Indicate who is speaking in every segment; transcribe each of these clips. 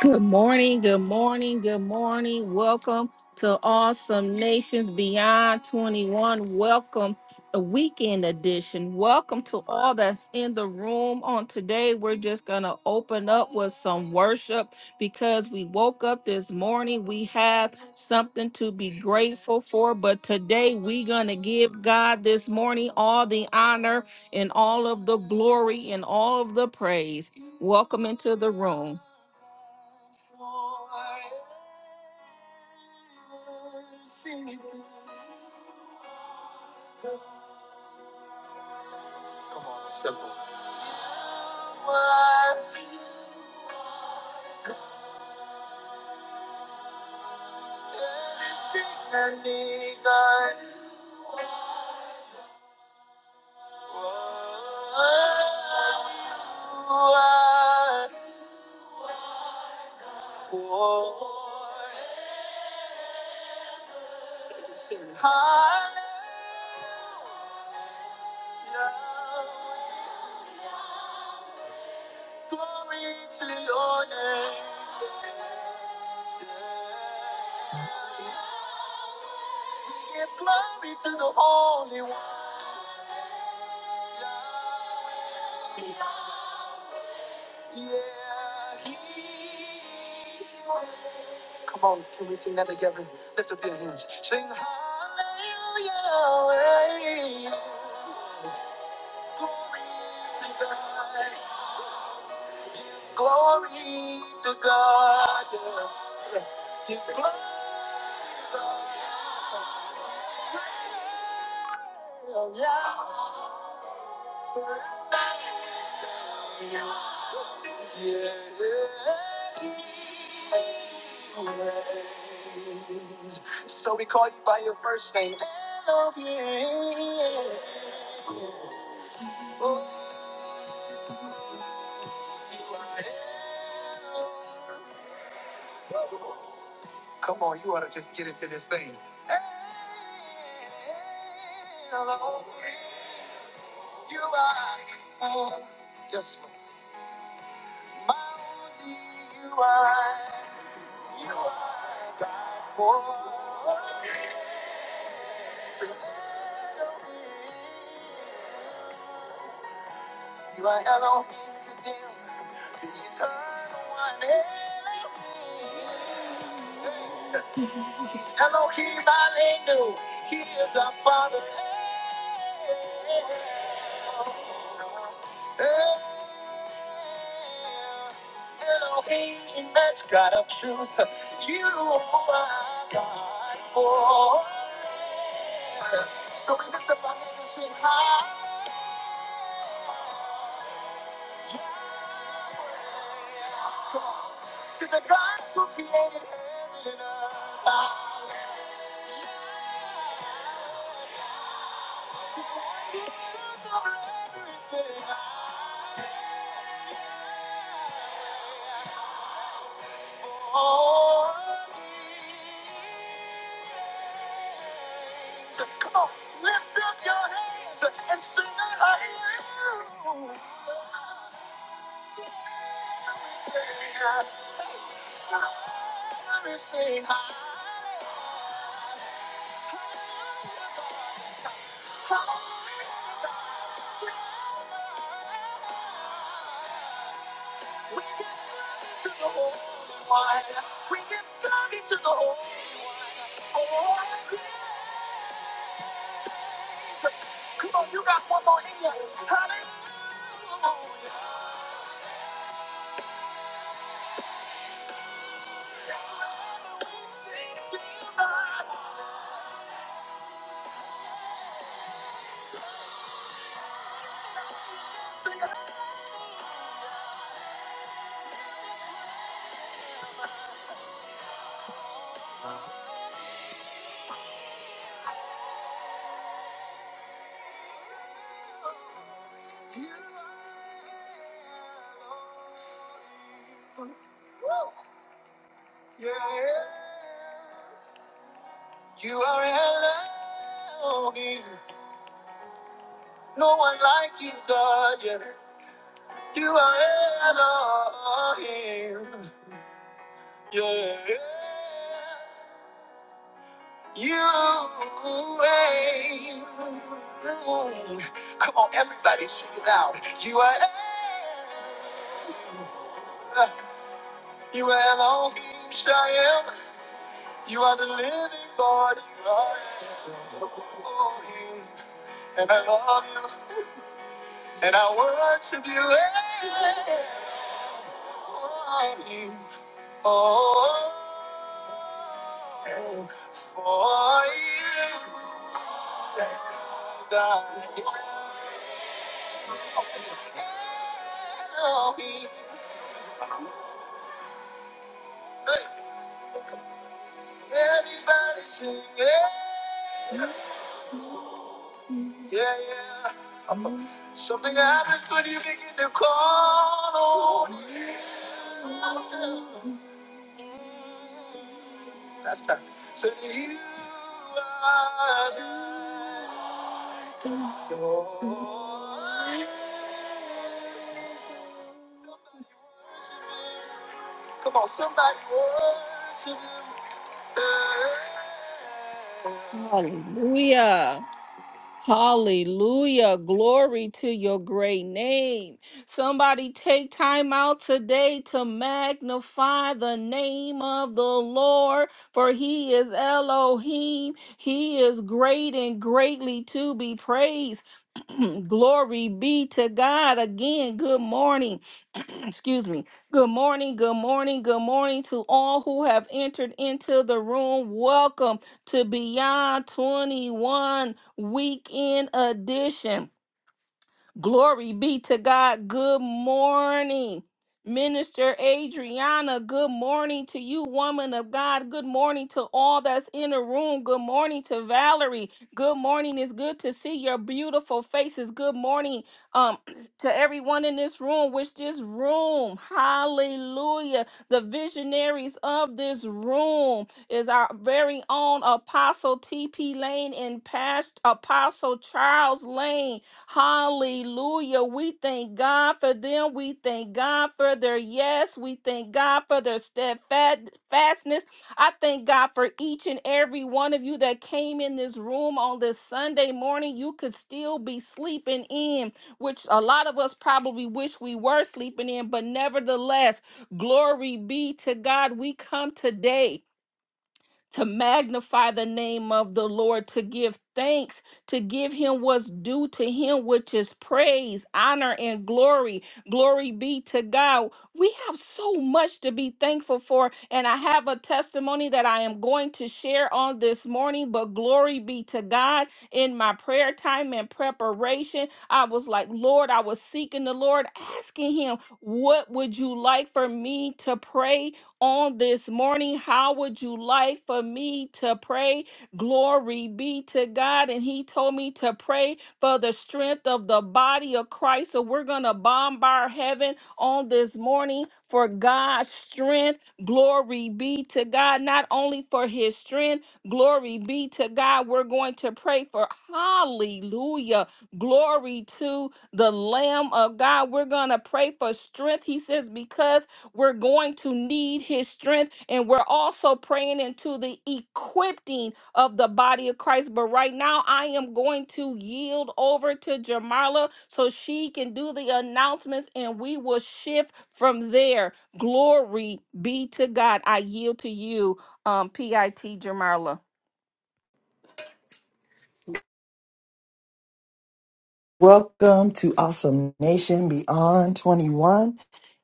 Speaker 1: Good morning, good morning, good morning. Welcome to Awesome Nations Beyond 21. Welcome, a weekend edition. Welcome to all that's in the room on today. We're just going to open up with some worship because we woke up this morning. We have something to be grateful for, but today we're going to give God this morning all the honor and all of the glory and all of the praise. Welcome into the room. Hallelujah. Hallelujah. Glory to your great name. Somebody take time out today to magnify the name of the Lord, for he is Elohim. He is great and greatly to be praised. Glory be to God. Again, good morning. Excuse me. Good morning, good morning, good morning to all who have entered into the room. Welcome to Beyond 21 Weekend Edition. Glory be to God. Good morning. Minister Adriana, good morning to you, woman of God. Good morning to all that's in the room. Good morning to Valerie. Good morning. It's good to see your beautiful faces. Good morning um, to everyone in this room, which this room, hallelujah, the visionaries of this room is our very own Apostle T.P. Lane and past Apostle Charles Lane. Hallelujah. We thank God for them. We thank God for their yes. We thank God for their steadfastness. I thank God for each and every one of you that came in this room on this Sunday morning. You could still be sleeping in, which a lot of us probably wish we were sleeping in, but nevertheless, glory be to God. We come today to magnify the name of the Lord, to give thanks, to give him what's due to him, which is praise, honor, and glory. Glory be to God. We have so much to be thankful for, and I have a testimony that I am going to share on this morning, but glory be to God. In my prayer time and preparation, I was like, Lord, I was seeking the Lord, asking him, What would you like for me to praise? on this morning. How would you like for me to pray? Glory be to God. And he told me to pray for the strength of the body of Christ. So we're going to bombard heaven on this morning for God's strength. Glory be to God. Not only for his strength, glory be to God. We're going to pray for hallelujah. Glory to the Lamb of God. We're going to pray for strength. He says, because we're going to need his strength. And we're also praying into the equipping of the body of Christ. But right now, I am going to yield over to Jamala so she can do the announcements and we will shift from there. Glory be to God. I yield to you, um, PIT Jamala.
Speaker 2: Welcome to Awesome Nation Beyond 21.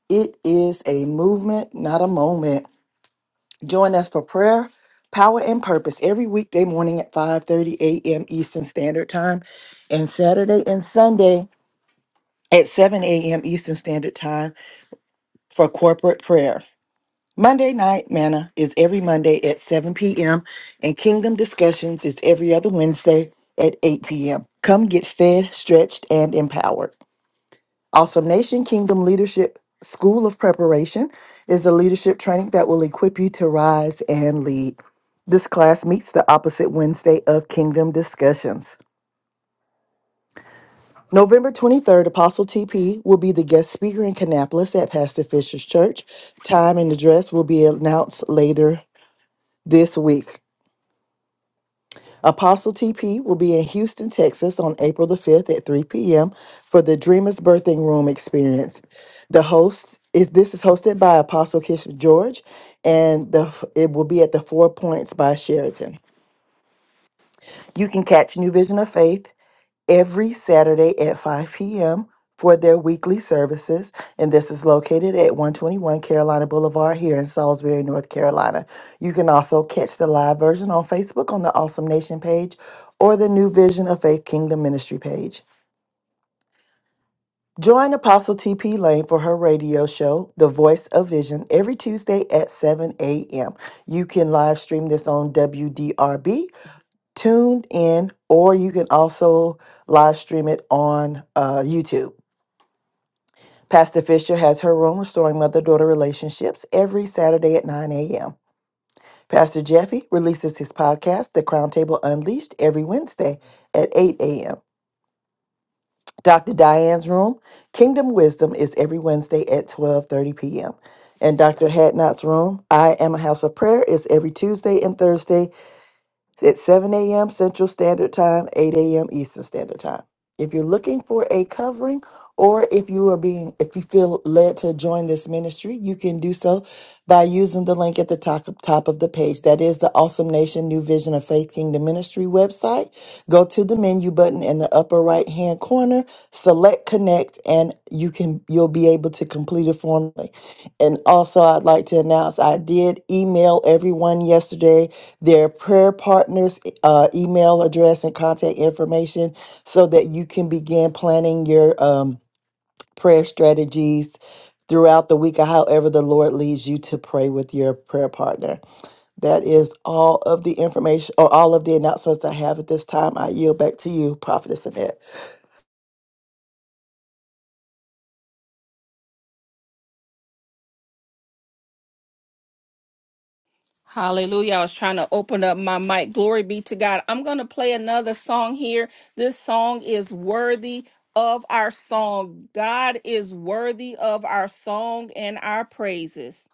Speaker 2: It is a movement, not a moment. Join us for prayer, power, and purpose every weekday morning at 5:30 a.m. Eastern Standard Time and Saturday and Sunday at 7 a.m. Eastern Standard Time for corporate prayer. Monday night manna is every Monday at 7 p.m. and Kingdom Discussions is every other Wednesday at 8 p.m. Come get fed, stretched, and empowered. Awesome Nation Kingdom Leadership School of Preparation is a leadership training that will equip you to rise and lead. This class meets the opposite Wednesday of Kingdom Discussions. November 23rd, Apostle TP will be the guest speaker in Kannapolis at Pastor Fisher's Church. Time and address will be announced later this week. Apostle TP will be in Houston, Texas on April the 5th at 3 p.m. for the Dreamers Birthing Room experience. The host is this is hosted by Apostle Kish George and the it will be at the Four Points by Sheraton. You can catch New Vision of Faith every Saturday at 5 p.m. for their weekly services. And this is located at 121 Carolina Boulevard here in Salisbury, North Carolina. You can also catch the live version on Facebook on the Awesome Nation page or the New Vision of Faith Kingdom Ministry page. Join Apostle TP Lane for her radio show, The Voice of Vision, every Tuesday at 7 a.m. You can live stream this on WDRB tuned in, or you can also live stream it on uh, YouTube. Pastor Fisher has her room, Restoring Mother Daughter Relationships, every Saturday at 9 a.m. Pastor Jeffy releases his podcast, The Crown Table Unleashed, every Wednesday at 8 a.m. Dr. Diane's room, Kingdom Wisdom, is every Wednesday at 12:30 p.m. And Dr. Hadnot's room, I Am a House of Prayer, is every Tuesday and Thursday at 7 a.m. Central Standard Time, 8 a.m. Eastern Standard Time. If you're looking for a covering, or if you are being, if you feel led to join this ministry, you can do so by using the link at the top, top of the page. That is the Awesome Nation New Vision of Faith Kingdom Ministry website. Go to the menu button in the upper right hand corner, select connect, and you can you'll be able to complete a form. And also I'd like to announce I did email everyone yesterday their prayer partners uh, email address and contact information so that you can begin planning your um prayer strategies throughout the week or however the Lord leads you to pray with your prayer partner. That is all of the information or all of the announcements I have at this time. I yield back to you, Prophetess Annette.
Speaker 1: Hallelujah. I was trying to open up my mic. Glory be to God. I'm going to play another song here. This song is worthy of our song. God is worthy of our song and our praises.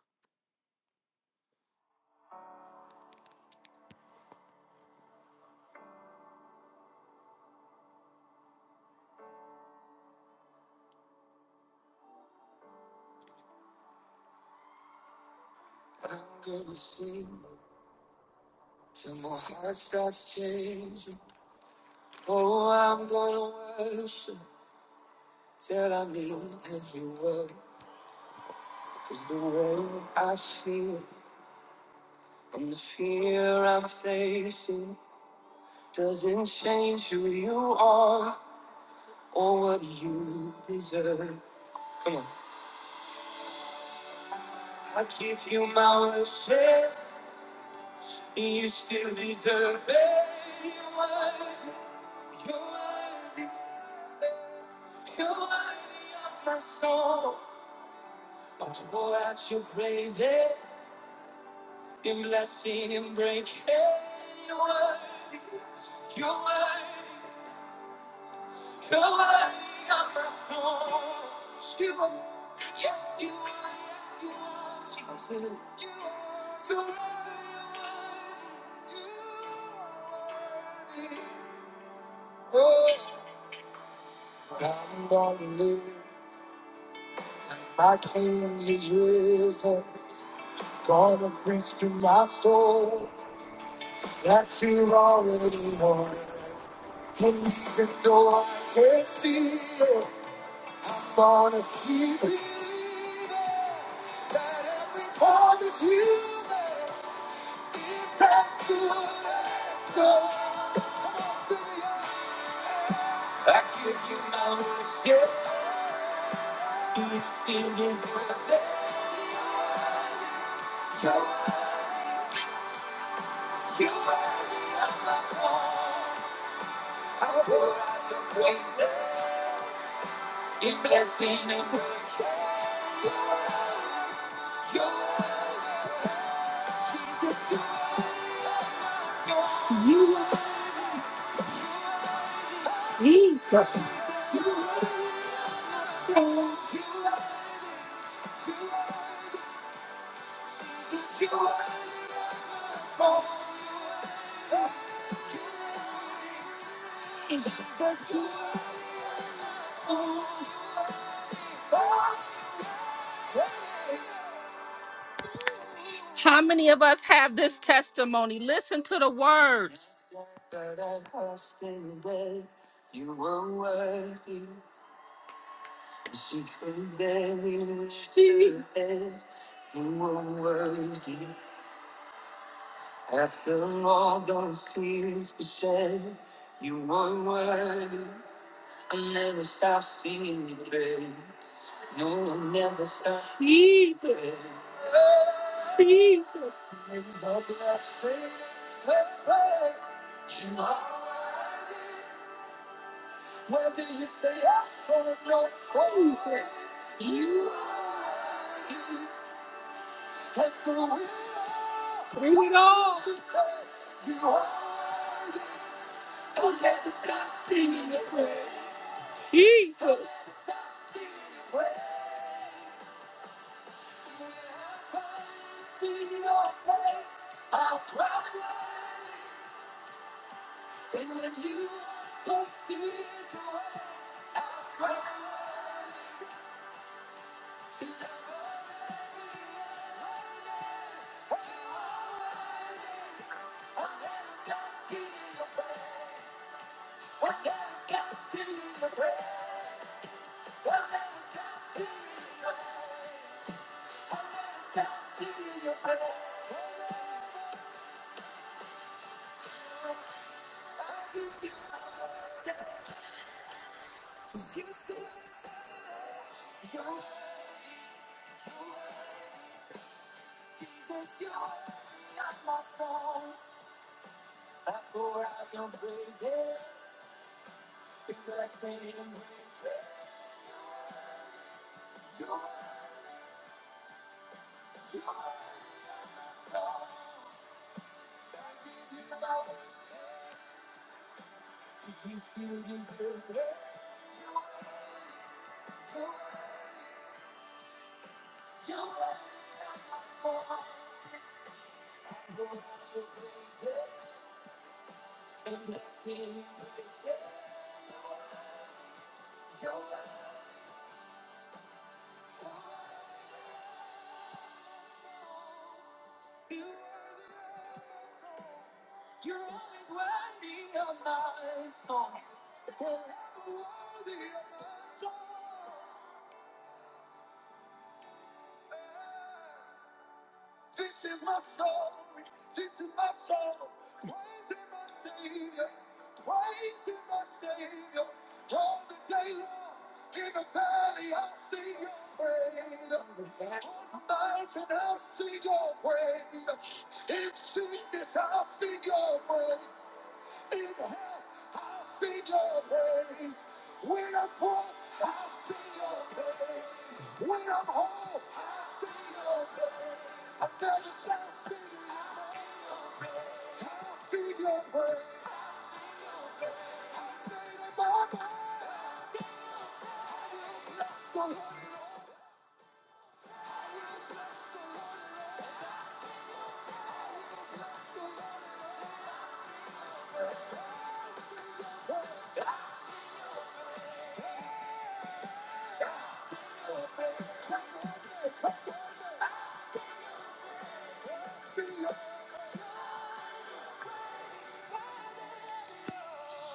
Speaker 1: How many of us have this testimony? Listen to the words.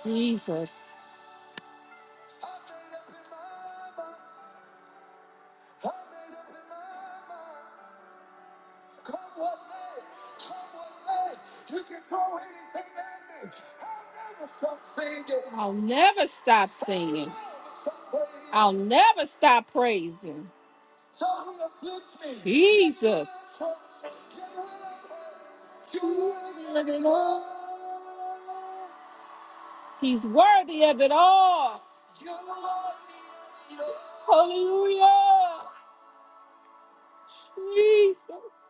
Speaker 1: Jesus. I'll never stop singing. I'll never stop praising. Jesus. He's worthy of it all. Hallelujah. Jesus.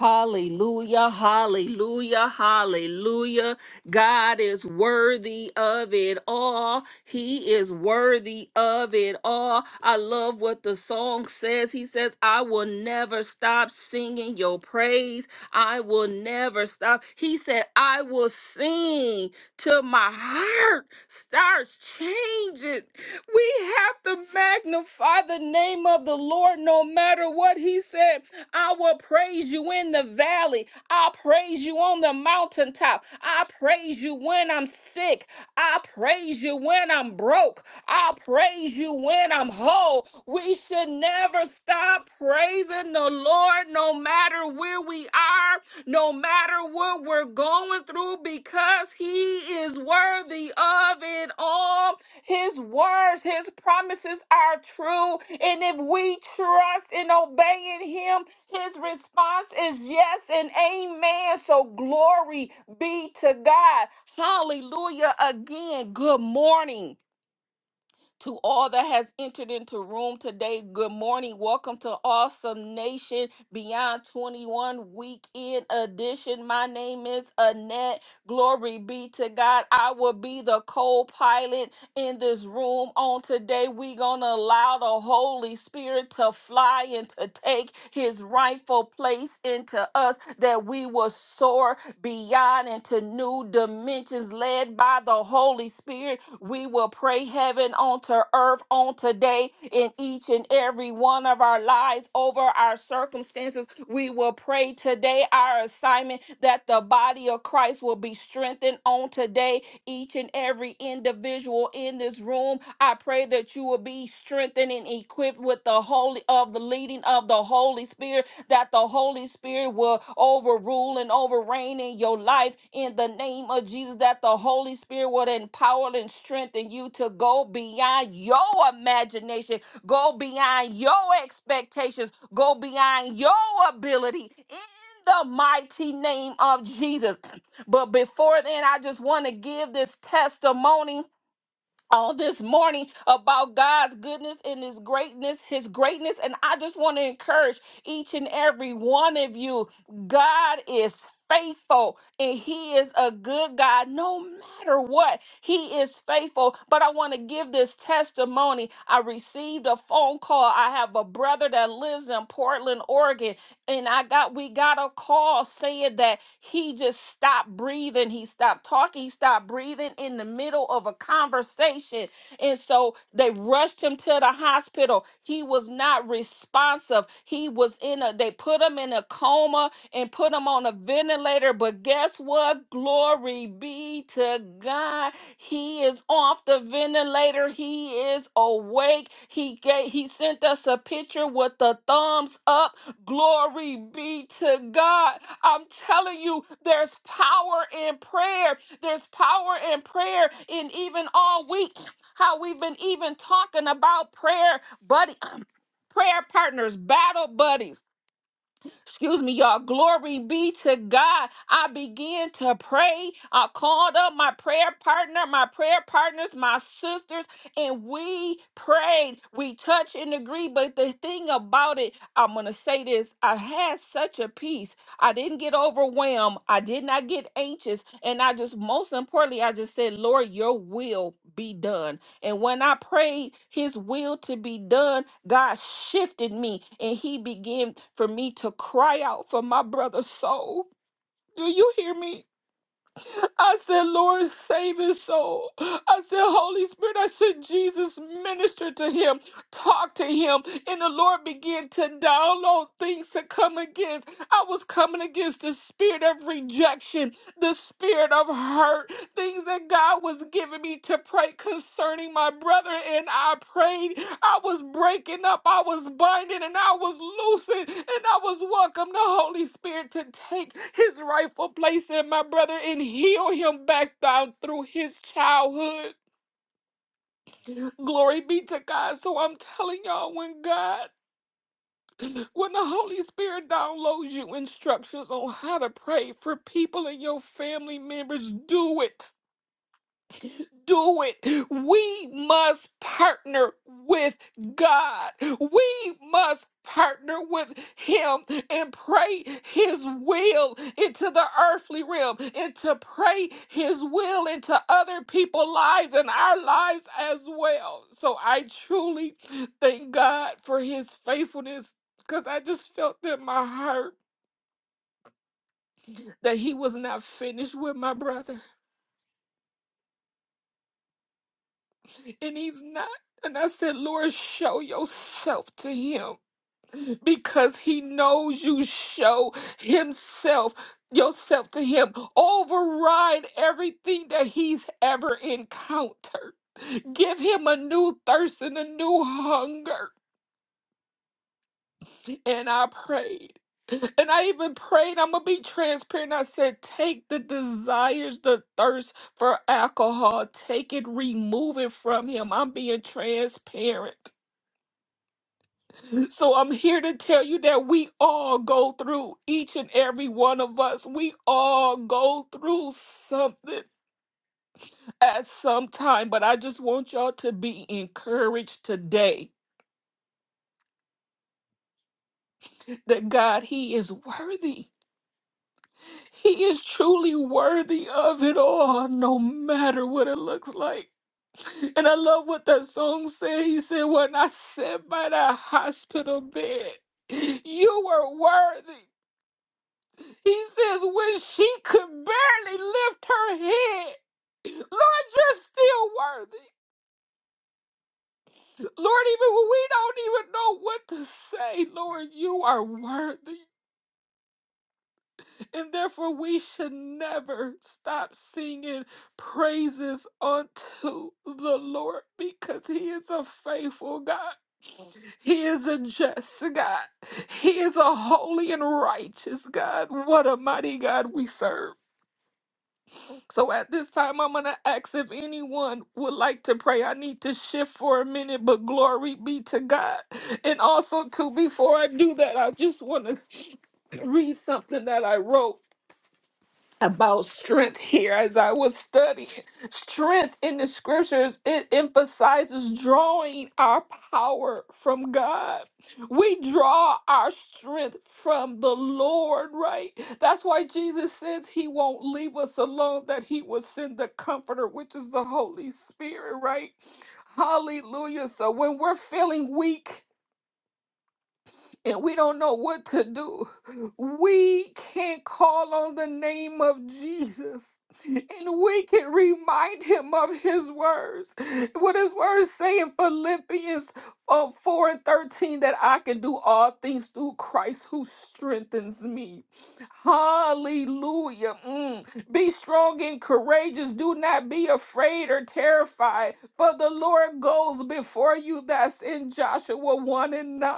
Speaker 1: Hallelujah, hallelujah, hallelujah. God is worthy of it all. He is worthy of it all. I love what the song says. He says, I will never stop singing your praise. I will never stop. He said, I will sing till my heart starts change it. We have to magnify the name of the Lord no matter what He said. I will praise you in the valley. I praise you on the mountaintop. I praise you when I'm sick. I praise you when I'm broke. I praise you when I'm whole. We should never stop praising the Lord no matter where where we are, no matter what we're going through, because He is worthy of it all. His words, His promises are true. And if we trust in obeying Him, His response is yes and amen. So glory be to God. Hallelujah. Again, good morning. To all that has entered into room today, good morning. Welcome to Awesome Nation Beyond 21 Weekend Edition. My name is Annette. Glory be to God. I will be the co pilot in this room on today. We're going to allow the Holy Spirit to fly and to take his rightful place into us, that we will soar beyond into new dimensions led by the Holy Spirit. We will pray heaven onto earth on today in each and every one of our lives over our circumstances. We will pray today our assignment that the body of Christ will be strengthened on today each and every individual individual in this room. I pray that you will be strengthened and equipped with the holy of the leading of the Holy Spirit, that the Holy Spirit will overrule and overreign in your life in the name of Jesus, that the Holy Spirit will empower and strengthen you to go beyond your imagination, go beyond your expectations, go beyond your ability in the mighty name of Jesus. But before then, I just want to give this testimony on this morning about God's goodness and His greatness, His greatness. And I just want to encourage each and every one of you God is faithful and He is a good God no matter what. He is faithful. But I want to give this testimony. I received a phone call. I have a brother that lives in Portland, Oregon. Oregon, and I got we got a call saying that he just stopped breathing. He stopped talking. He stopped breathing in the middle of a conversation. And so they rushed him to the hospital. He was not responsive. He was in a they put him in a coma and put him on a ventilator. But guess what? Glory be to to God. He is off the ventilator. He is awake. He gave, he sent us a picture with the thumbs up. Glory be to God. I'm telling you, there's power in prayer. There's power in prayer. And even all week, how we've been even talking about prayer, buddy, prayer partners, battle buddies Excuse me, y'all. Glory be to God. I began to pray. I called up my prayer partner, my prayer partners, my sisters, and we prayed. We touched and agreed. But the thing about it, I'm going to say this I had such a peace. I didn't get overwhelmed. I did not get anxious. And I just, most importantly, I just said, Lord, your will be done. And when I prayed his will to be done, God shifted me and he began for me to cry out for my brother's soul. Do you hear me? I said, Lord, save his soul. I said, Holy Spirit, I said, Jesus, minister to him, talk to him. And the Lord began to download things to come against. I was coming against the spirit of rejection, the spirit of hurt, things that God was giving me to pray concerning my brother. And I prayed. I was breaking up. I was binding and I was loosing. And I was welcoming the Holy Spirit to take his rightful place in my brother and heal him back down through his childhood. Glory be to God. So I'm telling y'all, when God, when the Holy Spirit downloads you instructions on how to pray for people in your family members, do it. do it. We must partner with God. We must partner with Him and pray His will into the earthly realm and to pray His will into other people's lives and our lives as well. So I truly thank God for His faithfulness because I just felt in my heart that He was not finished with my brother and he's not. And I said, Lord, show yourself to him because he knows you show himself yourself to him. Override everything that he's ever encountered. Give him a new thirst and a new hunger. And I prayed. And I even prayed, I'm gonna be transparent. I said, take the desires, the thirst for alcohol, take it, remove it from him. I'm being transparent. So I'm here to tell you that we all go through, each and every one of us, we all go through something at some time. But I just want y'all to be encouraged today that God, He is worthy. He is truly worthy of it all, no matter what it looks like. And I love what that song said. He said, When I sat by that hospital bed, you were worthy. He says, when she could barely lift her head, Lord, you're still worthy. Lord, even when we don't even know what to say, Lord, you are worthy. And therefore, we should never stop singing praises unto the Lord because He is a faithful God. He is a just God. He is a holy and righteous God. What a mighty God we serve. So at this time, I'm going to ask if anyone would like to pray. I need to shift for a minute, but glory be to God. And also, too, before I do that, I just want to read something that I wrote about strength here as I was studying. Strength in the scriptures, it emphasizes drawing our power from God. We draw our strength from the Lord, right? That's why Jesus says he won't leave us alone, that he will send the comforter, which is the Holy Spirit, right? Hallelujah. So when we're feeling weak, and we don't know what to do, we can call on the name of Jesus and we can remind him of his words. What his words say in Philippians Oh, 4 and 13, that I can do all things through Christ who strengthens me. Hallelujah. Mm. Be strong and courageous. Do not be afraid or terrified, for the Lord goes before you. That's in Joshua 1 and 9.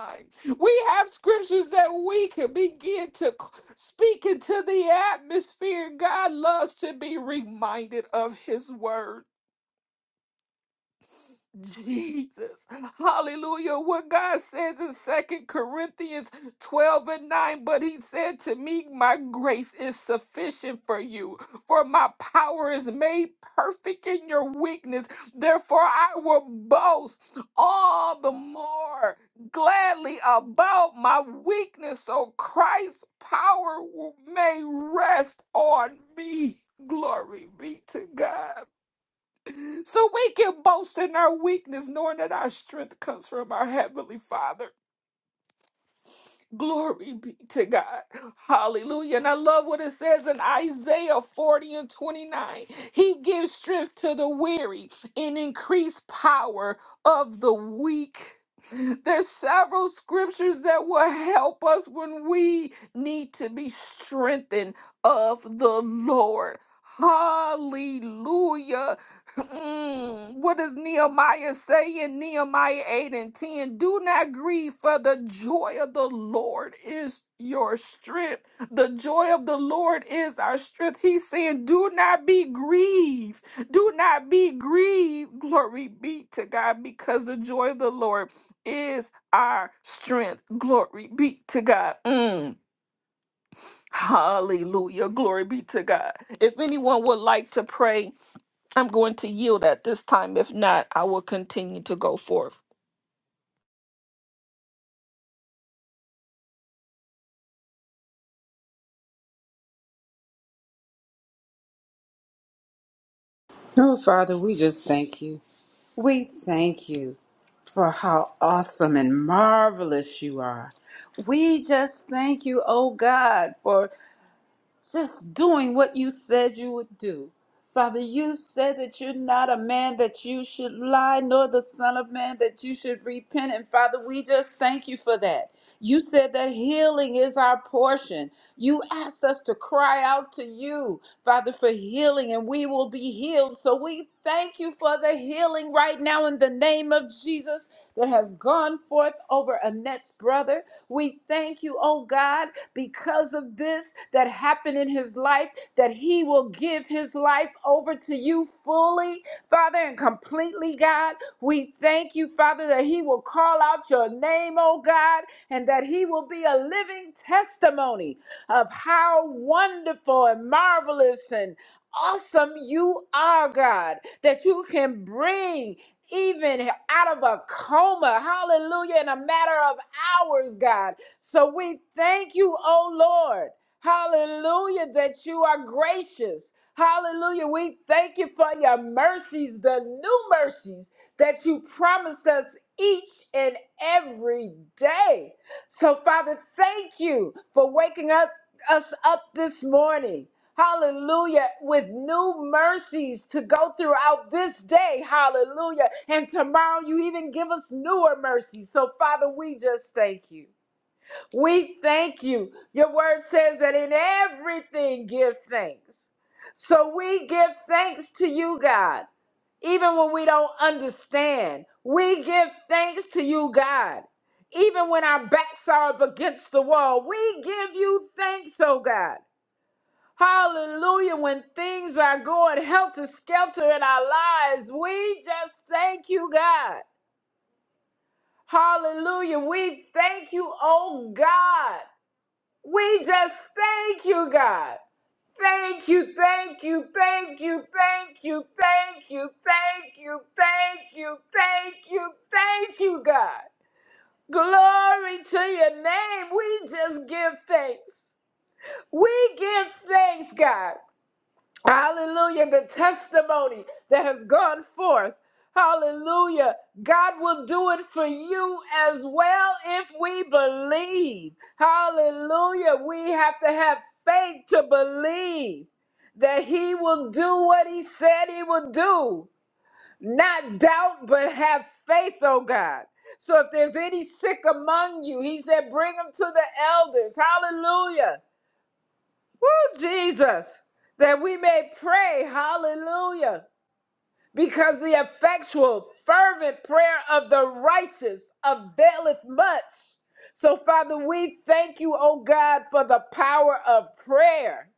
Speaker 1: We have scriptures that we can begin to speak into the atmosphere. God loves to be reminded of his word. Jesus. Hallelujah. What God says in Second Corinthians 12 and 9, but he said to me, My grace is sufficient for you, for my power is made perfect in your weakness. Therefore, I will boast all the more gladly about my weakness, so Christ's power will- may rest on me. Glory be to God. So we can boast in our weakness, knowing that our strength comes from our Heavenly Father. Glory be to God. Hallelujah. And I love what it says in Isaiah 40 and 29. He gives strength to the weary and increased power of the weak. There's several scriptures that will help us when we need to be strengthened of the Lord. Hallelujah. Mm, what does Nehemiah say in Nehemiah 8 and 10? Do not grieve, for the joy of the Lord is your strength. The joy of the Lord is our strength. He's saying, Do not be grieved. Do not be grieved. Glory be to God, because the joy of the Lord is our strength. Glory be to God. Mm, hallelujah. Glory be to God. If anyone would like to pray, I'm going to yield at this time. If not, I will continue to go forth.
Speaker 3: Oh, Father, we just thank you. We thank you for how awesome and marvelous you are. We just thank you, oh God, for just doing what you said you would do. Father, you said that you're not a man that you should lie, nor the Son of Man that you should repent. And Father, we just thank you for that. You said that healing is our portion. You asked us to cry out to you, Father, for healing, and we will be healed. So we thank you for the healing right now in the name of Jesus that has gone forth over Annette's brother. We thank you, oh God, because of this that happened in his life, that he will give his life over to you fully, Father, and completely, God. We thank you, Father, that he will call out your name, oh God, and that he will be a living testimony of how wonderful and marvelous and awesome you are, God, that you can bring even out of a coma, hallelujah, in a matter of ours, God. So we thank you, oh Lord. Hallelujah, that you are gracious. Hallelujah. We thank you for your mercies, the new mercies that you promised us each and every day. So, Father, thank you for waking up us up this morning. Hallelujah. With new mercies to go throughout this day. Hallelujah. And tomorrow you even give us newer mercies. So, Father, we just thank you. We thank you. Your word says that in everything give thanks. So we give thanks to you, God, even when we don't understand. We give thanks to you, God even when our backs are up against the wall. We give you thanks, oh God. Hallelujah. When things are going helter skelter in our lives, we just thank you, God. Hallelujah. We thank you, oh God. We just thank you, God. Thank you, thank you, thank you, thank you, thank you, thank you, thank you, thank you, thank you, God. Glory to your name. We just give thanks. We give thanks, God. Hallelujah. The testimony that has gone forth. Hallelujah. God will do it for you as well if we believe. Hallelujah. We have to have faith to believe that He will do what He said He will do. Not doubt, but have faith, oh God. So if there's any sick among you, He said, bring them to the elders. Hallelujah. Woo, Jesus, that we may pray, hallelujah, because the effectual, fervent prayer of the righteous availeth much. So, Father, we thank you, oh God, for the power of prayer.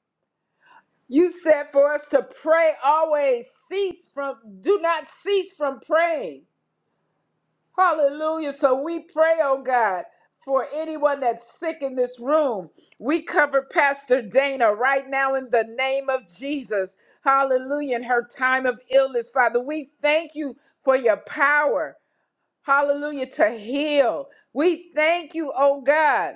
Speaker 3: You said for us to pray always, cease from, do not cease from praying. Hallelujah. So we pray, oh God, for anyone that's sick in this room. We cover Pastor Dana right now in the name of Jesus. Hallelujah. In her time of illness, Father, we thank you for your power. Hallelujah. To heal. We thank you, oh God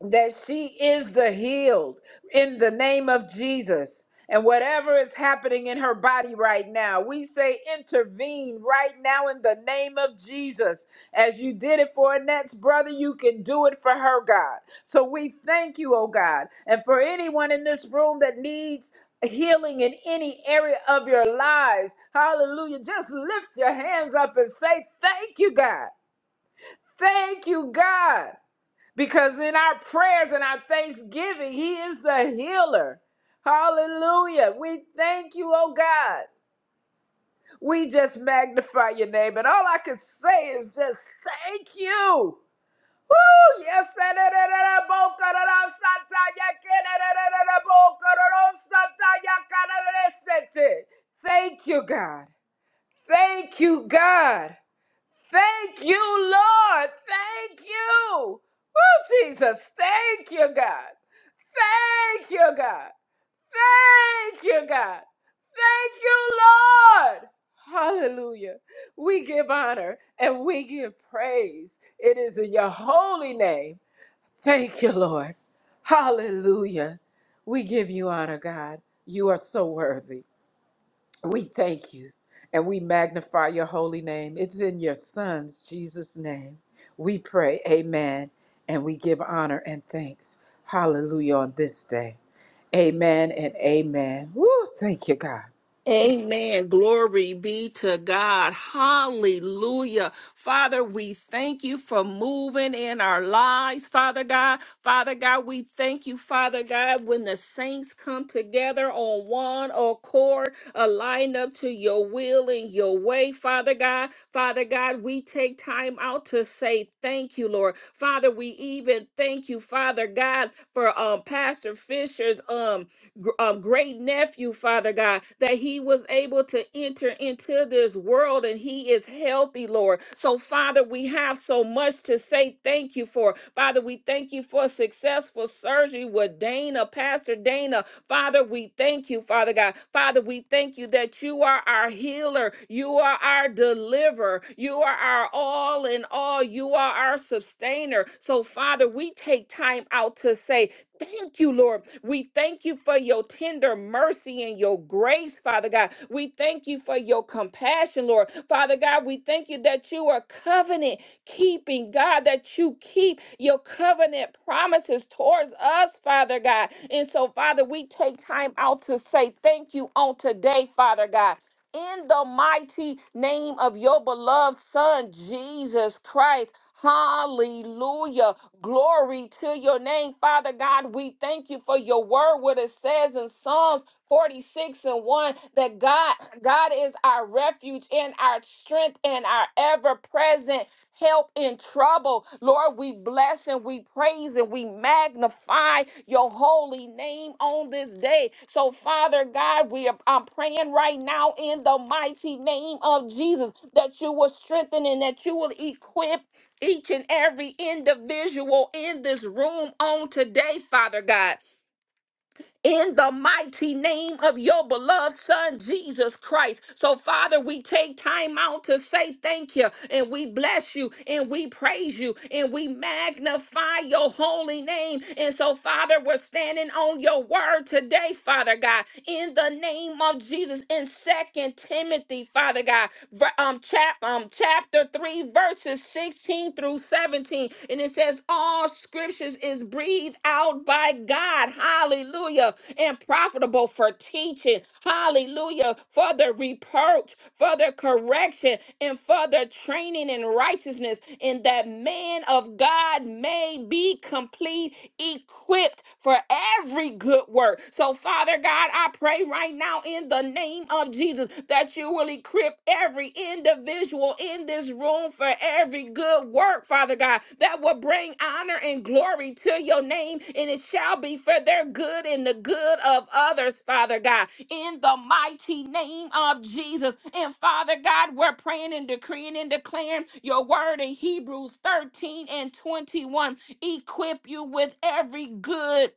Speaker 3: that she is the healed in the name of Jesus. And whatever is happening in her body right now, we say intervene right now in the name of Jesus. As you did it for Annette's brother, you can do it for her, God. So we thank you, oh God. And for anyone in this room that needs healing in any area of your lives, hallelujah, just lift your hands up and say, Thank you, God. Thank you, God because in our prayers and our thanksgiving, He is the healer. Hallelujah. We thank you, oh God. We just magnify your name. And all I can say is just thank you. Woo! Yes, da- da- da- da- da- bo- ka- da- da- sa- ta- ya- ke- da- da- da- da- da- bo- ka- da- da- sa- ta- ya- ka- da- da- da- se- te. Thank you, God. Thank you, God. Thank you, Lord. Thank you. Woo, Jesus. Thank you, God. Thank you, God. Thank you, God. Thank you, Lord. Hallelujah. We give honor and we give praise. It is in your holy name. Thank you, Lord. Hallelujah. We give you honor, God. You are so worthy. We thank you and we magnify your holy name. It's in your Son's Jesus' name. We pray, Amen, and we give honor and thanks. Hallelujah on this day. Amen and amen. Woo, thank you, God. Jesus.
Speaker 1: Amen. Glory be to God. Hallelujah. Father, we thank you for moving in our lives, Father God. Father God, we thank you, Father God, when the saints come together on one accord, aligned up to your will and your way, Father God. Father God, we take time out to say thank you, Lord. Father, we even thank you, Father God, for um Pastor Fisher's um gr- um great nephew, Father. Father God, that he was able to enter into this world and he is healthy, Lord. So, Father, we have so much to say thank you for. Father, we thank you for successful surgery with Dana, Pastor Dana. Father, we thank you, Father God. Father, we thank you that you are our healer, you are our deliverer, you are our all in all, you are our sustainer. So, Father, we take time out to say, Thank you, Lord. We thank you for your tender tender mercy and your grace, Father God. We thank you for your compassion, Lord. Father God, we thank you that you are covenant keeping, God, that you keep your covenant promises towards us, Father God. And so, Father, we take time out to say thank you on today, Father God in the mighty name of your beloved Son, Jesus Christ. Hallelujah. Glory to your name, Father God. We thank you for your word, what it says in Psalms 46 and 1 that God, God is our refuge and our strength and our ever present help in in trouble. Lord, we bless and we praise and we magnify your holy name on this day. So, Father God, we are I'm praying right now in the mighty name of Jesus that you will strengthen and that you will equip each and every individual in this room on today, Father God in the mighty name of your beloved Son, Jesus Christ. So, Father, we take time out to say thank you, and we bless you, and we praise you, and we magnify your holy name. And so, Father, we're standing on your word today, Father God, in the name of Jesus, in Second Timothy, Father God, ver- um, chap, um, chapter 3, verses 16 through 17. 17, and it says, All scriptures is breathed out by God. Hallelujah. And profitable for teaching. Hallelujah. For the reproach, for the correction, and for the training in righteousness, and that man of God may be complete, equipped for every good work. So, Father God, I pray right now in the name of Jesus that you will equip every individual in this room for every good work, Father God, that will bring honor and glory to your name, and it shall be for their good and the good of others, Father God, in the mighty name of Jesus. And Father God, we're praying and decreeing and declaring your word in Hebrews 13 and 21 equip you with every good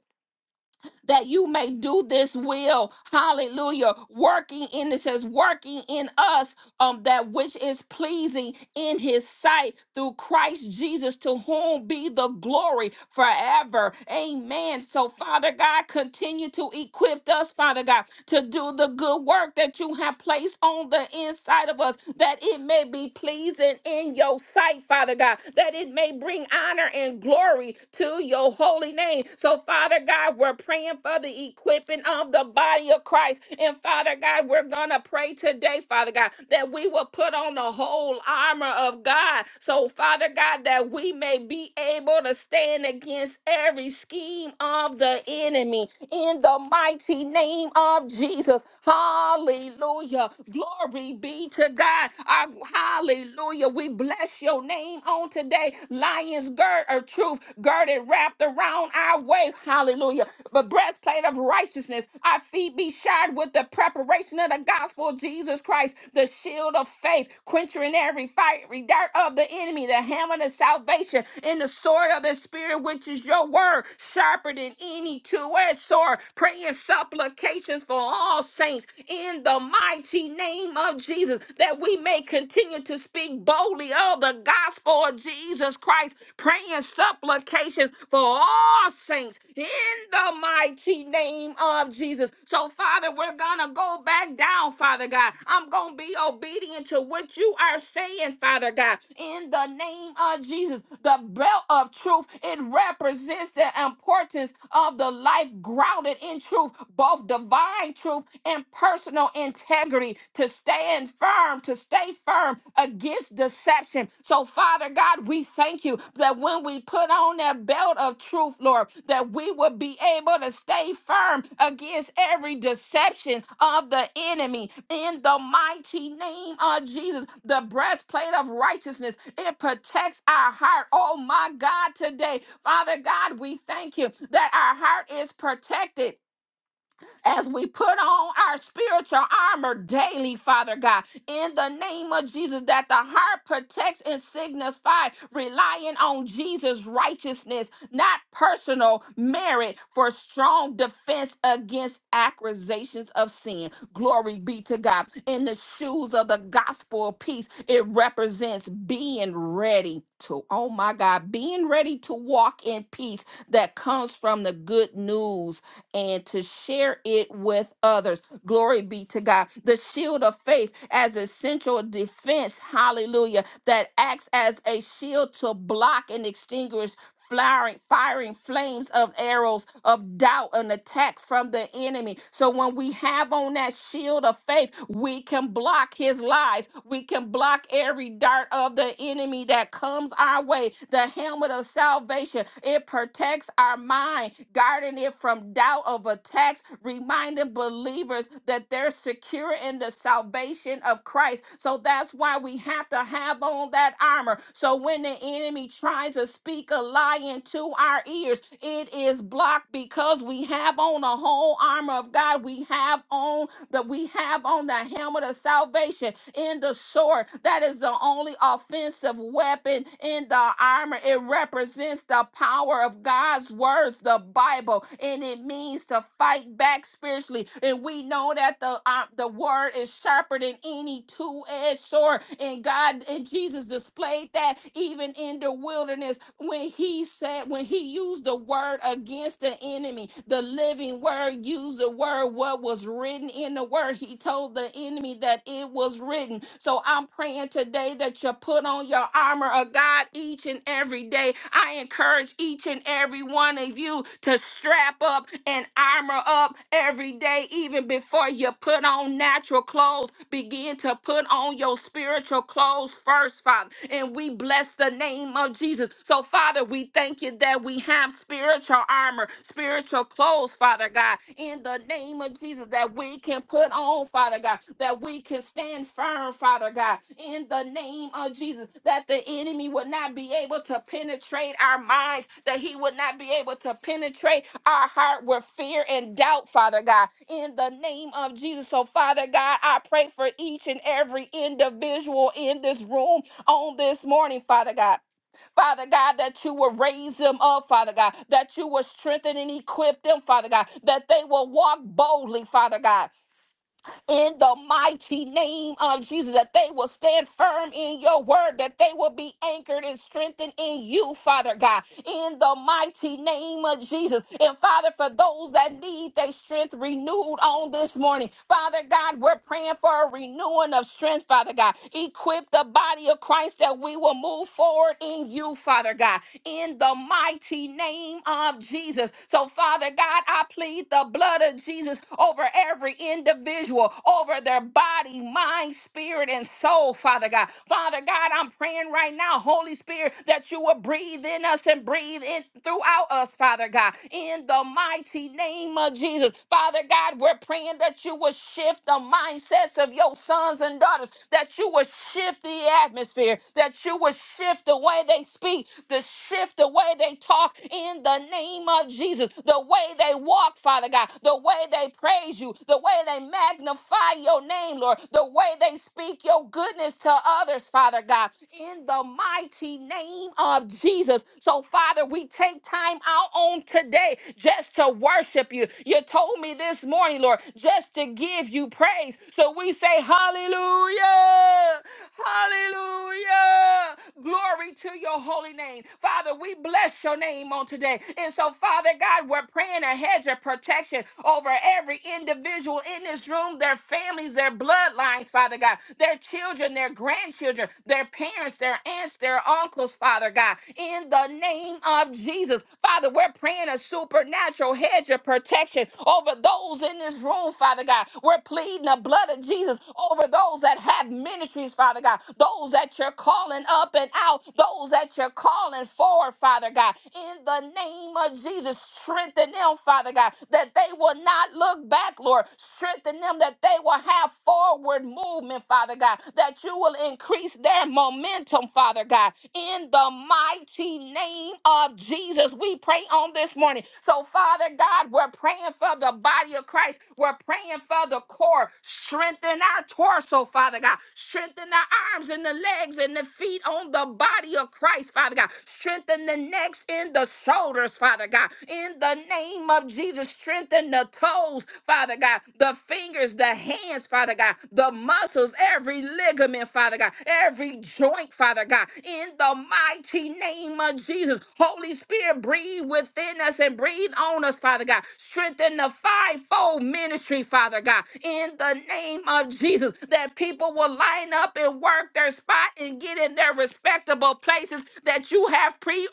Speaker 1: that you may do this will. Hallelujah. Working in, it says, working in us um, that which is pleasing in his sight through Christ Jesus, to whom be the glory forever. Amen. So, Father God, continue to equip us, Father God, to do the good work that you have placed on the inside of us, that it may be pleasing in your sight, Father God, that it may bring honor and glory to to your holy name. So, Father God, we're praying for the equipping of the body of Christ. And, Father God, we're going to pray today, Father God, that we will put on the whole armor of God. So, Father God, that we may be able to stand against every scheme of the enemy in the mighty name of Jesus. Hallelujah. Glory be to God. Ah, Hallelujah. We bless your name on today. Lions gird of truth, girded wrapped around our waist. Hallelujah. The breastplate of righteousness. Our feet be shod with the preparation of the gospel of Jesus Christ, the shield of faith, quenching every fiery dart of the enemy, the hammer of salvation, and the sword of the spirit, which is your word, sharper than any two-edged sword, praying supplications for all saints in the mighty name of Jesus, that we may may continue to speak boldly of the gospel of Jesus Christ, praying supplications for all saints in the mighty name of Jesus. So, Father, we're going to go back down, Father God. I'm going to be obedient to what you are saying, Father God, in the name of Jesus. The belt of truth, it represents the importance of the life grounded in truth, both divine truth and personal personal integrity to stand firm, to stay firm against deception. So, Father God, we thank you that when we put on that belt of truth, Lord, that we would be able to stay firm against every deception of the enemy. In the mighty name of Jesus, the breastplate of righteousness, it protects our heart. Oh, my God, today, Father God, we thank you that our heart is protected as we put on our spiritual armor daily, Father God, in the name of Jesus, that the heart protects and signifies relying on Jesus' righteousness, not personal merit, for strong defense against accusations of sin. Glory be to God. In the shoes of the gospel of peace, it represents being ready to, oh my God, being ready to walk in peace that comes from the good news and to share it with others. Glory be to God. The shield of faith as essential defense, hallelujah, that acts as a shield to block and extinguish firing, firing flames of arrows of doubt and attack from the enemy. So when we have on that shield of faith, we can block his lies. We can block every dart of the enemy that comes our way. The helmet of salvation, it protects our mind, guarding it from doubt of attacks, reminding believers that they're secure in the salvation of Christ. So that's why we have to have on that armor. So when the enemy tries to speak, speak a lie into our ears. It is blocked because we have on the whole armor of God. We have on that we have on the helmet of salvation in the sword. That is the only offensive weapon in the armor. It represents the power of God's words, the Bible, and it means to fight back spiritually. And we know that the uh, the word is sharper than any two-edged sword. And God and Jesus displayed that even in the wilderness Jesus when he said, when he used the word against the enemy, the living word used the word, what was written in the word. He told the enemy that it was written. So I'm praying today that you put on your armor of God each and every day. I encourage each and every one of you to strap up and armor up every day, even before you put on natural clothes. Begin to put on your spiritual clothes first, Father. And we bless the name of Lord Jesus. So, Father, we thank you that we have spiritual armor, spiritual clothes, Father God, in the name of Jesus, that we can put on, Father God, that we can stand firm, Father God, in the name of Jesus, that the enemy would not be able to penetrate our minds, that he would not be able to penetrate our heart with fear and doubt, Father God, in the name of Jesus. So, Father God, I pray for each and every individual in this room on this morning, Father God. Father God, that you will raise them up, Father God, that you will strengthen and equip them, Father God, that they will walk boldly, Father God in the mighty name of Jesus, that they will stand firm in your word, that they will be anchored and strengthened in you, Father God, in the mighty name of Jesus. And Father, for those that need their strength renewed on this morning, Father God, we're praying for a renewing of strength, Father God. Equip the body of Christ that we will move forward in you, Father God, in the mighty name of Jesus. So, Father God, I plead plead the blood of Jesus over every individual, over their body, mind, spirit, and soul, Father God. Father God, I'm praying right now, Holy Spirit, that you will breathe in us and breathe in throughout us, Father God, in the mighty name of Jesus. Father God, we're praying that you will shift the mindsets of your sons and daughters, that you will shift the atmosphere, that you will shift the way they speak, the shift the way they talk in the name of Jesus. The way they walk, Father God, the way they praise you, the way they magnify your name, Lord, the way they speak your goodness to others, Father God, in the mighty name of Jesus. So, Father, we take time out on today just to worship you. You told me this morning, Lord, just to give you praise. So we say, Hallelujah! Hallelujah! Glory Glory to your holy name. Father, we bless your name on today. And so, Father God, we're praying a hedge of protection over every individual in this room, their families, their bloodlines, Father God, their children, their grandchildren, their parents, their aunts, their uncles, Father God. In the name of Jesus, Father, we're praying a supernatural hedge of protection over those in this room, Father God. We're pleading the blood of Jesus over those that have ministries, Father God, those that you're calling up and out, those that you're calling forward, Father God, in the name of Jesus, strengthen them, Father God, that they will not look back, Lord. Strengthen them that they will have forward movement, Father God, that you will increase their momentum, Father God, in the mighty name of Jesus. We pray on this morning. So, Father God, we're praying for the body of Christ. We're praying for the the core. Strengthen our torso, Father God. Strengthen the arms and the legs and the feet on the body of Christ, Father God. Strengthen the necks and the shoulders, Father God. In the name of Jesus, strengthen the toes, Father God. The fingers, the hands, Father God. The muscles, every ligament, Father God. Every joint, Father God. In the mighty name of Jesus, Holy Spirit, breathe within us and breathe on us, Father God. God. Strengthen the fivefold ministry, Father God, in the name of Jesus, that people will line up and work their spot and get in their respectable places that you have preordained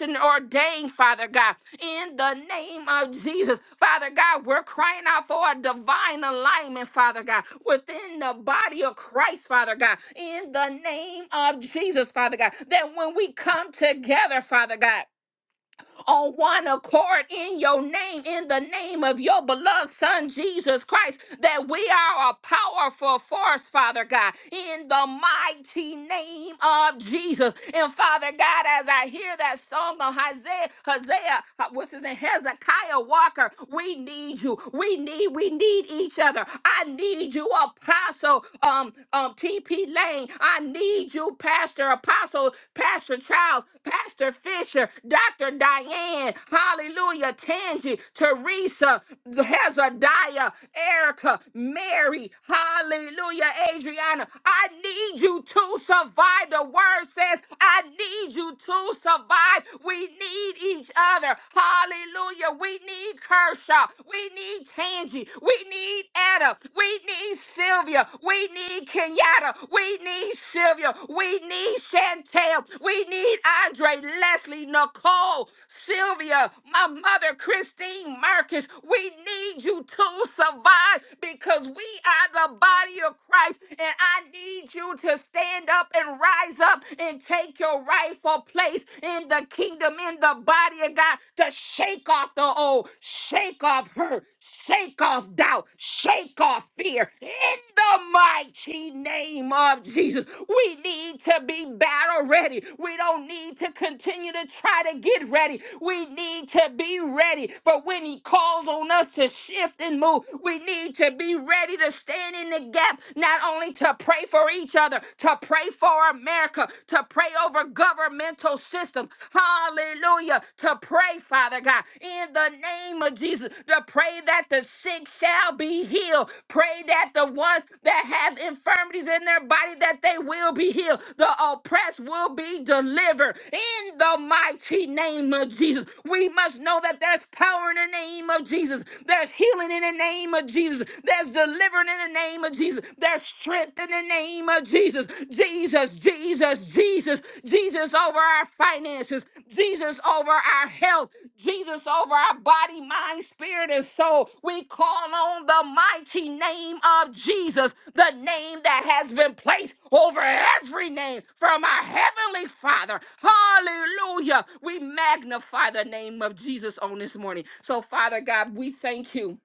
Speaker 1: and ordained, Father God, in the name of Jesus. Father God, we're crying out for a divine alignment, Father God, within the body of Christ, Father God, in the name of Jesus, Father God, that when we come together, Father God, on one accord in your name, in the name of your beloved Son, Jesus Christ, that we are a powerful force, Father God, in the mighty name of Jesus. And Father God, as I hear that song of Isaiah, Hosea, uh, what's his name, Hezekiah Walker, we need you. We need, we need each other. I need you, Apostle um, um, TP Lane. I need you, Pastor. Pastor Apostle, Pastor Charles, Pastor Fisher, Dr. Diane, Hallelujah, Tangi, Teresa, Hezadiah, Erica, Mary, Hallelujah, Adriana. I need you to survive. The word says, I need you to survive. We need each other. Hallelujah. We need Kershaw. We need Tangi. We need Anna. We need need Sylvia. We need Kenyatta. We need Sylvia. We need Chantel. We need Andre, Leslie, Nicole, Sylvia, my mother, Christine Marcus. We need you to survive because we are the body of Christ. And I need you to stand up and rise up and take your rightful place in the kingdom, in the body of God, to shake off the old, shake off her, Shake off doubt. Shake off fear. In the mighty name of Jesus, we need to be battle ready. We don't need to continue to try to get ready. We need to be ready for when He calls on us to shift and move. We need to be ready to stand in the gap, not only to pray for each other, to pray for America, to pray over governmental systems hallelujah, to pray, Father God, in the name of Jesus, to pray that the sick shall be healed. Pray that the ones that have infirmities in their body, that they will be healed. The oppressed will be delivered. In the mighty name of Jesus, we must know that there's power in the name of Jesus. There's healing in the name of Jesus. There's deliverance in the name of Jesus. There's strength in the name name of Jesus. Jesus, Jesus, Jesus, Jesus over our finances, Jesus over our health, Jesus over our body, mind, spirit, and soul. We call on the mighty name of Jesus, the name that has been placed over every name from our heavenly Father. Hallelujah. We magnify the name of Jesus on this morning. So, Father God, we thank you.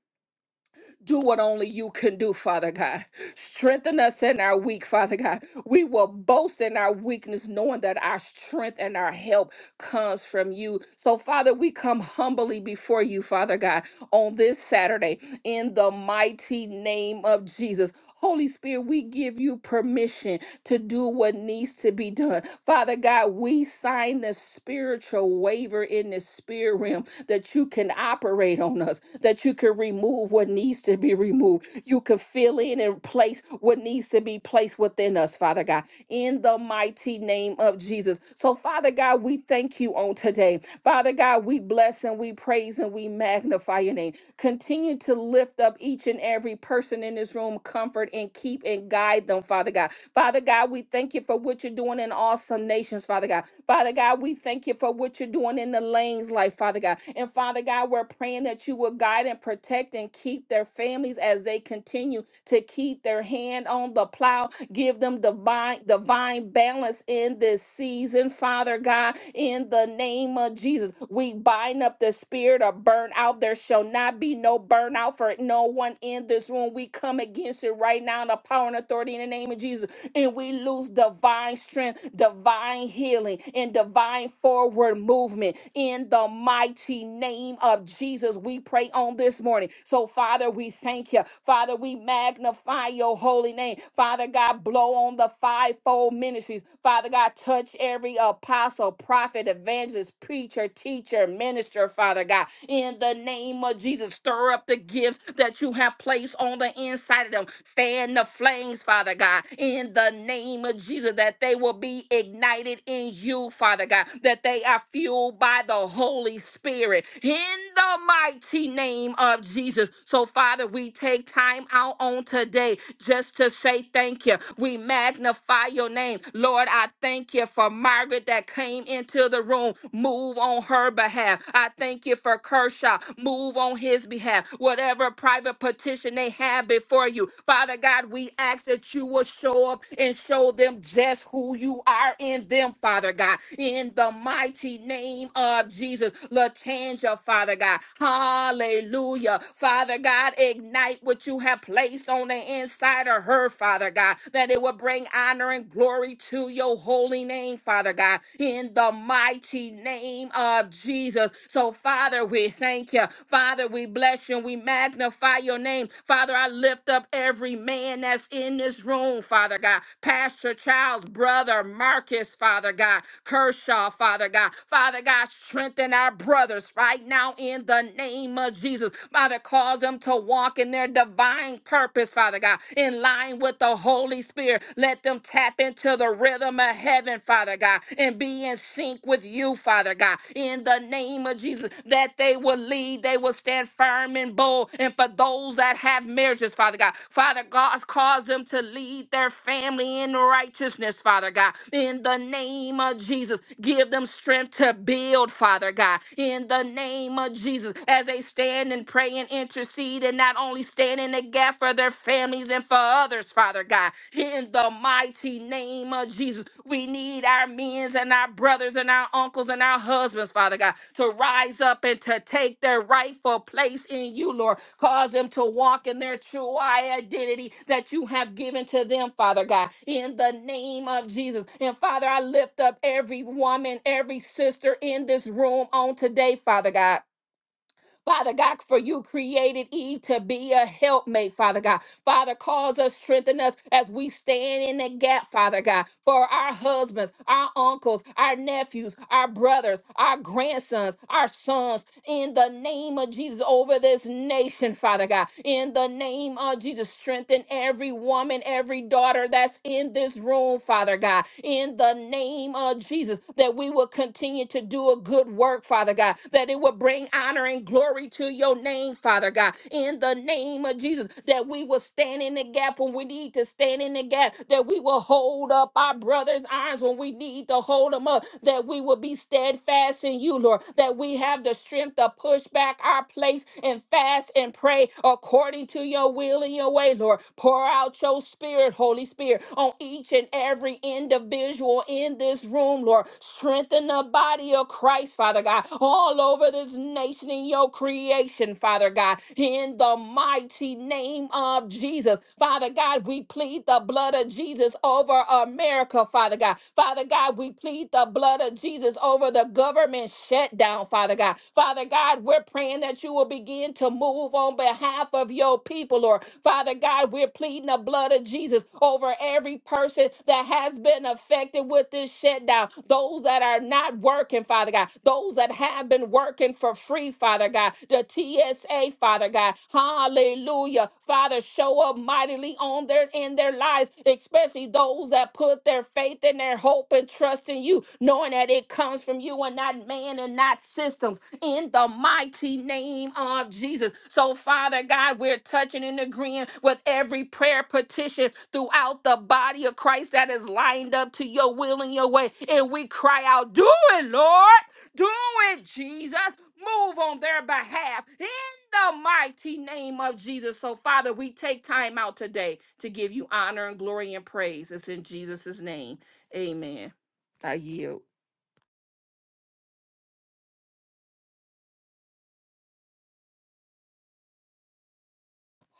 Speaker 1: Do what only you can do, Father God. Strengthen us in our weak, Father God. We will boast in our weakness, knowing that our strength and our help comes from you. So, Father, we come humbly before you, Father God, on this Saturday in the mighty name of Jesus. Holy Spirit, we give you permission to do what needs to be done. Father God, we sign the spiritual waiver in the spirit realm that you can operate on us, that you can remove what what needs to be removed. You can fill in and place what needs to be placed within us, Father God, in the mighty name of Jesus. So, Father God, we thank you on today. Father God, we bless and we praise and we magnify your name. Continue to lift up each and every person in this room, comfort and keep and guide them, Father God. Father God, we thank you for what you're doing in awesome nations, Father God. Father God, we thank you for what you're doing in the lanes, life, Father God. And Father God, we're praying that you will guide and protect and and keep their families as they continue to keep their hand on the plow. Give them divine, divine balance in this season, Father God, in the name of Jesus. We bind up the spirit of burnout. There shall not be no burnout for no one in this room. We come against it right now in the power and authority in the name of Jesus and we lose divine strength, divine healing, and divine forward movement in the mighty name of Jesus. We pray on this morning morning. So, Father, we thank you. Father, we magnify your holy name. Father God, blow on the fivefold ministries. Father God, touch every apostle, prophet, evangelist, preacher, teacher, minister, Father God. In the name of Jesus, stir up the gifts that you have placed on the inside of them. Fan the flames, Father God. In the name of Jesus, that they will be ignited in you, Father God. That they are fueled by the Holy Spirit. In the mighty name name of Jesus. So, Father, we take time out on today just to say thank you. We magnify your name. Lord, I thank you for Margaret that came into the room. Move on her behalf. I thank you for Kershaw. Move on his behalf. Whatever private petition they have before you, Father God, we ask that you will show up and show them just who you are in them, Father God. In the mighty name of Jesus, Latanja, Father God. Hallelujah. Father God, ignite what you have placed on the inside of her, Father God, that it will bring honor and glory to your holy name, Father God, in the mighty name of Jesus. So, Father, we thank you. Father, we bless you we magnify your name. Father, I lift up every man that's in this room, Father God. Pastor Child's brother, Marcus, Father God. Kershaw, Father God. Father God, strengthen our brothers right now in the name name of Jesus. Father, cause them to walk in their divine purpose, Father God, in line with the Holy Spirit. Let them tap into the rhythm of heaven, Father God, and be in sync with you, Father God, in the name of Jesus, that they will lead, they will stand firm and bold. And for those that have marriages, Father God, Father God, cause them to lead their family in righteousness, Father God, in the name of Jesus. Give them strength to build, Father God, in the name of Jesus. Jesus, as they stand and pray and intercede and not only stand in the gap for their families and for others, Father God. In the mighty name of Jesus, we need our men and our brothers and our uncles and our husbands, Father God, to rise up and to take their rightful place in you, Lord. Cause them to walk in their true identity that you have given to them, Father God, in the name of Jesus. And Father, I lift up every woman, every sister in this room on today, Father God. Father God, for you created Eve to be a helpmate, Father God. Father, cause us, strengthen us as we stand in the gap, Father God, for our husbands, our uncles, our nephews, our brothers, our grandsons, our sons, in the name of Jesus, over this nation, Father God. In the name of Jesus, strengthen every woman, every daughter that's in this room, Father God. In the name of Jesus, that we will continue to do a good work, Father God, that it will bring honor and glory to your name, Father God, in the name of Jesus, that we will stand in the gap when we need to stand in the gap, that we will hold up our brother's arms when we need to hold them up, that we will be steadfast in you, Lord, that we have the strength to push back our place and fast and pray according to your will and your way, Lord. Pour out your spirit, Holy Spirit, on each and every individual in this room, Lord. Strengthen the body of Christ, Father God, all over over this nation in your creation, Father God, in the mighty name of Jesus. Father God, we plead the blood of Jesus over America, Father God. Father God, we plead the blood of Jesus over the government shutdown, Father God. Father God, we're praying that you will begin to move on behalf of your people, Lord. Father God, we're pleading the blood of Jesus over every person that has been affected with this shutdown, those that are not working, Father God, those that that have been working for free, Father God. The TSA, Father God. Hallelujah. Father, show up mightily on their in their lives, especially those that put their faith and their hope and trust in you, knowing that it comes from you and not man and not systems. In the mighty name of Jesus. So, Father God, we're touching and agreeing with every prayer petition throughout the body of Christ that is lined up to your will and your way. And we cry out, Do it, Lord. Do it, Jesus. Move on their behalf in the mighty name of Jesus. So, Father, we take time out today to give you honor and glory and praise. It's in Jesus' name. Amen. I yield.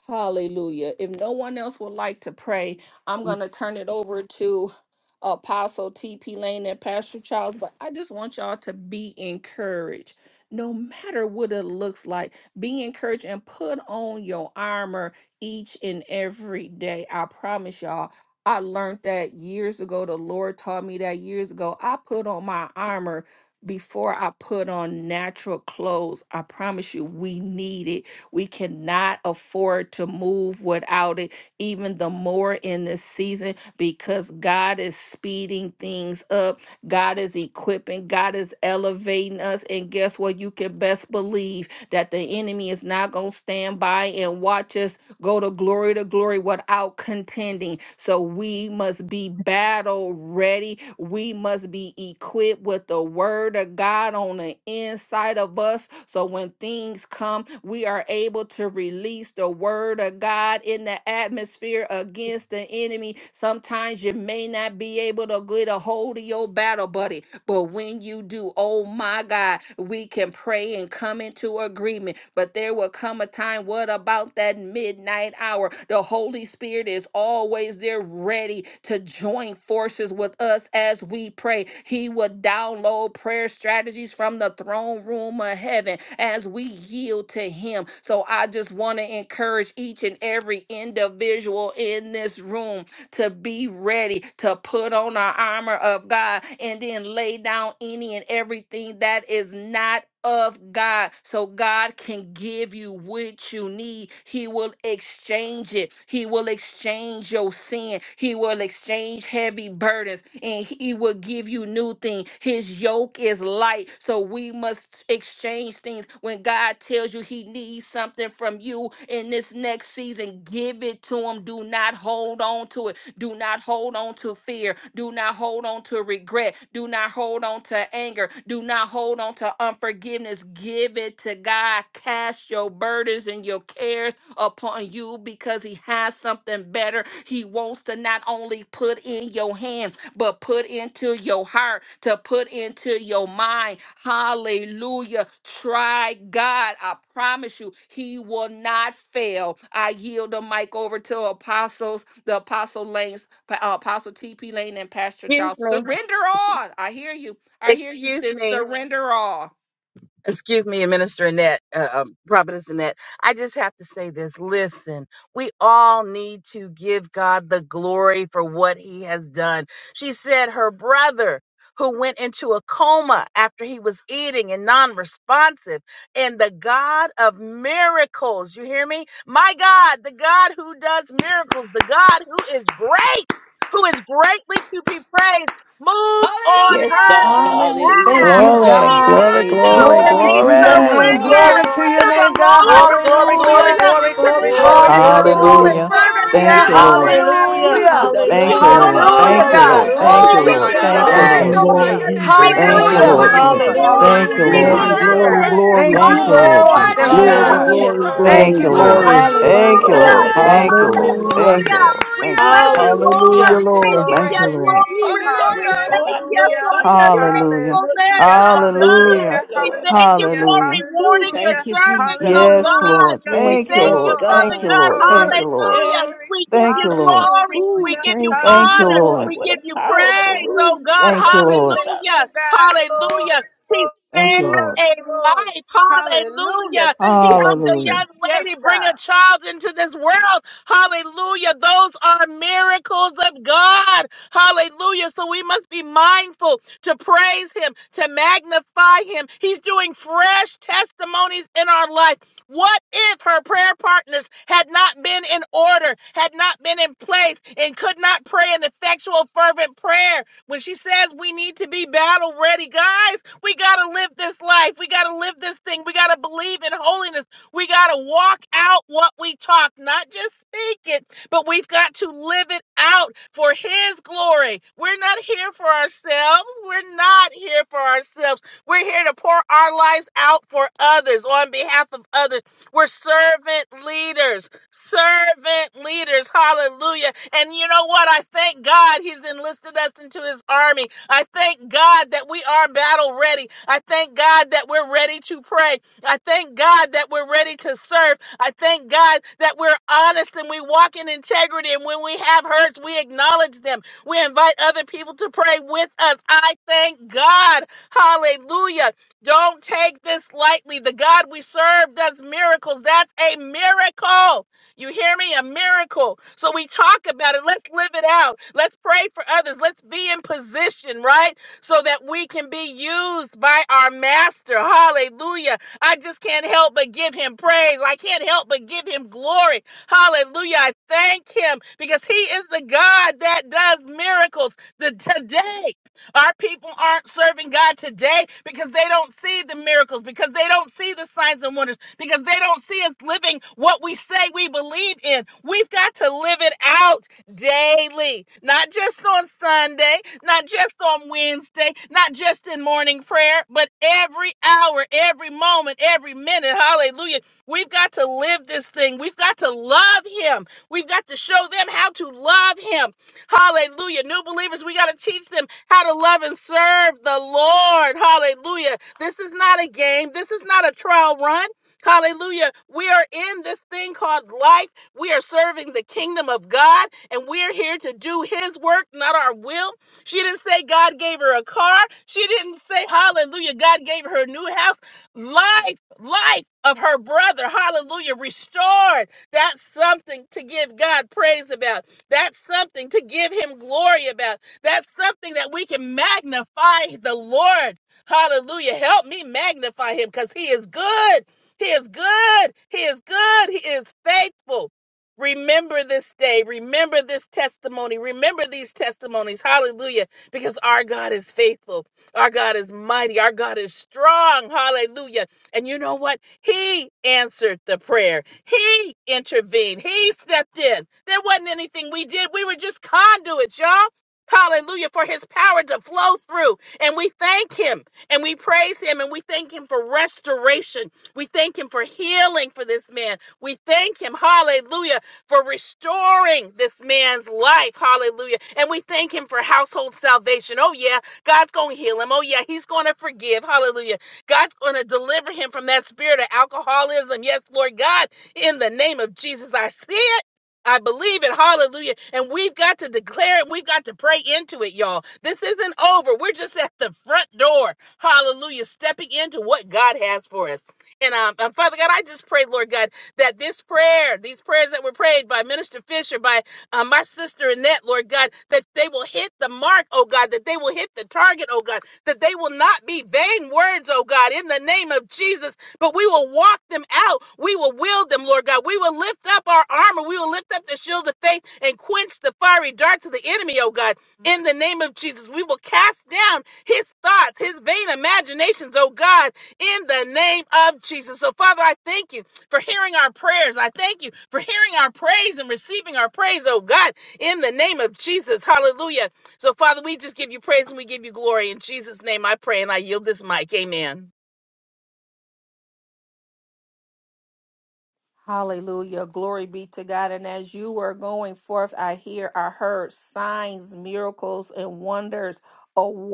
Speaker 1: Hallelujah. If no one else would like to pray, I'm going to turn it over to Apostle TP Lane and Pastor Charles, but I just want y'all to be encouraged. No matter what it looks like, be encouraged and put on your armor each and every day. I promise y'all, I learned that years ago. The Lord taught me that years ago. I put on my armor before I put on natural clothes. I promise you, we need it we cannot afford to move without it, even the more in this season, because God is speeding things up. God is equipping, God is elevating us. And guess what? You can best believe that the enemy is not going to stand by and watch us go to glory to glory without contending. So we must be battle ready. We must be equipped with the word of God on the the inside of us. So when things come, we are able to release the word of God in the atmosphere against the enemy. Sometimes you may not be able to get a hold of your battle buddy, but when you do, oh my God, we can pray and come into agreement. But there will come a time, what about that midnight hour? The Holy Spirit is always there ready to join forces with us us as we pray. He will download prayer strategies from the throne room of heaven as we yield to Him. So I just want to encourage each and every individual in this room to be ready to put on our armor of God and then lay down any and everything that is not of God so God can give you what you need. He will exchange it. He will exchange your sin. He will exchange heavy burdens and he will give you new things. His yoke is light. So we must exchange things. When God tells you he needs something from you in this next season, give it to him. Do not hold on to it. Do not hold on to fear. Do not hold on to regret. Do not hold on to anger. Do not hold on to unforgiveness want forgiveness, give it to God. Cast your burdens and your cares upon you because He has something better. He wants to not only put in your hand, but put into your heart, to put into your mind. Hallelujah. Try God. I promise you, He will not fail. I yield the mic over to apostles, the apostle lanes, uh, apostle TP Lane and Pastor
Speaker 4: Excuse
Speaker 1: Charles.
Speaker 4: me.
Speaker 1: Surrender all. I hear you. I hear you,
Speaker 4: Excuse
Speaker 1: sis.
Speaker 4: me.
Speaker 1: Surrender all.
Speaker 4: Excuse me, Minister Annette, uh, um, Prophetess Annette. I just have to say this. Listen, we all need to give God the glory for what he has done. She said her brother, who went into a coma after he was eating and non responsive, and the God of miracles, you hear me? My God, the God who does miracles, the God who is great, who is greatly to be praised, moved on
Speaker 5: Yes,
Speaker 4: her
Speaker 5: God.
Speaker 2: Hallelujah. Thank
Speaker 4: behalf.
Speaker 2: you,
Speaker 5: Hallelujah.
Speaker 6: Glory,
Speaker 4: We
Speaker 2: God.
Speaker 6: glory,
Speaker 4: have
Speaker 5: Thank you,
Speaker 4: to
Speaker 6: glory,
Speaker 3: Glory
Speaker 2: Glory
Speaker 3: to
Speaker 1: Hallelujah!
Speaker 4: be
Speaker 5: God.
Speaker 2: to your
Speaker 5: Yes,
Speaker 6: glory.
Speaker 2: name.
Speaker 3: God. Thank
Speaker 5: God.
Speaker 3: you,
Speaker 2: Glory
Speaker 4: surrendered
Speaker 2: to
Speaker 3: Lord.
Speaker 1: Glory!
Speaker 2: your
Speaker 4: to the
Speaker 2: name,
Speaker 3: Thank
Speaker 2: God.
Speaker 4: Lord.
Speaker 7: Glory, glory, glory,
Speaker 2: Hallelujah.
Speaker 4: Hallelujah.
Speaker 7: glory,
Speaker 4: To be
Speaker 7: glory,
Speaker 1: Hallelujah!
Speaker 7: glory,
Speaker 5: Glory be
Speaker 2: Hallelujah.
Speaker 5: to
Speaker 7: glory,
Speaker 5: God.
Speaker 4: effectual and
Speaker 7: glory.
Speaker 5: Yes,
Speaker 8: Hallelujah.
Speaker 5: God.
Speaker 4: fervent
Speaker 5: Yes,
Speaker 1: Glory
Speaker 5: God.
Speaker 1: to
Speaker 8: Thank
Speaker 4: prayer
Speaker 8: you,
Speaker 1: your
Speaker 8: Lord.
Speaker 1: great
Speaker 3: you, Lord. Thank you, Lord. Jesus, thank you, God.
Speaker 1: name,
Speaker 4: warriors.
Speaker 3: Thank
Speaker 7: Hallelujah,
Speaker 5: Ooh,
Speaker 4: We
Speaker 5: he's
Speaker 1: Jesus.
Speaker 2: Hallelujah.
Speaker 5: a
Speaker 4: give
Speaker 3: you,
Speaker 4: you
Speaker 8: Thank you,
Speaker 7: hallelujah,
Speaker 5: mighty
Speaker 8: Lord.
Speaker 4: glory,
Speaker 5: God.
Speaker 2: Hallelujah,
Speaker 8: Thank
Speaker 1: Hallelujah,
Speaker 8: you,
Speaker 5: He's a
Speaker 3: Lord.
Speaker 2: God.
Speaker 4: Lord.
Speaker 8: Lord.
Speaker 3: Hallelujah.
Speaker 1: Lord.
Speaker 9: Lord.
Speaker 8: Thank
Speaker 4: We
Speaker 8: you,
Speaker 3: Thank
Speaker 5: mighty
Speaker 4: give
Speaker 2: Glory
Speaker 8: Lord.
Speaker 1: Lord,
Speaker 7: hallelujah,
Speaker 2: to
Speaker 4: you
Speaker 3: you,
Speaker 1: I
Speaker 2: your
Speaker 8: Thank you,
Speaker 5: God.
Speaker 9: Thank
Speaker 4: glory,
Speaker 3: Lord.
Speaker 2: name.
Speaker 9: you,
Speaker 8: Lord.
Speaker 5: Yes, he
Speaker 1: magnify
Speaker 9: Lord
Speaker 7: hallelujah,
Speaker 1: your
Speaker 4: Lord.
Speaker 10: Thank
Speaker 5: is.
Speaker 1: name.
Speaker 10: you,
Speaker 4: We
Speaker 9: Jesus.
Speaker 5: He's a
Speaker 8: Thank
Speaker 3: Thank
Speaker 10: Father.
Speaker 8: you,
Speaker 1: Father,
Speaker 10: Yes,
Speaker 3: you,
Speaker 8: Lord
Speaker 1: we
Speaker 2: Hallelujah.
Speaker 4: magnify
Speaker 5: healer.
Speaker 9: Hallelujah.
Speaker 4: you,
Speaker 10: God.
Speaker 1: give
Speaker 3: Lord.
Speaker 10: Yes,
Speaker 1: you
Speaker 8: Jesus.
Speaker 7: hallelujah.
Speaker 4: Lord.
Speaker 10: God.
Speaker 8: Thank
Speaker 1: honor
Speaker 8: you,
Speaker 10: Yes,
Speaker 2: Hallelujah,
Speaker 7: Yes,
Speaker 1: and
Speaker 4: We do
Speaker 8: Lord.
Speaker 5: He's
Speaker 7: God,
Speaker 3: Thank
Speaker 9: Glory,
Speaker 5: a
Speaker 10: God.
Speaker 1: glory
Speaker 3: you,
Speaker 4: not
Speaker 7: yes,
Speaker 2: Jesus.
Speaker 1: and
Speaker 7: God,
Speaker 9: glory,
Speaker 4: take
Speaker 3: God.
Speaker 7: yes,
Speaker 1: praise.
Speaker 4: this
Speaker 9: glory,
Speaker 7: God.
Speaker 2: Thank
Speaker 8: Thank
Speaker 2: you,
Speaker 8: you,
Speaker 1: What
Speaker 4: lightly,
Speaker 5: provider.
Speaker 1: a
Speaker 8: Lord
Speaker 3: Thank
Speaker 2: Lord.
Speaker 10: Hallelujah,
Speaker 5: Yes,
Speaker 3: you,
Speaker 1: mighty
Speaker 4: Lord.
Speaker 2: Thank
Speaker 8: Jesus.
Speaker 2: you,
Speaker 1: God
Speaker 5: God.
Speaker 9: glory,
Speaker 3: God.
Speaker 2: Lord.
Speaker 10: Jesus.
Speaker 1: we
Speaker 7: Hallelujah,
Speaker 9: glory,
Speaker 10: Thank
Speaker 5: Yes,
Speaker 1: serve.
Speaker 10: you,
Speaker 3: Glory
Speaker 2: Thank
Speaker 8: Thank
Speaker 9: glory,
Speaker 4: Hallelujah.
Speaker 8: you,
Speaker 2: you,
Speaker 3: to
Speaker 10: Father.
Speaker 3: your
Speaker 5: yes.
Speaker 8: Lord.
Speaker 2: God.
Speaker 9: glory.
Speaker 3: name,
Speaker 5: Ooh,
Speaker 3: O
Speaker 8: Thank you,
Speaker 7: hallelujah,
Speaker 1: Hallelujah!
Speaker 3: Lord.
Speaker 5: Lord
Speaker 4: Hallelujah.
Speaker 2: Glory
Speaker 8: Lord.
Speaker 2: to your
Speaker 7: hallelujah,
Speaker 3: Thank
Speaker 8: Thank
Speaker 10: Mhm.
Speaker 2: name,
Speaker 8: you,
Speaker 3: you, Lord. Thank
Speaker 8: Lord.
Speaker 3: you,
Speaker 10: Thank
Speaker 2: God.
Speaker 7: hallelujah,
Speaker 10: you,
Speaker 9: Hallelujah.
Speaker 8: Thank
Speaker 10: God.
Speaker 8: you,
Speaker 4: Hallelujah.
Speaker 8: Lord.
Speaker 10: Thank you,
Speaker 4: We
Speaker 3: Lord.
Speaker 8: Thank you,
Speaker 1: Hallelujah!
Speaker 4: bless
Speaker 8: Lord.
Speaker 4: you, Lord.
Speaker 9: Hallelujah,
Speaker 7: hallelujah.
Speaker 1: Glory to
Speaker 4: We
Speaker 1: your
Speaker 9: Lord.
Speaker 4: give
Speaker 8: Thank
Speaker 4: you
Speaker 1: great
Speaker 8: you,
Speaker 1: name.
Speaker 3: Glory,
Speaker 8: Lord.
Speaker 4: glory.
Speaker 5: Jesus.
Speaker 4: We
Speaker 1: Hallelujah!
Speaker 5: Oh,
Speaker 4: thank
Speaker 5: I
Speaker 4: you
Speaker 5: know
Speaker 3: hallelujah,
Speaker 4: for
Speaker 5: about the
Speaker 4: your
Speaker 5: miracles.
Speaker 8: Hallelujah.
Speaker 5: Yes,
Speaker 4: faithfulness,
Speaker 5: God.
Speaker 3: hallelujah,
Speaker 4: oh God.
Speaker 8: Hallelujah.
Speaker 3: hallelujah,
Speaker 5: Yeah,
Speaker 4: We
Speaker 5: Lord.
Speaker 4: thank you
Speaker 3: hallelujah,
Speaker 4: for
Speaker 8: Hallelujah.
Speaker 5: Ooh,
Speaker 4: rewarding your
Speaker 5: thank
Speaker 3: hallelujah,
Speaker 5: you,
Speaker 4: servants,
Speaker 5: Jesus.
Speaker 4: oh
Speaker 8: Yes,
Speaker 4: God.
Speaker 8: Lord.
Speaker 3: hallelujah,
Speaker 4: We
Speaker 8: Thank
Speaker 5: Yes,
Speaker 8: you,
Speaker 4: thank
Speaker 5: yes,
Speaker 4: you,
Speaker 8: Lord.
Speaker 4: Father
Speaker 8: Thank
Speaker 3: glory,
Speaker 8: you,
Speaker 5: God.
Speaker 4: God.
Speaker 8: Lord. Thank
Speaker 3: glory,
Speaker 8: you,
Speaker 5: Yes,
Speaker 8: Lord.
Speaker 4: Hallelujah.
Speaker 3: glory,
Speaker 5: yes.
Speaker 4: We give
Speaker 8: Thank
Speaker 4: you
Speaker 8: you, Lord.
Speaker 4: glory.
Speaker 3: hallelujah,
Speaker 5: Ooh,
Speaker 4: We give you
Speaker 5: thank you,
Speaker 8: Thank you,
Speaker 3: hallelujah,
Speaker 4: honor.
Speaker 5: Lord.
Speaker 8: Lord.
Speaker 4: We
Speaker 5: What a
Speaker 4: give you
Speaker 5: powerful
Speaker 4: praise, oh
Speaker 5: room
Speaker 4: God.
Speaker 5: today,
Speaker 8: Thank
Speaker 3: hallelujah,
Speaker 8: you, Lord.
Speaker 3: thank
Speaker 4: Hallelujah.
Speaker 3: you,
Speaker 5: Jesus.
Speaker 3: God,
Speaker 4: Hallelujah.
Speaker 3: glory,
Speaker 4: He
Speaker 8: Thank you,
Speaker 5: Glory,
Speaker 4: spared
Speaker 8: Lord.
Speaker 4: a
Speaker 3: glory, glory, glory,
Speaker 4: life.
Speaker 3: hallelujah,
Speaker 4: Hallelujah.
Speaker 3: thank
Speaker 4: He
Speaker 3: you,
Speaker 4: helped a
Speaker 8: Hallelujah.
Speaker 4: young
Speaker 3: Jesus, yes,
Speaker 4: lady bring
Speaker 3: God.
Speaker 4: a child into this world. Hallelujah. Those are miracles of God. Hallelujah. So we must be mindful to praise Him, to magnify Him. He's doing fresh testimonies in our life. What if her prayer partners had not been in order, had not been in place, and could not pray an effectual, fervent prayer? When she says we need to be battle ready, guys, we got to live this life. We got to live this thing. We got to believe in holiness. We got to walk out what we talk, not just speak it, but we've got to live it out for His glory. We're not here for ourselves. We're not here for ourselves. We're here to pour our lives out for others on behalf of others. We're servant leaders servant leaders. Hallelujah. And you know what? I thank God he's enlisted us into his army. I thank God that we are battle ready. I thank God that we're ready to pray. I thank God that we're ready to serve. I thank God that we're honest and we walk in integrity. And when we have hurts, we acknowledge them. We invite other people to pray with us. I thank God. Hallelujah. Don't take this lightly. The God we serve does miracles. That's a miracle. You hear me? A miracle. So we talk about it. Let's live it out. Let's pray for others. Let's be in position, right? So that we can be used by our master. Hallelujah. I just can't help but give him praise. I can't help but give him glory. Hallelujah. I thank him because he is the God that does miracles the, today. Our people aren't serving God today because they don't see the miracles, because they don't see the signs and wonders, because they don't see us living what we say we believe in. We've got to live it out daily, not just on Sunday, not just on Wednesday, not just in morning prayer, but every hour, every moment, every minute. Hallelujah. We've got to live this thing. We've got to love Him. We've got to show them how to love Him. Hallelujah. New believers, we got to teach them how to love and serve the Lord. Hallelujah. This is not a game, this is not a trial run. Hallelujah. We are in this thing called life. We are serving the kingdom of God, and we're here to do His work, not our will. She didn't say God gave her a car. She didn't say, Hallelujah, God gave her a new house. Life, life of her brother, Hallelujah, restored. That's something to give God praise about. That's something to give him glory about. That's something that we can magnify the Lord. Hallelujah. Help me magnify him because he is good. He is good. He is good. He is faithful. Remember this day. Remember this testimony. Remember these testimonies. Hallelujah. Because our God is faithful. Our God is mighty. Our God is strong. Hallelujah. And you know what? He answered the prayer. He intervened. He stepped in. There wasn't anything we did. We were just conduits, y'all. Hallelujah for his power to flow through. And we thank him and we praise him and we thank him for restoration. We thank him for healing for this man. We thank him, hallelujah, for restoring this man's life. Hallelujah. And we thank him for household salvation. Oh, yeah, God's going to heal him. Oh, yeah, he's going to forgive. Hallelujah. God's going to deliver him from that spirit of alcoholism. Yes, Lord God, in the name of Jesus, I see it. I believe it. Hallelujah. And we've got to declare it. We've got to pray into it, y'all. This isn't over. We're just at the front door. Hallelujah. Stepping into what God has for us. And um, and Father God, I just pray, Lord God, that this prayer, these prayers that were prayed by Minister Fisher, by uh, my sister Annette, Lord God, that they will hit the mark, oh God, that they will hit the target, oh God, that they will not be vain words, oh God, in the name of Jesus, but we will walk them out. We will wield them, Lord God. We will lift up our armor. We will lift up the shield of faith and quench the fiery darts of the enemy, oh God, in the name of Jesus. We will cast down his thoughts, his vain imaginations, oh God, in the name of Jesus. So, Father, I thank you for hearing our prayers. I thank you for hearing our praise and receiving our praise, oh God, in the name of Jesus. Hallelujah. So, Father, we just give you praise and we give you glory. In Jesus' name I pray and I yield this mic. Amen.
Speaker 1: Hallelujah. Glory be to God. And as you were going forth, I hear, I heard signs, miracles, and wonders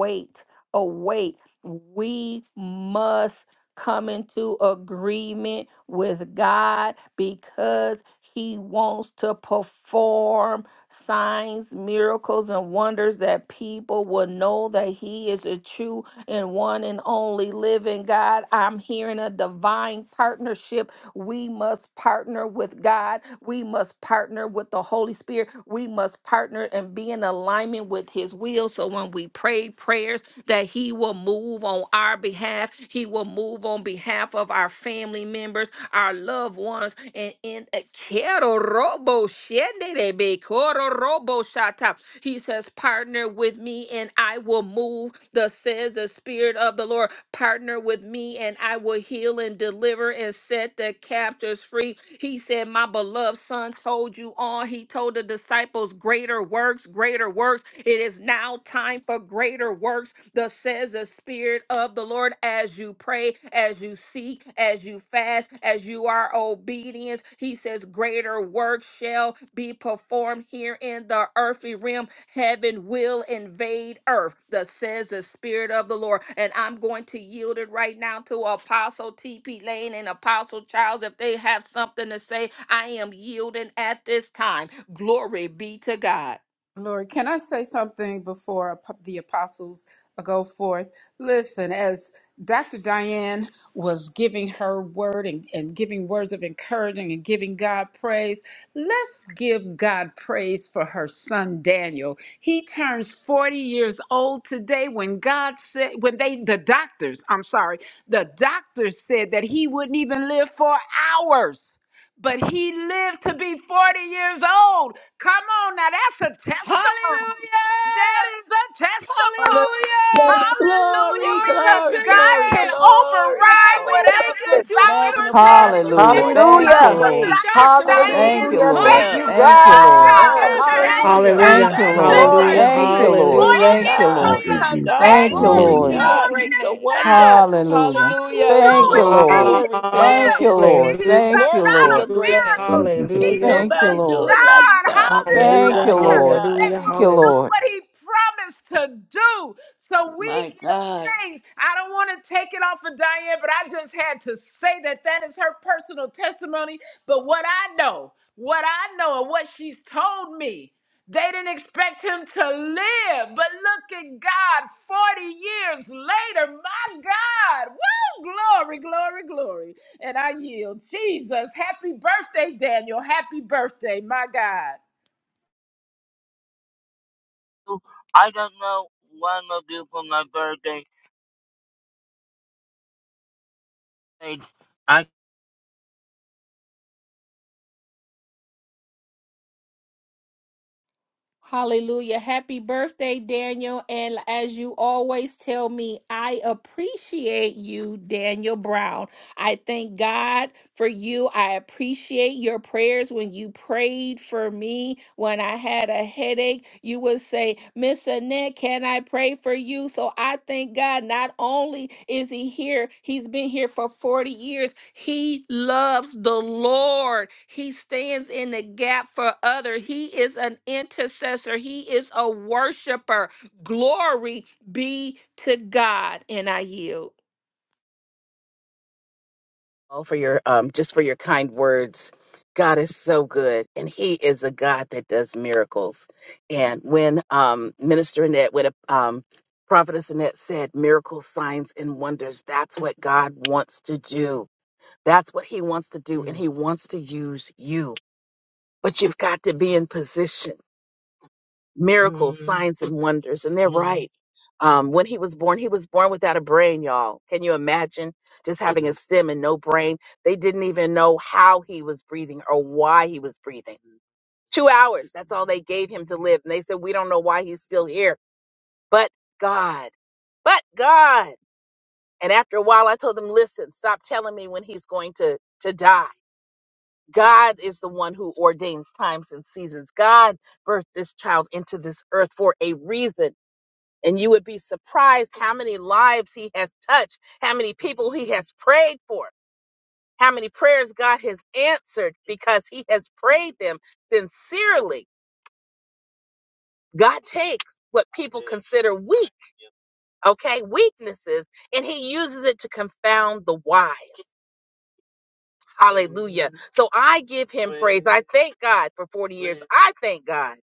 Speaker 1: await, await. We must come into agreement with God because He wants to perform signs, miracles, and wonders that people will know that He is a true and one and only living God. I'm hearing a divine partnership. We must partner with God. We must partner with the Holy Spirit. We must partner and be in alignment with His will. So when we pray prayers, that He will move move on our behalf. He will move on behalf of our family members, our loved ones, and in Quiero robo shenderebe, coro robo shata. He says, Partner with me and I will move. Thus says the Spirit of the Lord, Partner with me and I will heal and deliver and set the captives free. He said, My beloved Son told you all. He told the disciples, Greater works, greater works. It is now time time for greater works, thus says the Spirit of the Lord, as you pray, as you seek, as you fast, as you are obedient. He says, Greater work shall be performed here in the earthly realm. Heaven will invade earth, thus says the Spirit of the Lord. And I'm going to yield it right now to Apostle T.P. Lane and Apostle Charles. If they have something to say, I am yielding at this time. Glory be to God.
Speaker 3: Lord, can I say something before ap- the apostles go forth? Listen, as Dr. Diane was giving her word and, and giving words of encouraging and giving God praise, let's give God praise for her son Daniel. He turns 40 years old today when God said, when they, the doctors, I'm sorry, the doctors said that he wouldn't even live for hours but he lived to be 40 years old. Come on now, that's a testimony. That
Speaker 1: Hallelujah!
Speaker 3: is a testimony.
Speaker 1: Hallelujah.
Speaker 3: Hallelujah,
Speaker 5: glory,
Speaker 1: Glory
Speaker 3: because
Speaker 1: to your
Speaker 3: God
Speaker 5: glory,
Speaker 3: can
Speaker 1: name.
Speaker 5: glory.
Speaker 1: God,
Speaker 3: override
Speaker 1: we
Speaker 5: Oh,
Speaker 3: whatever
Speaker 1: thank you
Speaker 3: the
Speaker 1: that you
Speaker 3: doctor said,
Speaker 5: magnify
Speaker 1: overturned,
Speaker 5: the
Speaker 1: you
Speaker 8: Hallelujah.
Speaker 3: and
Speaker 5: Lord
Speaker 8: Thank you,
Speaker 3: because
Speaker 1: overrode
Speaker 2: Hallelujah.
Speaker 3: of
Speaker 1: what the
Speaker 8: Lord.
Speaker 5: today.
Speaker 3: Dr.
Speaker 1: doctor said.
Speaker 8: Thank
Speaker 3: Diane's
Speaker 8: you,
Speaker 2: Hallelujah.
Speaker 8: Lord.
Speaker 2: Thank
Speaker 3: faith,
Speaker 2: you,
Speaker 5: Hallelujah.
Speaker 8: Thank you,
Speaker 1: Hallelujah.
Speaker 3: my
Speaker 1: You
Speaker 8: Lord.
Speaker 1: are
Speaker 3: God,
Speaker 2: God.
Speaker 1: God
Speaker 5: Oh,
Speaker 1: that have
Speaker 3: that
Speaker 1: the
Speaker 2: Hallelujah.
Speaker 5: magnify
Speaker 1: first
Speaker 3: child
Speaker 8: Thank
Speaker 7: Hallelujah,
Speaker 8: you,
Speaker 3: is
Speaker 5: God
Speaker 1: and the
Speaker 8: Lord.
Speaker 3: living
Speaker 2: Glory
Speaker 3: to
Speaker 7: hallelujah, hallelujah,
Speaker 2: to
Speaker 1: final
Speaker 2: you.
Speaker 8: Thank
Speaker 3: see
Speaker 5: Almighty.
Speaker 8: you,
Speaker 1: say.
Speaker 8: Lord.
Speaker 5: Yes,
Speaker 3: 40
Speaker 8: Thank you,
Speaker 3: years
Speaker 5: God.
Speaker 11: Thank
Speaker 3: old
Speaker 8: Lord.
Speaker 11: you,
Speaker 1: Hallelujah.
Speaker 5: Yes,
Speaker 11: Jesus.
Speaker 3: today.
Speaker 5: God.
Speaker 8: Thank you,
Speaker 1: Glory
Speaker 5: Yes,
Speaker 1: to
Speaker 8: Lord.
Speaker 11: Hallelujah.
Speaker 1: your
Speaker 5: God.
Speaker 3: Glory
Speaker 1: great
Speaker 5: He's
Speaker 3: to
Speaker 5: a
Speaker 1: name.
Speaker 3: God.
Speaker 5: wonder.
Speaker 8: Hallelujah.
Speaker 3: Won't he
Speaker 1: Hallelujah.
Speaker 5: Ooh,
Speaker 3: do
Speaker 8: Thank you,
Speaker 3: it? Yes,
Speaker 8: Lord.
Speaker 5: glory.
Speaker 3: he
Speaker 1: Glory to your
Speaker 5: Wow.
Speaker 8: Thank
Speaker 3: will.
Speaker 8: you,
Speaker 1: name.
Speaker 3: He
Speaker 8: Lord.
Speaker 3: is
Speaker 7: hallelujah,
Speaker 3: a
Speaker 8: Thank you,
Speaker 1: Glory
Speaker 3: God
Speaker 1: to
Speaker 3: of
Speaker 8: Lord.
Speaker 1: your great name.
Speaker 11: Thank
Speaker 3: miracles.
Speaker 11: you,
Speaker 3: He
Speaker 11: Jesus.
Speaker 5: Can't
Speaker 3: is
Speaker 7: hallelujah,
Speaker 8: Thank you,
Speaker 3: a
Speaker 5: nobody do
Speaker 8: Lord.
Speaker 5: it like
Speaker 3: God,
Speaker 5: God. Yeah,
Speaker 8: Thank
Speaker 7: hallelujah,
Speaker 8: you,
Speaker 5: God. Yeah,
Speaker 3: hallelujah,
Speaker 8: Lord.
Speaker 5: God.
Speaker 3: that
Speaker 7: hallelujah,
Speaker 3: will
Speaker 8: Thank you,
Speaker 7: hallelujah,
Speaker 3: do
Speaker 8: Lord.
Speaker 3: what he promised to do. So we
Speaker 5: My
Speaker 3: give
Speaker 5: God.
Speaker 3: thanks. I don't want to take it off of Diane, but I just had to say that that is her personal testimony. But what I know, what I know, and what she's told me, they didn't expect him to live, but look at God 40 years later. My God. Woo! Glory, glory, glory. And I yield. Jesus, happy birthday, Daniel. Happy birthday, my God.
Speaker 4: I don't know what I'm gonna do for my birthday. Like, I
Speaker 1: Hallelujah. Happy birthday, Daniel. And as you always tell me, I appreciate you, Daniel Brown. I thank God for you. I appreciate your prayers when you prayed for me when I had a headache. You would say, Miss Annette, can I pray for you? So I thank God not only is he here, he's been here for 40 years. He loves the Lord. He stands in the gap for others. He is an intercessor. He is a worshiper. Glory be to God. And I yield.
Speaker 4: Oh, for your um just for your kind words. God is so good and he is a God that does miracles. And when um Minister Annette, when um Prophetess Annette said miracles, signs, and wonders, that's what God wants to do. That's what he wants to do, and he wants to use you. But you've got to be in position. miracles, Mm, signs, and wonders. And they're mm. right. Um, when he was born, he was born without a brain, y'all. Can you imagine just having a stem and no brain? They didn't even know how he was breathing or why he was breathing. Two hours, that's all they gave him to live. And they said, We don't know why he's still here, but God, but God. And after a while, I told them, Listen, stop telling me when he's going to, to die. God is the one who ordains times and seasons. God birthed this child into this earth for a reason and you would be surprised how many lives he has touched, how many people he has prayed for, how many prayers God has answered because he has prayed them sincerely. God takes what people consider weak, okay, weaknesses, and he uses it to confound the wise. Hallelujah. So I give him praise. I thank God for 40 years. I thank God.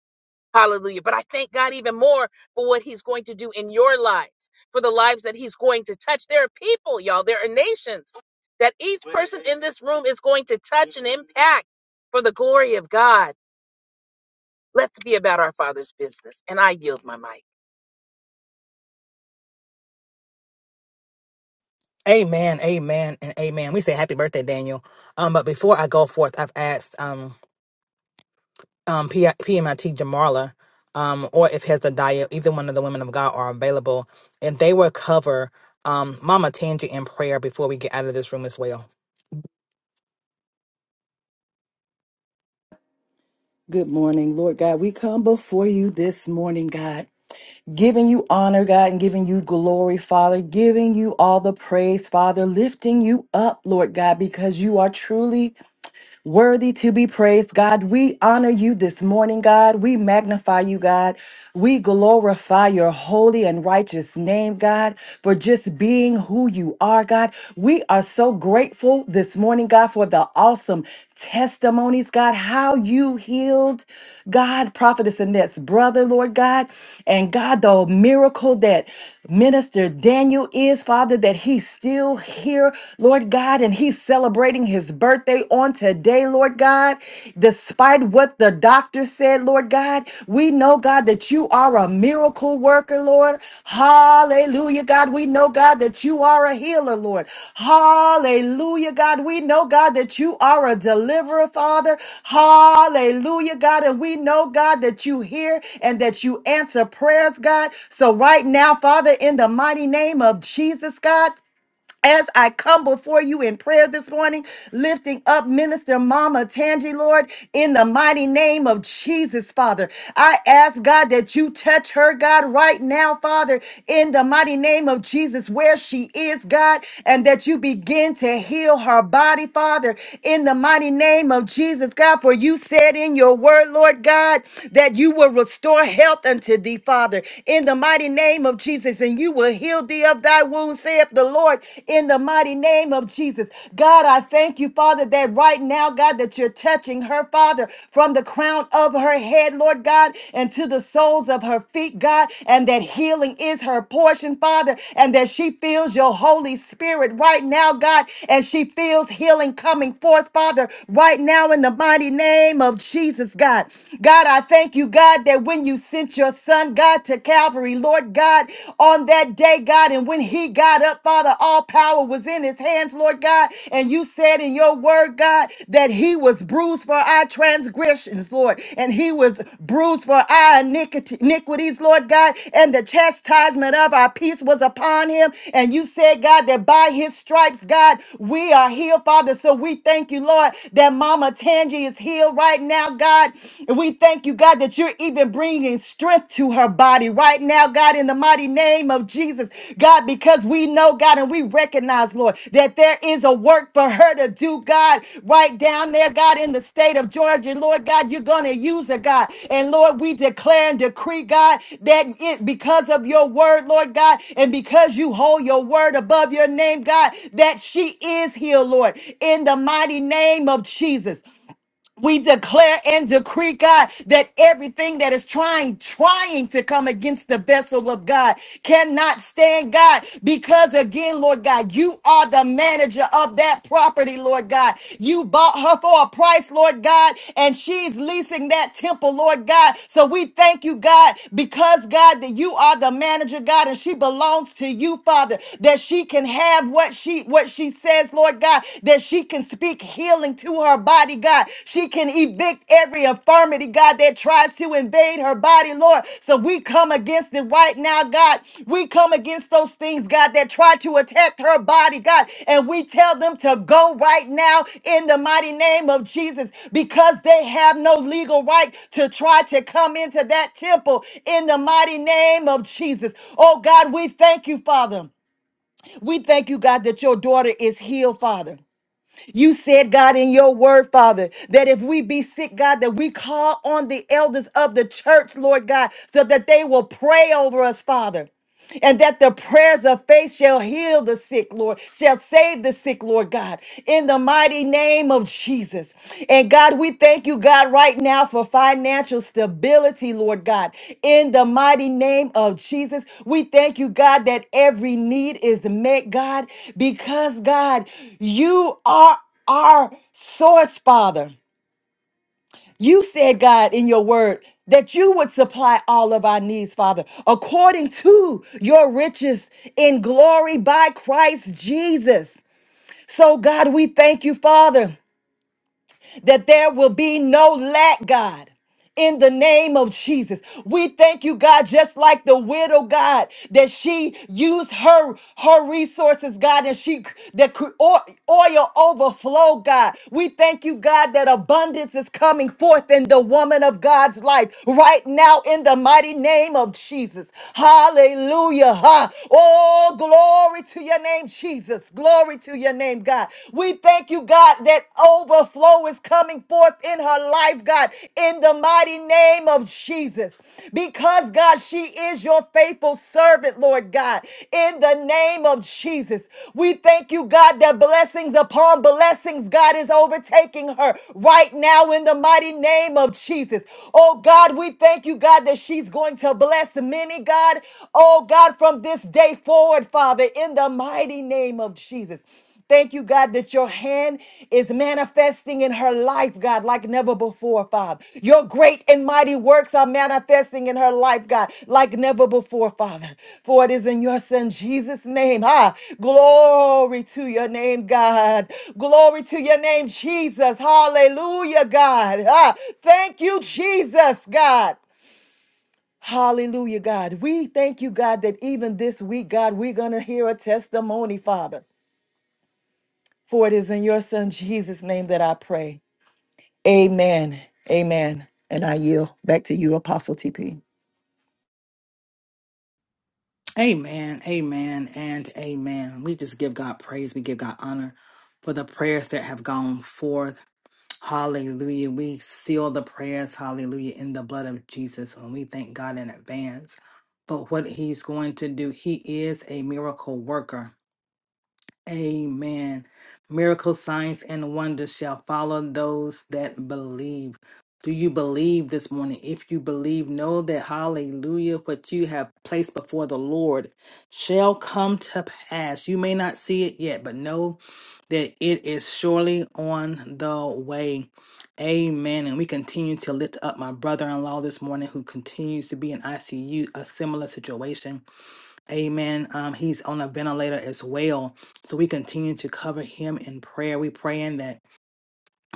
Speaker 4: Hallelujah. But I thank God even more for what He's going to do in your lives, for the lives that He's going to touch. There are people, y'all, there are nations that each person in this room is going to touch and impact for the glory of God. Let's be about our Father's business. And I yield my mic.
Speaker 7: Amen, amen, and amen. We say happy birthday, Daniel. Um, but before I go forth, I've asked um um P- PMIT Jamarla, um, or if has a either one of the women of God are available, and they will cover um Mama Tangi in prayer before we get out of this room as well.
Speaker 2: Good morning, Lord God. We come before you this morning, God, giving you honor, God, and giving you glory, Father, giving you all the praise, Father, lifting you up, Lord God, because you are truly Worthy to be praised, God. We honor you this morning, God. We magnify you, God. We glorify your holy and righteous name, God, for just being who you are, God. We are so grateful this morning, God, for the awesome testimonies, God, how you healed, God, Prophetess Annette's brother, Lord God, and God, the miracle that Minister Daniel is, Father, that he's still here, Lord God, and he's celebrating his birthday on today, Lord God. Despite what the doctor said, Lord God, we know, God, that you are a miracle worker, Lord. Hallelujah, God. We know, God, that you are a healer, Lord. Hallelujah, God. We know, God, that you are a deliverer, Father. Hallelujah, God. And we know, God, that you hear and that you answer prayers, God. So right now, Father, in the mighty name of Jesus, God. As I come before you in prayer this morning, lifting up Minister Mama Tangi, Lord, in the mighty name of Jesus, Father. I ask God that you touch her, God, right now, Father, in the mighty name of Jesus, where she is, God, and that you begin to heal her body, Father, in the mighty name of Jesus, God. For you said in your word, Lord God, that you will restore health unto thee, Father, in the mighty name of Jesus, and you will you will heal thee of thy wounds, saith the Lord, in the mighty name of Jesus. God, I thank you, Father, that right now, God, that you're touching her, Father, from the crown of her head, Lord God, and to the soles of her feet, God, and that healing is her portion, Father, and that she feels your Holy Spirit right now, God, and she feels healing coming forth, Father, right now in the mighty name of Jesus, God. God, I thank you, God, that when you sent your son, son, God, to Calvary, Lord God, on that day, God. And when he got up, Father, all power was in his hands, Lord God. And you said in your word, God, that he was bruised for our transgressions, Lord, and he was bruised for our iniquity- iniquities, Lord God. And the chastisement of our peace was upon him. And you said, God, that by his stripes, God, we are healed, Father. So we thank you, Lord, that Mama Tangi is healed right now, God. And we we thank you, God, that you're even bringing strength to her body right now, God, in the mighty name of Jesus, God, because we know, God, and we recognize, Lord, that there is a work for her to do, God, right down there, God, in the state of Georgia. Lord God, you're going to use her, God. And Lord, we declare and decree, God, that it because of your word, Lord God, and because you hold your word above your name, God, that she is healed, Lord, in the mighty name of Jesus. We declare and decree, God, that everything that is trying, trying to come against the vessel of God cannot stand, God, because again, Lord God, you are the manager of that property, Lord God. You bought her for a price, Lord God, and she's leasing that temple, Lord God. So we thank you, God, because God, that you are the manager, God, and she belongs to you, Father, that she can have what she what she says, Lord God that she can speak healing to her body, God. She can evict every infirmity, God, that tries to invade her body, Lord. So we come against it right now, God. We come against those things, God, that try to attack her body, God. And we tell them to go right now in the mighty name of Jesus because they have no legal right to try to come into that temple in the mighty name of Jesus. Oh, God, we thank you, Father. We thank you, God, that your daughter is healed, Father. You said, God, in your word, Father, that if we be sick, God, that we call on the elders of the church, Lord God, so that they will pray over us, Father and that the prayers of faith shall heal the sick, Lord, shall save the sick, Lord God. In the mighty name of Jesus. And God, we thank you, God, right now for financial stability, Lord God. In the mighty name of Jesus, we thank you, God, that every need is met, God, because, God, you are our source, Father. You said, God, in your word, that you would supply all of our needs, Father, according to your riches in glory by Christ Jesus. So, God, we thank you, Father that there will be no lack, God in the name of Jesus. We thank you, God, just like the widow, God, that she used her her resources, God, and she that cre- o- oil overflow, God. We thank you, God, that abundance is coming forth in the woman of God's life right now in the mighty name of Jesus. Hallelujah. Ha. Oh, glory to your name, Jesus. Glory to your name, God. We thank you, God, that overflow is coming forth in her life, God, in the mighty name of Jesus. Because, God, she is your faithful servant, Lord God, in the name of Jesus. We thank you, God, that blessings upon blessings, God, is overtaking her right now in the mighty name of Jesus. Oh, God, we thank you, God, that she's going to bless many, God. Oh, God, from from this day forward, Father, in the mighty name of Jesus. Thank you, God, that your hand is manifesting in her life, God, like never before, Father. Your great and mighty works are manifesting in her life, God, like never before, Father. For it is in your Son Jesus' name. Ah, glory to your name, God. Glory to your name, Jesus. Hallelujah, God. Ah, thank you, Jesus, God. Hallelujah, God. We thank you, God, that even this week, God, we're going to hear a testimony, Father. For it is in your Son, Jesus' name, that I pray. Amen. Amen. And I yield back to you, Apostle TP.
Speaker 7: Amen, amen, and amen. We just give God praise. We give God honor for the prayers that have gone forth. Hallelujah. We seal the prayers, hallelujah, in the blood of Jesus. And we thank God in advance for what he's going to do. He is a miracle worker. Amen. Miracles, signs, and wonders shall follow those that believe. Do you believe this morning? If you believe, know that hallelujah, what you have placed before the Lord shall come to pass. You may not see it yet, but know that it is surely on the way. Amen. And we continue to lift up my brother in law this morning who continues to be in ICU, a similar situation. Amen. Um, he's on a ventilator as well. So we continue to cover him in prayer. We praying that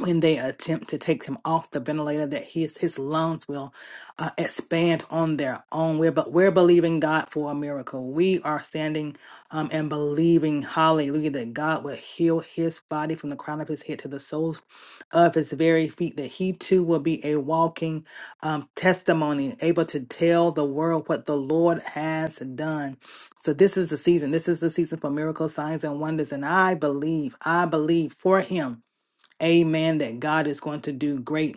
Speaker 7: when they attempt to take him off the ventilator that his his lungs will uh, expand on their own we're but we're believing god for a miracle we are standing um, and believing hallelujah that god will heal his body from the crown of his head to the soles of his very feet that he too will be a walking um, testimony able to tell the world what the lord has done so this is the season this is the season for miracles signs and wonders and i believe i believe for him Amen. That God is going to do great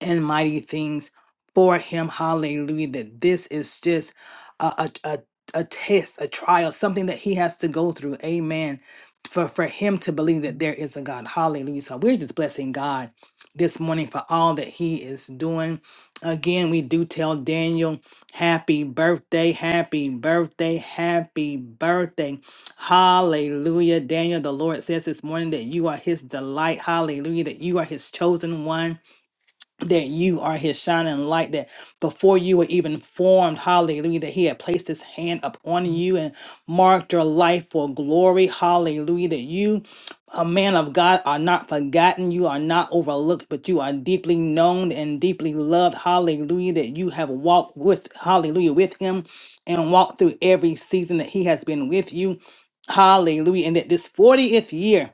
Speaker 7: and mighty things for him. Hallelujah. That this is just a, a, a, a test, a trial, something that he has to go through. Amen. For, for him to believe that there is a God. Hallelujah. So we're just blessing God this morning for all that he is doing. Again, we do tell Daniel, happy birthday, happy birthday, happy birthday. Hallelujah. Daniel, the Lord says this morning that you are his delight. Hallelujah. That you are his chosen one that you are his shining light that before you were even formed hallelujah that he had placed his hand upon you and marked your life for glory hallelujah that you a man of god are not forgotten you are not overlooked but you are deeply known and deeply loved hallelujah that you have walked with hallelujah with him and walked through every season that he has been with you hallelujah and that this 40th year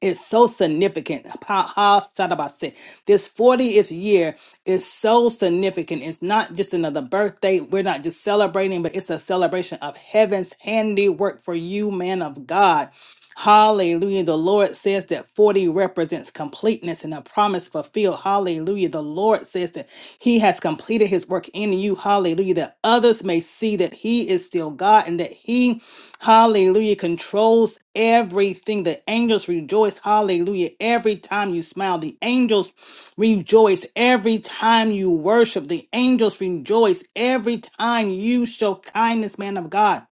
Speaker 7: is so significant. Pa- ha- Sadabase. This 40th year is so significant. It's not just another birthday. We're not just celebrating, but it's a celebration of heaven's handiwork for you, man of God. Hallelujah. The Lord says that 40 represents completeness and a promise fulfilled. Hallelujah. The Lord says that he has completed his work in you. Hallelujah. That others may see that he is still God and that he, hallelujah, controls everything. The angels rejoice. Hallelujah. Every time you smile, the angels rejoice. Every time you worship, the angels rejoice. Every time you show kindness, man of God.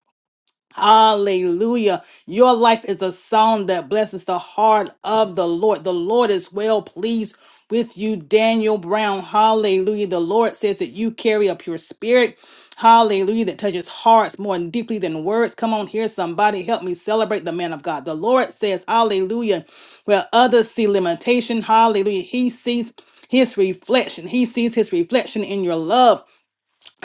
Speaker 7: Hallelujah. Your life is a song that blesses the heart of the Lord. The Lord is well pleased with you, Daniel Brown. Hallelujah. The Lord says that you carry a pure spirit. Hallelujah. That touches hearts more deeply than words. Come on here, somebody. Help me celebrate the man of God. The Lord says, Hallelujah. Where others see limitation, Hallelujah. He sees his reflection. He sees his reflection in your love.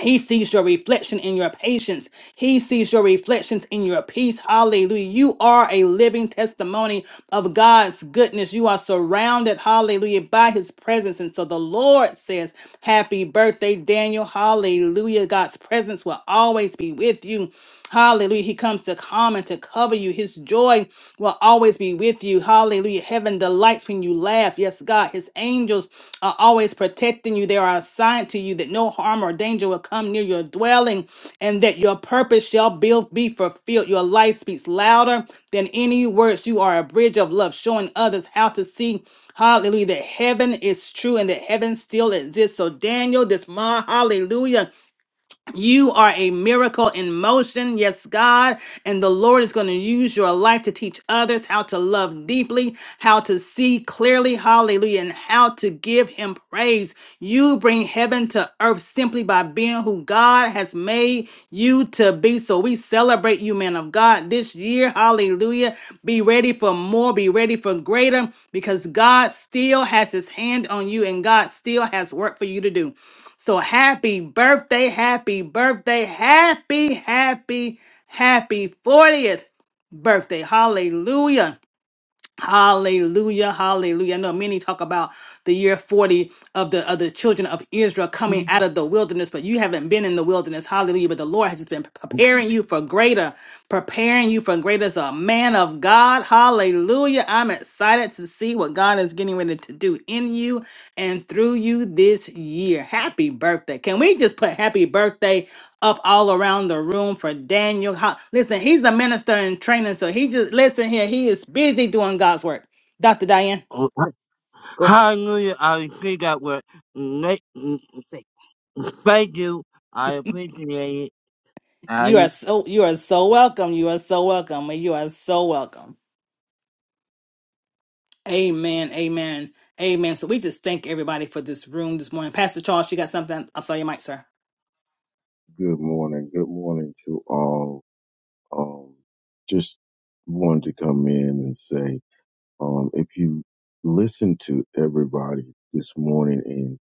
Speaker 7: He sees your reflection in your patience. He sees your reflections in your peace. Hallelujah. You are a living testimony of God's goodness. You are surrounded, hallelujah, by his presence. And so the Lord says, Happy birthday, Daniel. Hallelujah. God's presence will always be with you. Hallelujah. He comes to come and to cover you. His joy will always be with you you. Hallelujah. Heaven delights when you laugh. Yes, God. His angels are always protecting you. They are assigned to you that no harm or danger will come near your dwelling and that your purpose shall be, be fulfilled. Your life speaks louder than any words. You are a bridge of love, showing others how to see. Hallelujah. That heaven is true and that heaven still exists. So, Daniel, this month, hallelujah. You are a miracle in motion, yes, God. And the Lord is going to use your life to teach others how to love deeply, how to see clearly, hallelujah, and how to give Him praise. You bring heaven to earth simply by being who God has made you to be. So we celebrate you, man of God, this year, hallelujah. Be ready for more, be ready for greater, because God still has His hand on you and God still has work for you to do. So happy birthday, happy birthday, happy, happy, happy 40th birthday. Hallelujah. Hallelujah, hallelujah. I know many talk about the year 40 of the of the children of Israel coming out of the wilderness, but you haven't been in the wilderness. Hallelujah. But the Lord has just been preparing you for greater, preparing you for greater as a man of God. Hallelujah. I'm excited to see what God is getting ready to do in you and through you this year. Happy birthday. Can we just put happy birthday up all around the room for Daniel? Ho- Listen, he's a minister in training, so he just listen here, he is busy doing God's work. Dr. Diane,
Speaker 4: Oh, Go ahead. Hallelujah. I agree that word. Let- Say, Thank you. I appreciate it.
Speaker 7: you
Speaker 4: I
Speaker 7: are so you are so welcome. You are so welcome. You are so welcome. Amen. Amen. Amen. So we just thank everybody for this room this morning. Pastor Charles, you got something? I saw your mic, sir.
Speaker 11: Good morning. Good morning to all. Um, just wanted to come in and say, um, if you listen to everybody this morning and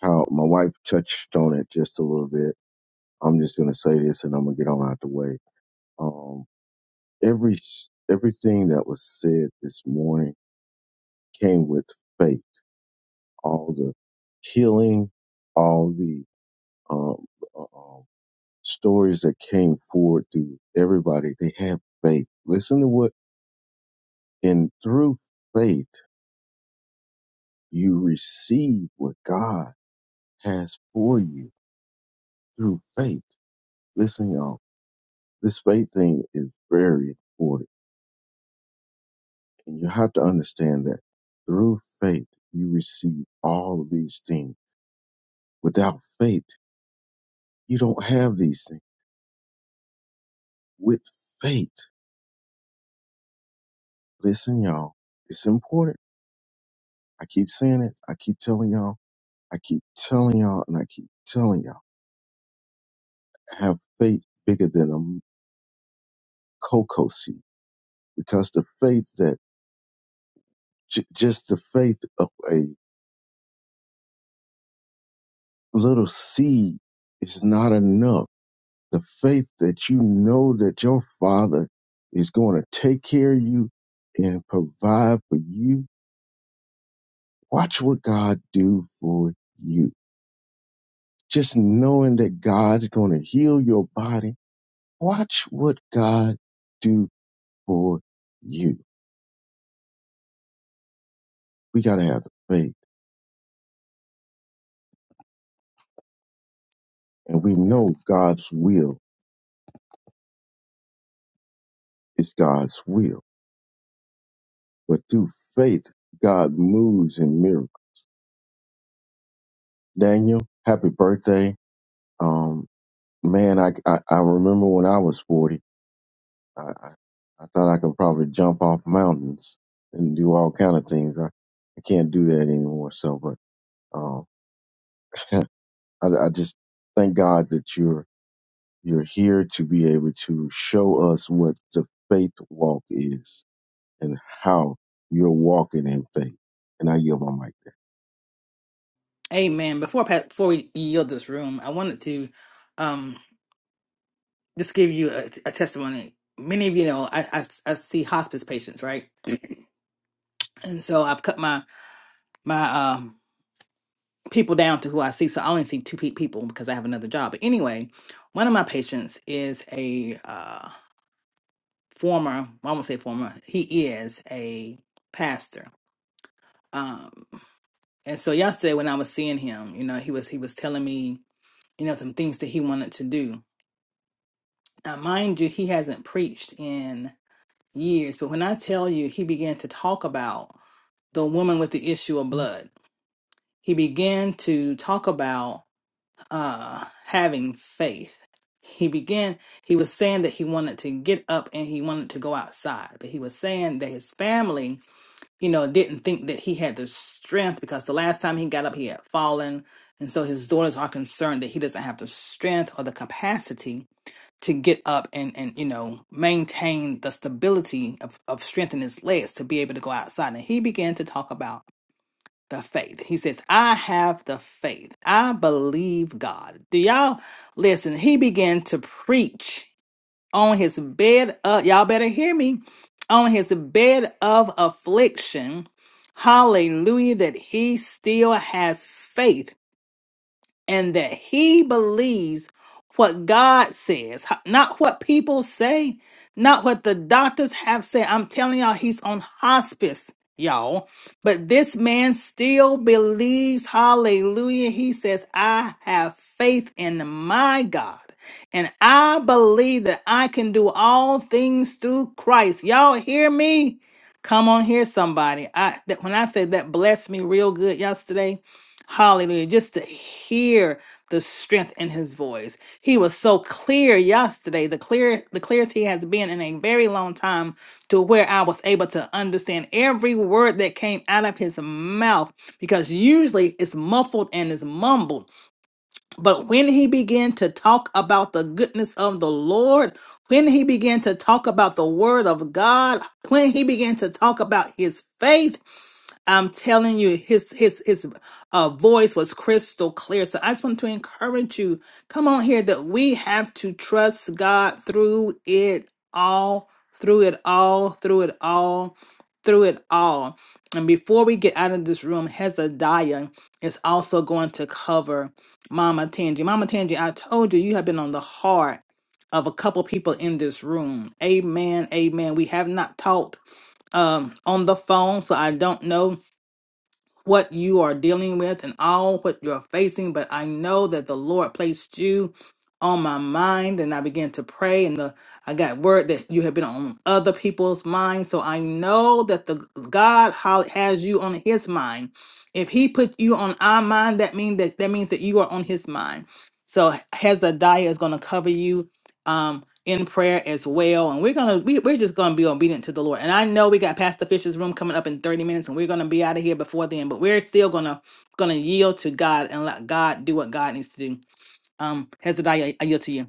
Speaker 11: how my wife touched on it just a little bit, I'm just going to say this and I'm going to get on out the way. Um, every, everything that was said this morning came with faith. All the healing, all the, um, uh, um, stories that came forward through everybody. They had faith. Listen to what, and through faith, you receive what God has for you through faith. Listen, y'all, this faith thing is very important. And you have to understand that through faith, you receive all of these things. Without faith, you don't have these things. With faith, listen, y'all, it's important. I keep saying it. I keep telling y'all I keep telling y'all and I keep telling y'all, have faith bigger than a m- cocoa seed because the faith that j- just the faith of a little seed is not enough. The faith that you know that your father is going to take care of you and provide for you. Watch what God do for you. Just knowing that God's going to heal your body. Watch what God do for you We got to have the faith. And we know God's will is God's will. But through faith, God moves in miracles. Daniel, happy birthday. Um, man, I, I, I remember when I was 40, I, I, I thought I could probably jump off mountains and do all kind of things. I, I can't do that anymore. So, but, um, I, I just thank God that you're, you're here to be able to show us what the faith walk is and how you're walking in faith. And I yield my mic.
Speaker 7: Amen. Before pa- before we yield this room, I wanted to um just give you a, a testimony. Many of you know I, I I see hospice patients, right? And so I've cut my my um people down to who I see. So I only see two pe- people because I have another job. But anyway, one of my patients is a uh, former, well, I won't say former, he is a pastor. Um, and so yesterday when I was seeing him, you know, he was he was telling me, you know, some things that he wanted to do. Now, mind you, he hasn't preached in years, but when I tell you, he began to talk about the woman with the issue of blood. He began to talk about uh having faith he began he was saying that he wanted to get up and he wanted to go outside but he was saying that his family you know didn't think that he had the strength because the last time he got up he had fallen and so his daughters are concerned that he doesn't have the strength or the capacity to get up and and you know maintain the stability of, of strength in his legs to be able to go outside and he began to talk about the faith. He says, I have the faith. I believe God. Do y'all listen? He began to preach on his bed of, y'all better hear me, on his bed of affliction. Hallelujah, that he still has faith and that he believes what God says, h- not what people say, not what the doctors have said. I'm telling y'all, he's on hospice, y'all. But this man still believes, hallelujah. He says, I have faith in my God. And I believe that I can do all things through Christ. Y'all hear me? Come on here, somebody. I that when I said that blessed me real good yesterday Hallelujah. Just to hear the strength in his voice. He was so clear yesterday, the clear the clearest he has been in a very long time to where I was able to understand every word that came out of his mouth because usually it's muffled and it's mumbled. But when he began to talk about the goodness of the Lord, when he began to talk about the word of God, when he began to talk about his faith, I'm telling you, his his his uh, voice was crystal clear. So I just want to encourage you. Come on here, that we have to trust God through it all, through it all, through it all, through it all. And before we get out of this room, Hezekiah is also going to cover Mama Tangi. Mama Tangi, I told you, you have been on the heart of a couple people in this room. Amen. Amen. We have not talked um on the phone so i don't know what you are dealing with and all what you're facing, but I know that the Lord placed you on my mind and I began to pray and the I got word that you have been on other people's minds. So I know that the God ho- has you on his mind. If he put you on our mind, that means that that means that you are on his mind. So Hezekiah is going to cover you. um, in prayer as well. And we're gonna we, we're just gonna be obedient to the Lord. And I know we got Pastor Fisher's room coming up in 30 minutes and we're gonna be out of here before then, but we're still gonna gonna yield to God and let God do what God needs to do. Um Hezekiah, I yield to you.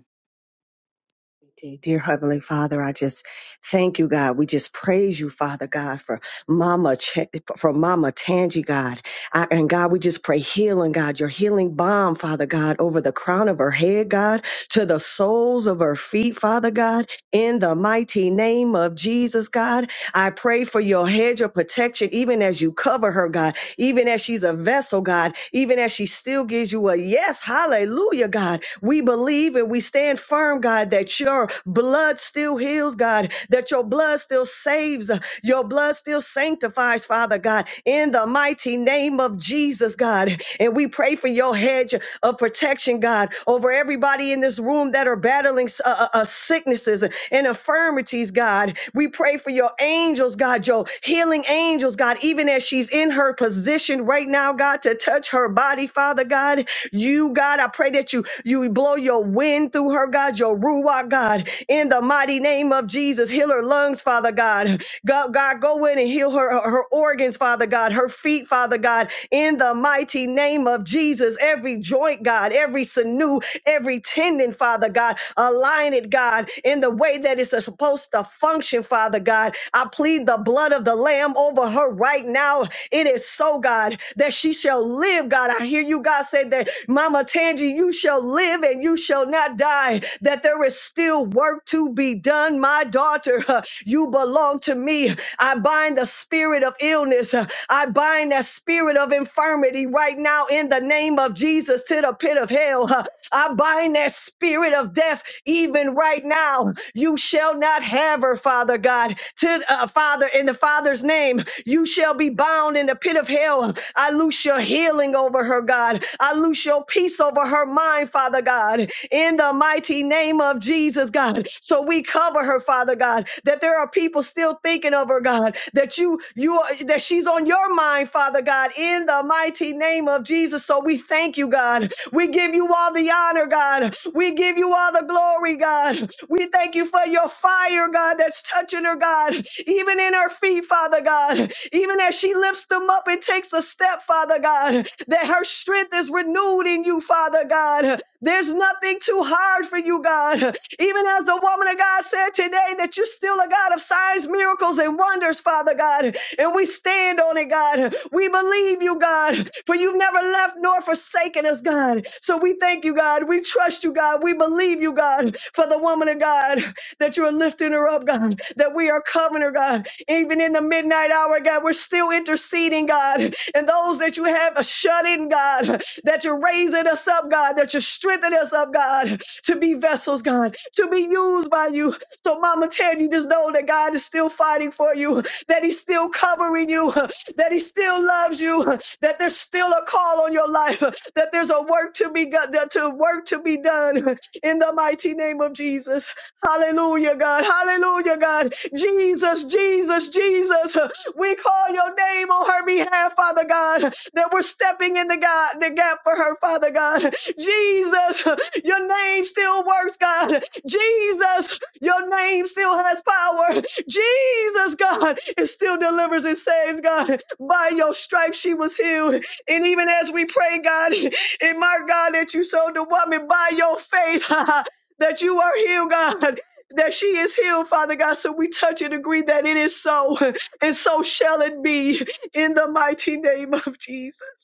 Speaker 12: Dear Heavenly Father, I just thank you, God. We just praise you, Father God, for Mama, Ch- for Mama Tangi, God. I, and God, we just pray healing, God, your healing balm, Father God, over the crown of her head, God, to the soles of her feet, Father God, in the mighty name of Jesus, God. I pray for your hedge of protection, even as you cover her, God, even as she's a vessel, God, even as she still gives you a yes, hallelujah, God. We believe and we stand firm, God, that your blood still heals, God, that your blood still saves, uh, your blood still sanctifies, Father God, in the mighty name of Jesus, God. And we pray for your hedge of protection, God, over everybody in this room that are battling uh, uh, uh, sicknesses and infirmities, God. We pray for your angels, God, your healing angels, God, even as she's in her position right now, God, to touch her body, Father God. You, God, I pray that that you you blow your wind through her, God, your ruach, God, in the mighty name of Jesus. Heal her lungs, Father God. God, God go in and heal her, her her organs, Father God, her feet, Father God, in the mighty name of Jesus. Every joint, God, every sinew, every tendon, Father God, align it, God, in the way that it's supposed to function, Father God. I plead the blood blood of the Lamb over her right now. It is so, God, that she shall live, God. I hear you, God, say that, Mama Tangi, you shall live and you shall not die, that there is still work to be done. My daughter, uh, you belong to me. I bind the spirit of illness. uh, I bind that spirit of infirmity right now in the name of Jesus to the pit of hell. Uh, I bind that spirit of death even right now. You shall not have her, Father God. To uh, Father, in the Father's name, you shall be bound in the pit of hell. I loose your healing over her, God. I loose your peace over her mind, Father God. In the mighty name of Jesus, God. So we cover her, Father God. That there are people still thinking of her, God. That you, you are. that that she's on your mind, Father God, in the mighty name of Jesus. So we thank you, God. We give you all the honor, God. We give you all the glory, God. We thank you for your fire, God, that's touching her, God, even in her feet, Father God. Even as she lifts them up and takes a step, Father God, that her strength is renewed in you, Father God. There's nothing too hard for you, God. Even as the woman of God said today, that you're still a God of signs, miracles, and wonders, Father God. And we stand on it, God. We believe you, God, for you've never left nor forsaken us, God. So we thank you, God. We trust you, God. We believe you, God, for the woman of God, that you are lifting her up, God, that we are covering her, God, even in the midnight hour, God, we're still interceding, God. And those that you have shut in, God, that you're raising us up, God, that you're strengthening us up, God, to be vessels, God, to be used by you. So, Mama Ted, you just know that God is still fighting for you, that He's still covering you, that He still loves you, that there's still a call on your life, that there's a work to be done, to work to be done in the mighty name of Jesus. Hallelujah, God. Hallelujah, God. Jesus, Jesus, Jesus. We call your name on her behalf, Father God, that we're stepping in the God, the gap for her, Father God. Jesus, your name still works, God. Jesus, your name still has power. Jesus, God, it still delivers and saves, God. By your stripes she was healed. And even as we pray, God, and my God, that you sold the woman by your faith. that you are healed, God. That she is healed, Father God. So we touch and agree that it is so, and so shall it be in the mighty name of Jesus.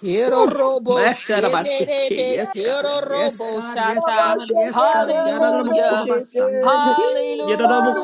Speaker 1: Quiero
Speaker 7: Woo!
Speaker 1: robo,
Speaker 7: Let's shut up. I say, "Okay,
Speaker 1: shenderebe,
Speaker 7: Yes, God.
Speaker 1: quiero
Speaker 7: Yes,
Speaker 1: robo
Speaker 7: God.
Speaker 12: God,
Speaker 7: Yes,
Speaker 1: shata.
Speaker 7: God. Yes, God.
Speaker 1: Hallelujah.
Speaker 7: Yadadadabakobabasaya.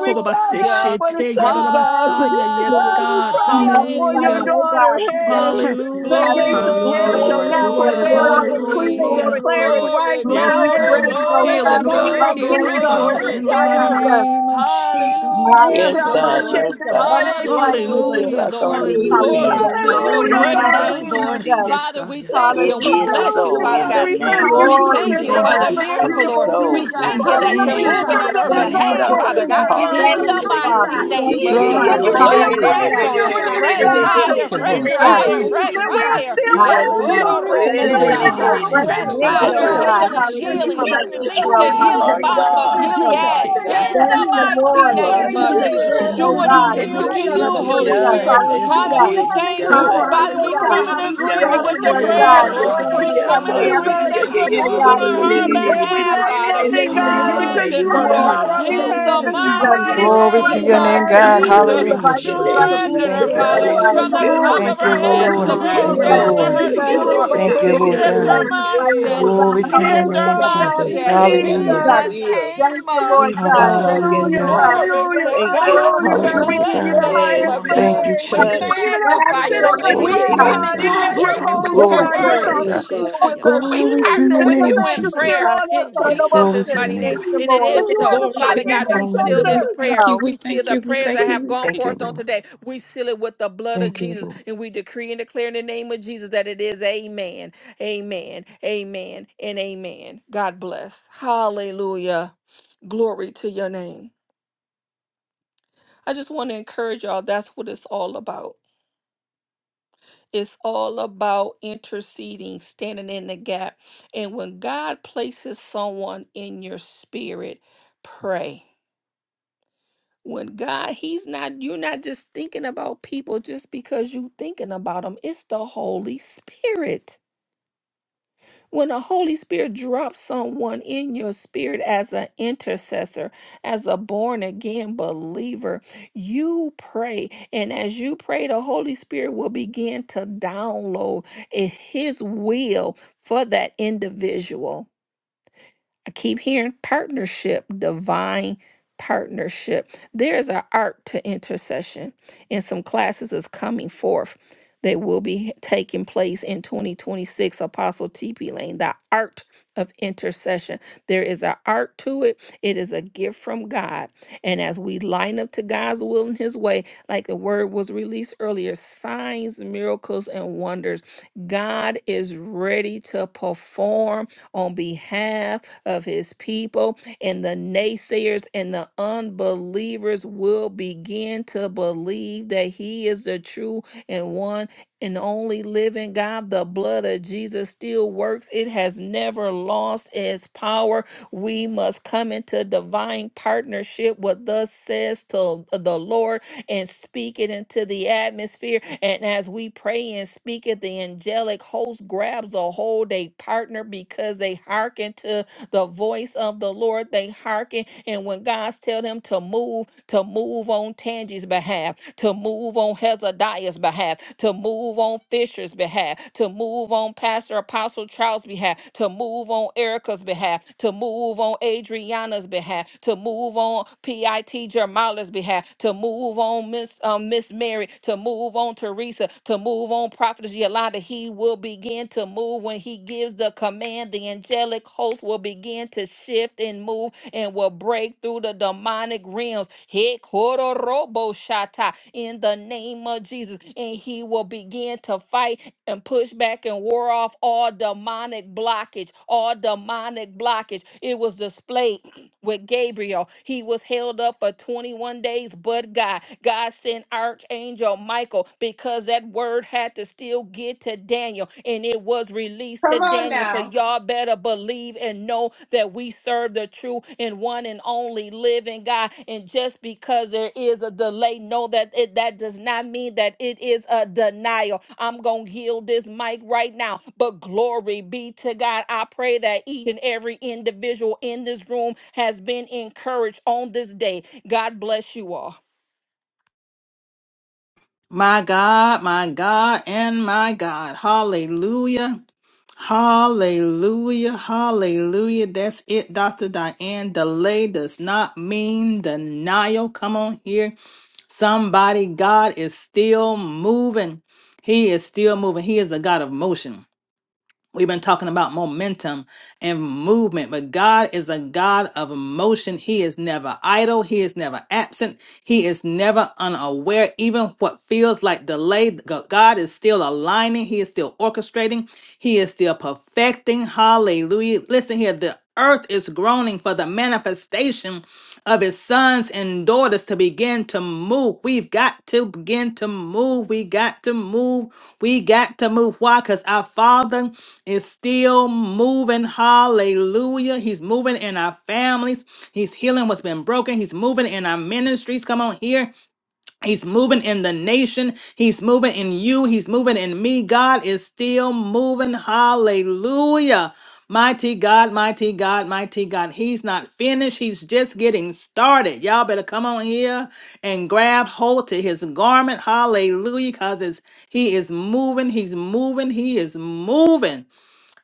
Speaker 12: we cry out for the
Speaker 7: shete,
Speaker 12: saints, God.
Speaker 7: yadadabasaya. Yes,
Speaker 4: you.
Speaker 12: God, we
Speaker 7: God.
Speaker 12: cry
Speaker 4: We
Speaker 12: out for
Speaker 4: magnify
Speaker 12: your
Speaker 7: Hallelujah.
Speaker 4: you, oh
Speaker 12: daughter.
Speaker 4: God. We
Speaker 12: Hey,
Speaker 4: thank
Speaker 1: Hallelujah.
Speaker 4: you, Lord
Speaker 13: Yeah,
Speaker 1: Glory,
Speaker 12: the
Speaker 4: God.
Speaker 13: Lord.
Speaker 12: gates
Speaker 7: Hallelujah,
Speaker 12: of hell
Speaker 13: Hallelujah,
Speaker 12: shall
Speaker 4: We
Speaker 13: Lord.
Speaker 4: give you
Speaker 12: not
Speaker 4: glory,
Speaker 7: hallelujah,
Speaker 4: Lord, glory,
Speaker 13: Glory,
Speaker 12: prevail. I
Speaker 13: glory,
Speaker 4: Lord,
Speaker 13: glory,
Speaker 12: decree and
Speaker 13: glory,
Speaker 4: glory,
Speaker 7: hallelujah.
Speaker 13: glory,
Speaker 12: declare
Speaker 4: Lord.
Speaker 12: it
Speaker 13: Lord.
Speaker 12: right
Speaker 1: glory,
Speaker 4: We give
Speaker 12: now
Speaker 7: Yes,
Speaker 4: you
Speaker 1: glory,
Speaker 12: hey,
Speaker 4: praise,
Speaker 7: God,
Speaker 4: oh
Speaker 12: in the
Speaker 13: Glory,
Speaker 1: glory,
Speaker 4: God,
Speaker 7: healing,
Speaker 4: in the
Speaker 12: name
Speaker 7: God,
Speaker 12: of
Speaker 13: glory,
Speaker 4: right
Speaker 1: glory,
Speaker 4: now
Speaker 7: healing,
Speaker 13: glory,
Speaker 4: in the
Speaker 12: Jesus.
Speaker 7: Father,
Speaker 4: name
Speaker 1: glory,
Speaker 7: in
Speaker 13: glory,
Speaker 4: of
Speaker 7: the mighty
Speaker 13: glory.
Speaker 1: glory.
Speaker 4: Jesus.
Speaker 7: name of Jesus. Ooh,
Speaker 5: Yes,
Speaker 1: Hallelujah,
Speaker 4: Hallelujah.
Speaker 5: God.
Speaker 4: We
Speaker 12: Hey,
Speaker 7: God,
Speaker 1: Lord.
Speaker 5: Yes,
Speaker 4: speak
Speaker 5: God.
Speaker 4: abundant life over
Speaker 12: Ramasheteleleshete.
Speaker 5: Heal
Speaker 1: Hallelujah,
Speaker 7: hallelujah,
Speaker 5: like
Speaker 1: Lord.
Speaker 5: only
Speaker 4: Andrew.
Speaker 5: you
Speaker 7: hallelujah.
Speaker 4: Hallelujah.
Speaker 1: Glory
Speaker 5: can,
Speaker 4: In
Speaker 1: to
Speaker 4: the
Speaker 5: Lord.
Speaker 1: your
Speaker 5: We
Speaker 4: name
Speaker 12: Hallelujah,
Speaker 1: great
Speaker 4: of
Speaker 7: Mighty
Speaker 5: believe
Speaker 12: God.
Speaker 5: it.
Speaker 1: name,
Speaker 5: We
Speaker 1: Lord.
Speaker 7: God,
Speaker 5: receive
Speaker 4: Jesus.
Speaker 5: it.
Speaker 7: yes,
Speaker 1: Father,
Speaker 7: God,
Speaker 1: we
Speaker 7: yes,
Speaker 1: thank
Speaker 7: God,
Speaker 1: you
Speaker 5: It
Speaker 1: and we
Speaker 7: yes,
Speaker 5: is
Speaker 7: God.
Speaker 4: Hallelujah.
Speaker 1: bless you,
Speaker 12: Hallelujah,
Speaker 5: so
Speaker 13: funerals.
Speaker 1: Father
Speaker 7: God,
Speaker 5: in
Speaker 12: God.
Speaker 13: uh,
Speaker 5: the
Speaker 1: God.
Speaker 12: We
Speaker 4: We
Speaker 12: thank
Speaker 5: name
Speaker 12: you,
Speaker 5: of
Speaker 1: We
Speaker 12: Jesus,
Speaker 4: glory,
Speaker 7: we
Speaker 1: thank
Speaker 13: Hallelujah,
Speaker 1: you
Speaker 5: Jesus.
Speaker 12: for
Speaker 1: for
Speaker 7: thank you,
Speaker 4: glory,
Speaker 12: all
Speaker 1: the
Speaker 13: God.
Speaker 5: It
Speaker 12: the
Speaker 7: God.
Speaker 5: is
Speaker 1: miracle,
Speaker 4: glory,
Speaker 13: You're so
Speaker 1: Lord.
Speaker 12: testimonies,
Speaker 1: We
Speaker 5: so
Speaker 13: good,
Speaker 4: glory,
Speaker 5: in
Speaker 13: God.
Speaker 7: We
Speaker 1: thank
Speaker 12: for
Speaker 1: you
Speaker 5: the
Speaker 4: glory.
Speaker 12: all
Speaker 1: that
Speaker 12: the
Speaker 1: you're
Speaker 7: thank you,
Speaker 13: Hallelujah,
Speaker 7: God.
Speaker 5: name
Speaker 1: moving
Speaker 13: God.
Speaker 5: of
Speaker 12: miracles
Speaker 4: Hallelujah.
Speaker 1: on
Speaker 7: We
Speaker 12: that
Speaker 1: her
Speaker 12: have
Speaker 13: You're
Speaker 4: Thank
Speaker 12: gone
Speaker 4: you,
Speaker 13: so
Speaker 7: thank
Speaker 1: behalf,
Speaker 7: you, God.
Speaker 12: forth
Speaker 5: Jesus.
Speaker 4: Lord.
Speaker 1: Father
Speaker 13: excellent,
Speaker 7: We
Speaker 1: God,
Speaker 12: today,
Speaker 13: God.
Speaker 7: give you
Speaker 1: in
Speaker 12: God.
Speaker 4: Thank
Speaker 1: the
Speaker 4: you,
Speaker 7: glory.
Speaker 5: Hallelujah.
Speaker 13: Hallelujah,
Speaker 5: Yeah,
Speaker 4: Father.
Speaker 1: mighty
Speaker 13: God.
Speaker 5: Lord. Yeah,
Speaker 4: Thank
Speaker 13: You
Speaker 1: name
Speaker 5: yeah,
Speaker 4: you,
Speaker 1: of
Speaker 13: get the
Speaker 5: yeah, yeah,
Speaker 1: Jesus.
Speaker 12: That
Speaker 3: Glory,
Speaker 4: Father.
Speaker 5: Lord.
Speaker 12: you're
Speaker 13: glory,
Speaker 5: In the
Speaker 7: Hallelujah,
Speaker 1: Blow
Speaker 12: still
Speaker 13: God.
Speaker 3: hallelujah.
Speaker 1: fresh
Speaker 4: Hallelujah.
Speaker 12: covering
Speaker 1: on
Speaker 12: your
Speaker 13: Hallelujah,
Speaker 1: her,
Speaker 3: Thank you,
Speaker 13: God.
Speaker 12: remnant,
Speaker 1: fresh
Speaker 7: Jesus.
Speaker 13: You
Speaker 4: Thank
Speaker 13: get
Speaker 3: Jesus.
Speaker 12: God.
Speaker 13: the
Speaker 4: you,
Speaker 3: Thank
Speaker 1: fire,
Speaker 3: you,
Speaker 1: fresh
Speaker 13: praise,
Speaker 3: Lord.
Speaker 13: God.
Speaker 4: Jesus.
Speaker 3: Thank you,
Speaker 7: Mm.
Speaker 1: fire,
Speaker 3: thank you,
Speaker 1: fresh
Speaker 12: That
Speaker 13: Hallelujah,
Speaker 3: thank you,
Speaker 12: we
Speaker 13: God.
Speaker 3: thank
Speaker 12: are
Speaker 1: fire.
Speaker 3: you.
Speaker 12: still
Speaker 13: You
Speaker 5: name
Speaker 13: are
Speaker 5: of
Speaker 12: holding
Speaker 13: mighty
Speaker 4: Hallelujah.
Speaker 13: and
Speaker 12: on
Speaker 1: Hekoro
Speaker 13: you
Speaker 5: Jesus.
Speaker 3: Glory
Speaker 12: to
Speaker 13: are
Speaker 3: to
Speaker 12: you,
Speaker 4: We
Speaker 3: your
Speaker 1: robo
Speaker 12: God,
Speaker 4: thank
Speaker 13: excellent,
Speaker 12: no
Speaker 4: you
Speaker 3: name.
Speaker 13: Lord
Speaker 4: for a
Speaker 3: Oh,
Speaker 13: God.
Speaker 7: Ah,
Speaker 12: matter
Speaker 4: fresh
Speaker 12: what it
Speaker 5: Yeah,
Speaker 1: Fresh
Speaker 13: Thank
Speaker 12: looks
Speaker 3: Jesus,
Speaker 13: you,
Speaker 5: Lord.
Speaker 4: wind,
Speaker 5: Yeah,
Speaker 3: my
Speaker 12: like,
Speaker 4: oh
Speaker 1: fire,
Speaker 13: Jesus.
Speaker 5: Lord.
Speaker 3: God.
Speaker 12: God.
Speaker 4: God.
Speaker 7: yarabokobabaseke,
Speaker 13: Thank you,
Speaker 4: Hallelujah.
Speaker 5: We
Speaker 12: Oh,
Speaker 1: healing.
Speaker 4: For
Speaker 7: sheta,
Speaker 12: yeah,
Speaker 5: touch
Speaker 13: Jesus.
Speaker 4: my
Speaker 5: and
Speaker 4: sister,
Speaker 1: He
Speaker 12: yeah,
Speaker 13: Thank
Speaker 5: agree.
Speaker 4: oh
Speaker 13: you,
Speaker 1: said,
Speaker 7: yarabasai,
Speaker 5: You
Speaker 4: God. In the
Speaker 13: Jesus.
Speaker 5: are
Speaker 4: name of
Speaker 13: Thank
Speaker 5: God.
Speaker 13: you,
Speaker 4: Jesus.
Speaker 5: You
Speaker 13: Jesus.
Speaker 5: are
Speaker 7: yarabokobabaseke,
Speaker 1: in
Speaker 12: yeah, yeah,
Speaker 13: Thank
Speaker 5: God.
Speaker 13: you,
Speaker 4: Thank
Speaker 1: the
Speaker 4: you,
Speaker 13: Jesus.
Speaker 1: mighty
Speaker 4: Lord,
Speaker 7: yatabarabasaya.
Speaker 5: You
Speaker 13: Thank
Speaker 4: for
Speaker 13: you,
Speaker 5: are a
Speaker 12: yeah,
Speaker 1: name
Speaker 12: yeah,
Speaker 1: of
Speaker 4: renewed
Speaker 5: healer,
Speaker 13: Jesus.
Speaker 1: Jesus,
Speaker 4: strength,
Speaker 12: yeah.
Speaker 7: In
Speaker 13: Thank
Speaker 5: Lord.
Speaker 7: the
Speaker 1: do
Speaker 4: oh
Speaker 13: you,
Speaker 1: what
Speaker 7: mighty
Speaker 4: God,
Speaker 13: Jesus.
Speaker 7: name
Speaker 4: in
Speaker 5: Let
Speaker 4: the
Speaker 7: of
Speaker 1: you
Speaker 5: your
Speaker 4: name
Speaker 1: can
Speaker 4: of
Speaker 5: will
Speaker 1: do,
Speaker 7: Jesus,
Speaker 5: be
Speaker 1: Holy
Speaker 7: yes,
Speaker 4: Jesus.
Speaker 5: done.
Speaker 1: Spirit.
Speaker 7: God,
Speaker 13: Hi,
Speaker 5: Let
Speaker 7: yes,
Speaker 5: your
Speaker 12: Oh,
Speaker 4: Hallelujah.
Speaker 7: God,
Speaker 5: will
Speaker 12: God,
Speaker 7: yes,
Speaker 5: be
Speaker 12: that
Speaker 1: Thank
Speaker 12: you're
Speaker 1: you,
Speaker 7: God,
Speaker 13: Ooh,
Speaker 5: done.
Speaker 7: yes,
Speaker 12: covering
Speaker 1: Father,
Speaker 5: Let
Speaker 7: God,
Speaker 5: your
Speaker 12: us,
Speaker 4: Hallelujah.
Speaker 12: God.
Speaker 13: hallelujah,
Speaker 5: will be
Speaker 4: We
Speaker 13: hallelujah,
Speaker 4: thank you,
Speaker 5: done.
Speaker 4: Lord
Speaker 13: hallelujah.
Speaker 12: Woo,
Speaker 7: yes,
Speaker 4: God, for
Speaker 1: Lord,
Speaker 7: God,
Speaker 4: healing
Speaker 1: with
Speaker 4: her
Speaker 7: yes,
Speaker 5: Hallelujah.
Speaker 4: covenant
Speaker 7: God,
Speaker 13: Ayayarabakorrirabababasa.
Speaker 5: Hallelujah.
Speaker 7: yes,
Speaker 4: rescue
Speaker 12: Jesus,
Speaker 5: Yeah,
Speaker 7: God,
Speaker 4: system,
Speaker 5: yeah,
Speaker 4: oh
Speaker 5: yeah,
Speaker 4: God, in
Speaker 5: Lord.
Speaker 4: the
Speaker 5: Le-
Speaker 13: Hallelujah,
Speaker 5: le-
Speaker 4: name
Speaker 1: your
Speaker 5: le-
Speaker 4: of
Speaker 5: le-
Speaker 13: Jesus.
Speaker 7: hallelujah,
Speaker 12: That
Speaker 5: le-
Speaker 12: we
Speaker 1: behalf,
Speaker 4: Jesus.
Speaker 5: Lord.
Speaker 12: lack
Speaker 5: Le- le-
Speaker 1: Father.
Speaker 4: For
Speaker 5: le- le-
Speaker 12: nothing,
Speaker 4: healing
Speaker 5: le-
Speaker 4: the
Speaker 13: Hallelujah,
Speaker 5: le-
Speaker 12: God,
Speaker 5: le.
Speaker 4: lymphatic
Speaker 13: Jesus.
Speaker 12: because
Speaker 5: Thank
Speaker 1: strengthen
Speaker 12: you
Speaker 4: system,
Speaker 5: you,
Speaker 1: her,
Speaker 4: oh
Speaker 12: are
Speaker 1: Lord,
Speaker 4: God,
Speaker 12: on
Speaker 5: God.
Speaker 7: hallelujah,
Speaker 4: in
Speaker 12: our
Speaker 4: the
Speaker 13: Hallelujah,
Speaker 4: name of
Speaker 1: in
Speaker 12: behalf,
Speaker 1: the
Speaker 13: Jesus.
Speaker 12: that
Speaker 7: hallelujah,
Speaker 12: you're
Speaker 4: Jesus.
Speaker 1: mighty
Speaker 12: fighting
Speaker 5: Jesus.
Speaker 12: for
Speaker 13: Hallelujah,
Speaker 2: Glory to
Speaker 7: hallelujah,
Speaker 12: us,
Speaker 1: name
Speaker 2: your
Speaker 13: Jesus.
Speaker 1: of
Speaker 2: name,
Speaker 4: Hallelujah.
Speaker 12: God.
Speaker 2: God.
Speaker 7: yes,
Speaker 1: Jesus.
Speaker 4: Hallelujah.
Speaker 13: Ayayarabasada.
Speaker 5: Glory
Speaker 2: Hallelujah,
Speaker 4: By
Speaker 7: God,
Speaker 5: to
Speaker 4: your
Speaker 5: your
Speaker 7: yes,
Speaker 13: Get
Speaker 5: name,
Speaker 4: stripes,
Speaker 13: your
Speaker 7: God,
Speaker 4: we
Speaker 2: Jesus.
Speaker 1: Strengthen
Speaker 7: yes,
Speaker 1: her,
Speaker 13: glory,
Speaker 2: Thank
Speaker 5: Jesus.
Speaker 4: heal,
Speaker 2: you,
Speaker 7: God,
Speaker 13: God.
Speaker 4: oh
Speaker 1: Father,
Speaker 7: yes,
Speaker 2: Lord.
Speaker 4: God,
Speaker 12: Yeah,
Speaker 13: Get
Speaker 4: in
Speaker 1: from
Speaker 7: God,
Speaker 4: the
Speaker 13: your
Speaker 1: the
Speaker 5: Hallelujah.
Speaker 4: name of
Speaker 1: top
Speaker 12: God.
Speaker 1: of
Speaker 13: glory,
Speaker 2: Thank you,
Speaker 1: her
Speaker 13: God.
Speaker 1: head
Speaker 4: Jesus.
Speaker 13: Get
Speaker 1: to the
Speaker 13: your
Speaker 2: Lord.
Speaker 1: very
Speaker 5: Hallelujah.
Speaker 2: Thank
Speaker 4: Hallelujah. We bless
Speaker 13: glory,
Speaker 2: you,
Speaker 13: God.
Speaker 7: hallelujah.
Speaker 1: soles of
Speaker 2: Lord.
Speaker 12: Yeah,
Speaker 13: Get
Speaker 1: her
Speaker 5: Hallelujah.
Speaker 13: your
Speaker 5: Yeah,
Speaker 12: God,
Speaker 1: feet,
Speaker 12: oh,
Speaker 1: Lord.
Speaker 5: Lord.
Speaker 13: glory,
Speaker 5: Yeah,
Speaker 2: Thank
Speaker 13: God.
Speaker 4: you,
Speaker 12: Baba,
Speaker 5: yeah,
Speaker 2: you,
Speaker 5: yeah,
Speaker 13: Get
Speaker 2: Lord
Speaker 13: your
Speaker 4: Lord. We
Speaker 1: Shift
Speaker 5: Lord.
Speaker 1: her
Speaker 12: something.
Speaker 2: God.
Speaker 4: magnify
Speaker 13: glory,
Speaker 5: Hey,
Speaker 4: you,
Speaker 1: mindset.
Speaker 4: oh
Speaker 7: Ah,
Speaker 2: Glory
Speaker 4: God.
Speaker 2: to
Speaker 12: And it
Speaker 2: your
Speaker 1: Shift
Speaker 13: God.
Speaker 12: is
Speaker 1: her
Speaker 12: so,
Speaker 2: name,
Speaker 4: Hallelujah.
Speaker 5: I
Speaker 4: In
Speaker 12: God,
Speaker 5: know
Speaker 2: Jesus.
Speaker 5: you
Speaker 12: meet
Speaker 1: mindset
Speaker 12: our
Speaker 5: can.
Speaker 7: yarabokobabaseke,
Speaker 5: I
Speaker 4: the
Speaker 12: needs,
Speaker 4: name of
Speaker 5: know
Speaker 1: in
Speaker 2: Hallelujah.
Speaker 5: you
Speaker 4: Jesus.
Speaker 12: God.
Speaker 1: the
Speaker 5: will.
Speaker 4: Thank
Speaker 1: name
Speaker 4: you, Lord
Speaker 1: of
Speaker 5: Yes,
Speaker 4: God.
Speaker 5: God.
Speaker 4: Thank
Speaker 1: Jesus.
Speaker 4: you,
Speaker 5: Yes,
Speaker 12: Hallelujah,
Speaker 2: Hallelujah.
Speaker 4: Lord God.
Speaker 5: God.
Speaker 4: We
Speaker 1: Glory
Speaker 12: hallelujah,
Speaker 4: bless
Speaker 1: to
Speaker 4: you,
Speaker 5: Thank you.
Speaker 1: God.
Speaker 4: Lord.
Speaker 12: hallelujah,
Speaker 4: We
Speaker 1: We
Speaker 12: God,
Speaker 4: bless
Speaker 12: we
Speaker 2: Hallelujah,
Speaker 12: give
Speaker 1: bless
Speaker 12: you
Speaker 4: you.
Speaker 12: the
Speaker 1: the
Speaker 2: God.
Speaker 1: name
Speaker 12: highest
Speaker 5: Yes,
Speaker 1: of
Speaker 4: We
Speaker 1: Jesus.
Speaker 2: Thank
Speaker 5: God,
Speaker 2: you,
Speaker 12: praise.
Speaker 1: We
Speaker 4: magnify you,
Speaker 2: Jesus.
Speaker 5: touch
Speaker 4: oh
Speaker 12: Even as
Speaker 4: God.
Speaker 5: in
Speaker 12: you
Speaker 1: magnify you,
Speaker 12: sit
Speaker 5: the
Speaker 1: Lord.
Speaker 12: on the
Speaker 4: Hallelujah.
Speaker 5: mighty
Speaker 2: Glory
Speaker 1: We
Speaker 2: to
Speaker 12: throne,
Speaker 5: name
Speaker 2: your
Speaker 5: of
Speaker 1: come
Speaker 2: name,
Speaker 12: God,
Speaker 1: into
Speaker 2: God.
Speaker 12: even as
Speaker 5: Jesus.
Speaker 12: you're
Speaker 1: agreement with
Speaker 4: Do
Speaker 12: holy,
Speaker 1: your
Speaker 2: Glory
Speaker 4: it,
Speaker 12: God,
Speaker 2: to your
Speaker 12: your
Speaker 1: word.
Speaker 2: name,
Speaker 4: Lord.
Speaker 12: thoughts
Speaker 4: Do
Speaker 5: Yes,
Speaker 2: God.
Speaker 12: are
Speaker 5: God.
Speaker 12: still with us.
Speaker 4: it,
Speaker 1: We
Speaker 2: Glory
Speaker 4: Lord.
Speaker 7: ya.
Speaker 2: to
Speaker 1: partner
Speaker 4: Do
Speaker 2: your
Speaker 12: That
Speaker 4: it,
Speaker 1: with
Speaker 12: your
Speaker 2: name,
Speaker 1: you
Speaker 12: thoughts
Speaker 1: in
Speaker 12: are
Speaker 4: Lord,
Speaker 12: still
Speaker 2: Jesus.
Speaker 1: prayer
Speaker 4: God.
Speaker 12: on
Speaker 1: in
Speaker 12: us,
Speaker 4: Lord, I don't
Speaker 7: Yes,
Speaker 4: want to
Speaker 2: Glory
Speaker 7: God.
Speaker 1: Jesus'
Speaker 2: to
Speaker 4: say,
Speaker 2: your
Speaker 1: mighty
Speaker 4: Thank
Speaker 1: name.
Speaker 2: name.
Speaker 4: you,
Speaker 1: And it
Speaker 4: Lord.
Speaker 12: But
Speaker 1: is
Speaker 12: you
Speaker 4: Thank
Speaker 1: so.
Speaker 12: are
Speaker 4: you,
Speaker 12: the
Speaker 1: Father
Speaker 4: Father.
Speaker 1: God, we
Speaker 12: chief
Speaker 4: And
Speaker 1: seal
Speaker 4: it
Speaker 2: Hallelujah.
Speaker 1: this
Speaker 4: is
Speaker 12: intercessor.
Speaker 1: prayer.
Speaker 4: so.
Speaker 1: We seal the prayers that have gone
Speaker 2: Thank you,
Speaker 1: forth on
Speaker 2: Lord.
Speaker 1: today. We seal it with the blood of
Speaker 2: Thank you,
Speaker 1: Jesus.
Speaker 2: Lord.
Speaker 1: And we decree and declare in the name of Jesus that it is amen. Amen. Amen. And amen. God bless. Hallelujah. Glory to your name. I just want to encourage y'all. That's what it's all about. It's all about interceding, standing in the gap. And when God places someone in your spirit, pray. When God, He's not, you're not just thinking about people just because you're thinking about them. It's the Holy Spirit. When the Holy Spirit drops someone in your spirit as an intercessor, as a born again believer, you pray. And as you pray, the Holy Spirit will begin to download i- His will for that individual. I keep hearing partnership, divine partnership. There is an art to intercession, and some classes is coming forth that will be taking place in 2026. Apostle TP Lane, the art of intercession. There is an is an art to it. It is a gift from God. And as we line up to God's will and His way, like the word was released earlier, signs, miracles, and wonders, God is ready to perform on behalf of His people. And the naysayers and the unbelievers will begin to believe that He is the true and one and only living God. The blood of Jesus still works, it has never lost its power we must come into divine partnership with thus says to the Lord and speak it into the atmosphere. And as we pray and speak it, the angelic host grabs a hold. They partner because they hearken to the voice of the Lord. They hearken. And when God's tell them to move, to move on Tangi's behalf, to move on Hezekiah's behalf, to move on Fisher's behalf, to move on Pastor Apostle Charles' behalf, to move on Erica's behalf, to move on Adriana's behalf, to move on PIT Jamala's behalf, to move move on Miss um, Miss Mary, to move on Teresa, to move on Prophetess Yolanda. He will begin to move when he gives the command. The angelic host will begin to shift and move and will break through the demonic realms. He kororobo shata in the name of Jesus, and he will begin to fight and push back and war off all demonic blockage, all demonic blockage. It was displayed with Gabriel. He was held up for 21 days, but God. God sent Archangel Michael because that word had to still get to Daniel and it was released
Speaker 3: Come
Speaker 1: to
Speaker 3: on
Speaker 1: Daniel. So
Speaker 3: now.
Speaker 1: y'all better believe and know that we serve the true and one and only living God. And just because there is a delay, know that it, that does not mean that it is a denial. I'm going to yield this mic right now. But glory be to God. I pray that each and every individual in this room has been encouraged on this day. God bless you all.
Speaker 7: My God, my God, and my God. Hallelujah. Hallelujah. Hallelujah. That's it, Dr. Diane. Delay does not mean denial. Come on here. Somebody, God is still moving. He is still moving. He is the God of motion. We've been talking about momentum and movement, but God is a God of motion. He is never idle. He is never absent. He is never unaware. Even what feels like delay, Go- God is still aligning. He is still orchestrating. He is still perfecting. Hallelujah. Listen here. The earth is groaning for the manifestation of his sons and daughters to begin to move. We've got to begin to move. We got to move. We got to move. Why? Because our Father is still moving. Hallelujah. He's moving in our families. He's healing what's been broken. He's moving in our ministries. Come on here. He's moving in the nation. He's moving in you. He's moving in me. God is still moving. Hallelujah. Mighty God, mighty God, mighty God. He's not finished. He's just getting started. Y'all better come on here and grab hold to his garment. Hallelujah. Because he is moving. He's moving. He is moving.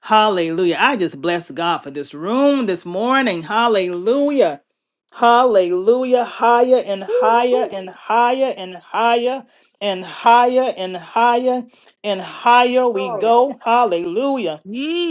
Speaker 7: Hallelujah. I just bless God for this room this morning. Hallelujah. Hallelujah. Higher and higher and higher and higher and higher and higher and higher we
Speaker 3: Glory.
Speaker 7: go. Hallelujah.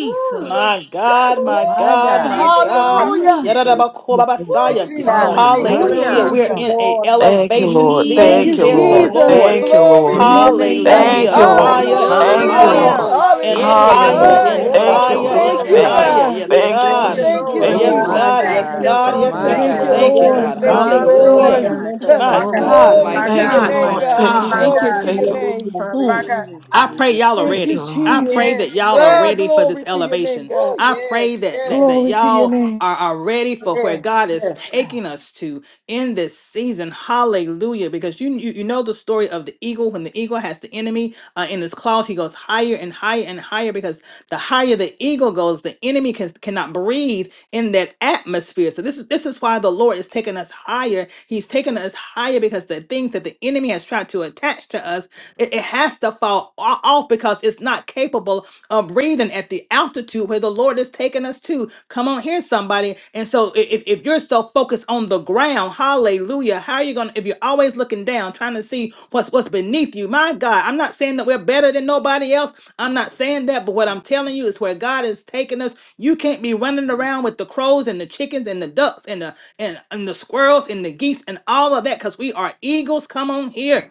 Speaker 3: Ooh, Lord.
Speaker 7: My God,
Speaker 3: Ooh,
Speaker 7: my
Speaker 1: My
Speaker 7: God,
Speaker 2: Glory.
Speaker 1: God.
Speaker 7: my
Speaker 3: Jesus,
Speaker 7: God.
Speaker 3: Apostle
Speaker 2: Hallelujah.
Speaker 3: TP.
Speaker 1: Jesus.
Speaker 3: Ooh,
Speaker 12: Hallelujah.
Speaker 2: Thank
Speaker 7: Yadadabakobabasaya.
Speaker 2: you,
Speaker 12: Jesus.
Speaker 4: Yeah.
Speaker 2: Lord.
Speaker 3: Jesus, Jesus,
Speaker 7: Hallelujah.
Speaker 1: Hallelujah.
Speaker 2: Hallelujah.
Speaker 4: Thank
Speaker 3: Jesus,
Speaker 7: We're
Speaker 4: you,
Speaker 12: Hallelujah.
Speaker 7: in a
Speaker 4: Lord.
Speaker 8: Thank you,
Speaker 7: elevation
Speaker 8: Lord.
Speaker 4: We
Speaker 2: Thank
Speaker 4: bless
Speaker 7: season,
Speaker 8: Thank
Speaker 2: you,
Speaker 8: you,
Speaker 4: you,
Speaker 7: says the
Speaker 8: Lord.
Speaker 4: Lord.
Speaker 1: Jesus.
Speaker 2: Jesus.
Speaker 3: Jesus,
Speaker 7: Lord.
Speaker 8: Thank you,
Speaker 12: Yay,
Speaker 2: Glory
Speaker 8: Lord.
Speaker 4: We
Speaker 2: to your name,
Speaker 12: Rodomasha.
Speaker 4: magnify
Speaker 2: God.
Speaker 3: Jesus.
Speaker 4: you,
Speaker 8: Thank
Speaker 7: Hallelujah.
Speaker 8: you,
Speaker 1: Jesus.
Speaker 4: Lord.
Speaker 8: Lord.
Speaker 7: Higher
Speaker 3: Jesus.
Speaker 7: and
Speaker 1: Yoro
Speaker 8: Thank you,
Speaker 2: Hallelujah.
Speaker 4: Hallelujah.
Speaker 7: higher
Speaker 12: Hallelujah.
Speaker 8: Lord.
Speaker 1: robo
Speaker 7: and
Speaker 2: Hallelujah.
Speaker 3: Hallelujah.
Speaker 2: All
Speaker 1: shendere
Speaker 7: higher
Speaker 1: be
Speaker 8: Hallelujah.
Speaker 3: Glory,
Speaker 7: and
Speaker 2: right.
Speaker 4: Hallelujah.
Speaker 1: toro
Speaker 3: glory,
Speaker 8: Thank you,
Speaker 4: Thank
Speaker 7: higher
Speaker 8: Lord.
Speaker 4: you,
Speaker 1: robo
Speaker 7: and
Speaker 3: glory.
Speaker 2: Thank
Speaker 12: Glory
Speaker 2: you,
Speaker 12: to
Speaker 8: Thank
Speaker 4: Lord.
Speaker 8: you,
Speaker 1: shata.
Speaker 12: you.
Speaker 7: higher.
Speaker 8: Lord.
Speaker 3: Hallelujah.
Speaker 2: God.
Speaker 4: We
Speaker 7: Yes,
Speaker 8: Thank you,
Speaker 3: Thank
Speaker 8: Lord.
Speaker 4: advance
Speaker 3: you,
Speaker 7: God.
Speaker 13: Jesus.
Speaker 4: in
Speaker 2: Thank
Speaker 4: you,
Speaker 2: you,
Speaker 4: oh
Speaker 3: Lord.
Speaker 1: Jesus,
Speaker 8: Thank you,
Speaker 7: Yes,
Speaker 4: God,
Speaker 12: Oh,
Speaker 8: Lord.
Speaker 1: my
Speaker 4: in
Speaker 2: Jesus.
Speaker 7: God.
Speaker 4: the
Speaker 13: Hallelujah,
Speaker 12: my
Speaker 4: name
Speaker 7: Yes,
Speaker 3: Thank
Speaker 1: God,
Speaker 4: of
Speaker 3: you,
Speaker 7: God.
Speaker 13: Jesus.
Speaker 3: Lord.
Speaker 7: Yes,
Speaker 12: God.
Speaker 4: Jesus.
Speaker 1: my
Speaker 13: Thank
Speaker 3: Thank
Speaker 8: Thank
Speaker 7: God.
Speaker 8: you.
Speaker 7: We
Speaker 2: Thank
Speaker 3: you,
Speaker 13: you,
Speaker 2: you,
Speaker 3: Lord.
Speaker 1: God,
Speaker 13: Lord
Speaker 7: thank you,
Speaker 3: Thank
Speaker 4: There
Speaker 3: you.
Speaker 4: is
Speaker 13: God.
Speaker 2: Lord.
Speaker 7: God.
Speaker 3: Lord.
Speaker 2: Thank
Speaker 13: Praise
Speaker 2: you,
Speaker 4: motion,
Speaker 13: your
Speaker 4: oh
Speaker 13: name,
Speaker 4: God,
Speaker 3: Oh,
Speaker 1: Jesus.
Speaker 12: Hallelujah.
Speaker 7: Hallelujah.
Speaker 2: Lord.
Speaker 13: God.
Speaker 3: Jesus,
Speaker 4: momentum,
Speaker 7: My
Speaker 4: oh
Speaker 3: my God,
Speaker 13: You
Speaker 1: Glory
Speaker 13: are
Speaker 4: God,
Speaker 1: to
Speaker 4: in
Speaker 7: God,
Speaker 4: the
Speaker 1: your
Speaker 7: my
Speaker 2: Glory
Speaker 4: name
Speaker 3: my
Speaker 1: great
Speaker 4: of
Speaker 2: to
Speaker 13: worthy,
Speaker 8: Thank
Speaker 2: your
Speaker 8: you,
Speaker 3: God,
Speaker 1: name.
Speaker 7: God,
Speaker 13: Lord
Speaker 2: name,
Speaker 7: my
Speaker 4: Jesus.
Speaker 8: Lord.
Speaker 13: God.
Speaker 2: God.
Speaker 8: Thank
Speaker 7: God.
Speaker 13: Thank
Speaker 8: you,
Speaker 3: my
Speaker 13: you,
Speaker 1: Thank
Speaker 8: Lord.
Speaker 1: you,
Speaker 2: Glory to
Speaker 3: God,
Speaker 2: your
Speaker 8: Thank you,
Speaker 13: Jesus.
Speaker 8: Lord.
Speaker 2: name.
Speaker 1: Jesus.
Speaker 4: Hallelujah.
Speaker 3: my
Speaker 7: Boom.
Speaker 3: God.
Speaker 13: Hallelujah,
Speaker 7: I
Speaker 3: I,
Speaker 7: pray
Speaker 13: Jesus.
Speaker 7: y'all are
Speaker 2: Thank
Speaker 8: Thank
Speaker 2: you,
Speaker 8: you,
Speaker 7: ready.
Speaker 8: Lord.
Speaker 7: I pray
Speaker 2: Jesus.
Speaker 7: that
Speaker 3: yes,
Speaker 7: y'all are
Speaker 2: Ah,
Speaker 3: yes.
Speaker 7: ready for this
Speaker 2: glory to your name,
Speaker 7: elevation.
Speaker 2: God.
Speaker 3: Oh,
Speaker 7: I pray
Speaker 3: yes,
Speaker 7: that that,
Speaker 3: yes,
Speaker 7: that
Speaker 2: Glory to your
Speaker 7: y'all
Speaker 2: name.
Speaker 7: are, are ready for where God
Speaker 3: yes,
Speaker 7: is
Speaker 3: yes,
Speaker 7: taking
Speaker 3: God.
Speaker 7: us to in this season. Hallelujah. Because you, you you know the story of the eagle. When the eagle has the enemy uh, in his claws, he goes higher and higher and higher because the higher the eagle goes, the enemy can, cannot breathe in that atmosphere. So this is this is why the Lord is taking us higher. He's taking us higher because the things that the enemy has tried to attach to us it, it has to fall o- off because it's not capable of breathing at the altitude where the Lord is taking us to. Come on here, somebody. And so i- if, if you're so focused on the ground, hallelujah, how are you gonna if you're always looking down trying to see what's what's beneath you? My God, I'm not saying that we're better than nobody else. I'm not saying that, but what I'm telling you is where God is taking us. You can't be running around with the crows and the chickens and the ducks and the and, and the squirrels and the geese and all of that because we are eagles. Come on here.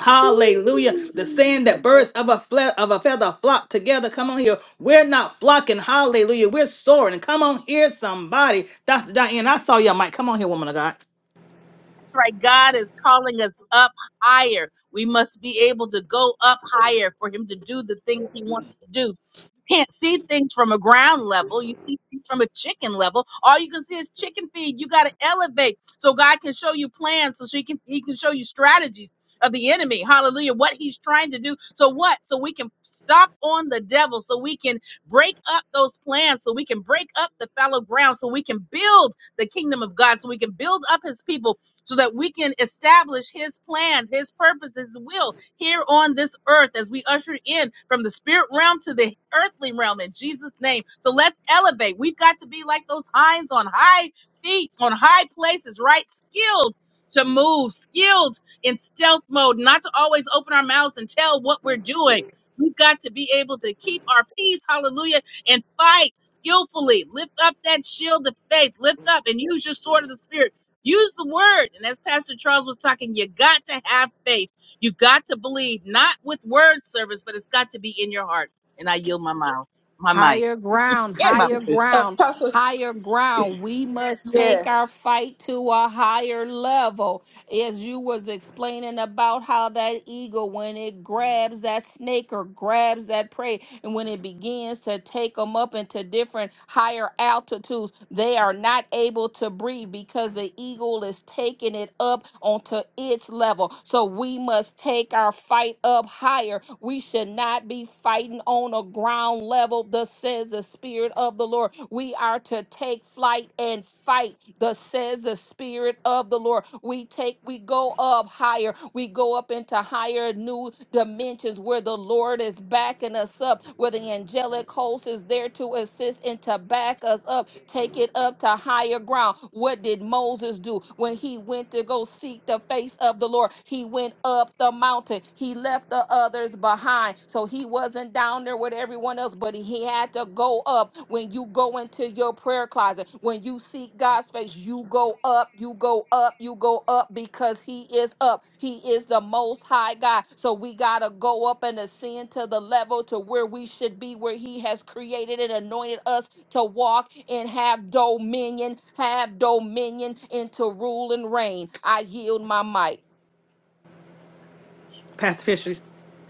Speaker 7: Hallelujah. The saying that birds of a fle- of a feather flock together. Come on here. We're not flocking. Hallelujah. We're soaring. Come on here, somebody. Dr. Diane, I saw your mic. Come on here, woman of God.
Speaker 4: That's right. God is calling us up higher. We must be able to go up higher for Him to do the things He wants to do. You can't see things from a ground level. You see things from a chicken level. All you can see is chicken feed. You got to elevate so God can show you plans, so she can He can show you strategies of the enemy. Hallelujah. What He's trying to do. So what? So we can stop on the devil. So we can break up those plans. So we can break up the fallow ground. So we can build the kingdom of God. So we can build up His people so that we can establish his plans, his purpose, his will here on this earth as we usher in from the spirit realm to the earthly realm in Jesus' name. So let's elevate. We've got to be like those hinds on high feet, on high places, right? Skilled to move, skilled in stealth mode, not to always open our mouths and tell what we're doing. We've got to be able to keep our peace, hallelujah, and fight skillfully. Lift up that shield of faith, lift up and use your sword of the spirit Use the word. And as Pastor Charles was talking, you got to have faith. You've got to believe, not with word service, but it's got to be in your heart. And I yield my mouth, my mic,
Speaker 1: Higher ground,
Speaker 4: and my
Speaker 1: higher ground,
Speaker 3: Apostle,
Speaker 1: higher ground. We must take our
Speaker 3: yes,
Speaker 1: fight to a higher level. as you was explaining about how that eagle when it grabs that snake or grabs that prey and when it begins to take them up into different higher altitudes they are not able to breathe because the eagle is taking it up onto its level so we must take our fight up higher we should not be fighting on a ground level thus says the spirit of the lord we are to to take flight and fight, thus says the Spirit of the Lord. We take, we go up higher, we go up into higher new dimensions where the Lord is backing us up, where the angelic host is there to assist and to back us up, take it up to higher ground. What did Moses do when he went to go seek the face of the Lord? He went up the mountain, he left the others behind. So he was wasn't down there with everyone else, but he had to go up. When you go into your prayer closet, when you seek God's face, you go up, you go up, you go up because he is up. He is the most high God. So we got to go up and ascend to the level to where we should be, where he has created and anointed us to walk and have dominion, have dominion and to rule and reign. I yield my mic.
Speaker 7: Pastor Fisher.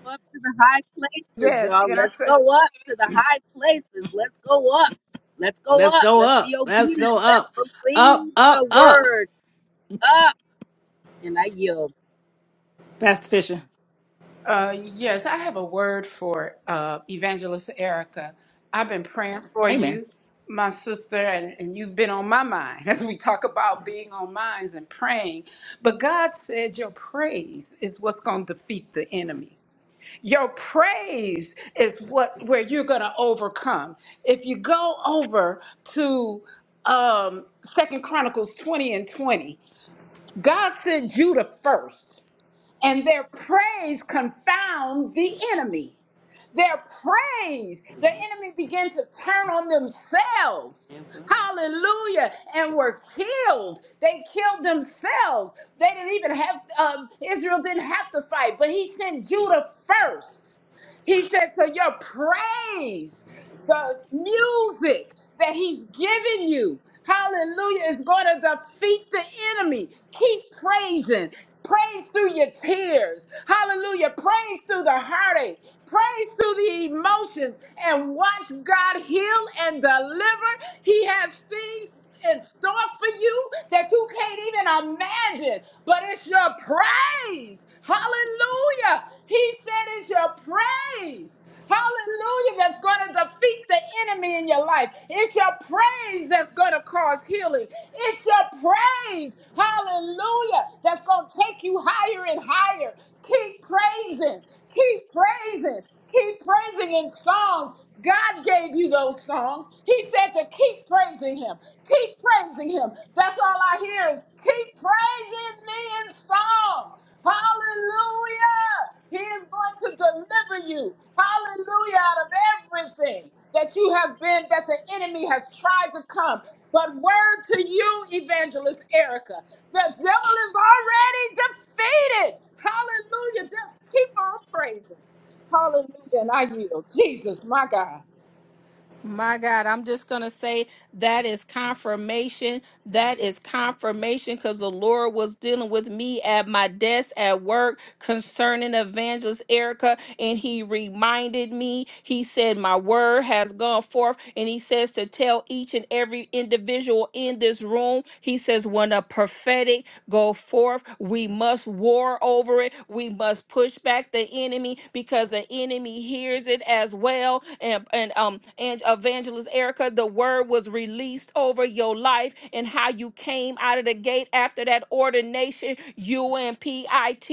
Speaker 4: up to the high places,
Speaker 3: yes.
Speaker 4: y'all.
Speaker 3: Can I
Speaker 4: Let's go
Speaker 3: say?
Speaker 4: up to the high places. Let's go up. Let's go
Speaker 7: Let's
Speaker 4: up.
Speaker 7: go
Speaker 4: Let's
Speaker 7: up.
Speaker 4: be
Speaker 7: Let's go
Speaker 4: obedient.
Speaker 7: up.
Speaker 4: Let's
Speaker 7: Up,
Speaker 4: believe
Speaker 7: up,
Speaker 4: the
Speaker 7: up.
Speaker 4: word up. And I yield.
Speaker 7: Pastor Fisher.
Speaker 3: Uh, yes, I have a word for uh, Evangelist Erica. I've been praying for
Speaker 7: Amen.
Speaker 3: you, my sister, and, and you've been on my mind as we talk about being on minds and praying. But God said your praise is what's going to defeat the enemy. Your praise is what where you're going to overcome. If you go over to um, Second Chronicles 20 and 20, God sent Judah first and their praise confound the enemy. Their praise, the enemy began to turn on themselves. Hallelujah. And were killed. They killed themselves. They didn't even have, um, Israel didn't have to fight, but he sent Judah first. He said, So your praise the music that he's given you, hallelujah, is going to defeat the enemy. Keep praising. Praise through your tears. Hallelujah. Praise through the heartache. Praise through the emotions and watch God heal and deliver. He has things in store for you that you can't even imagine, but it's your praise. Hallelujah. He said it's your praise. Hallelujah, that's going to defeat the enemy in your life. It's your praise that's going to cause healing. It's your praise, hallelujah, that's going to take you higher and higher. Keep praising, keep praising, keep praising in songs. God gave you those songs. He said to keep praising Him. Keep praising Him. That's all I hear is keep praising me in song. Hallelujah. He is going to deliver you. Hallelujah. Out of everything that you have been, that the enemy has tried to come. But word to you, Evangelist Erica, the devil is already defeated. Hallelujah. Just keep on praising. Hallelujah. And I yield. Jesus, my God.
Speaker 1: My God, I'm just going to say that is confirmation. That is confirmation because the Lord was dealing with me at my desk at work concerning Evangelist Erica. And he reminded me, he said, My word has gone forth. And he says to tell each and every individual in this room, he says, When a prophetic go forth. We must war over it. We must push back the enemy because the enemy hears it as well. And and um and evangelist Erica, the word was released over your life and how you came out of the gate after that ordination. You and PIT,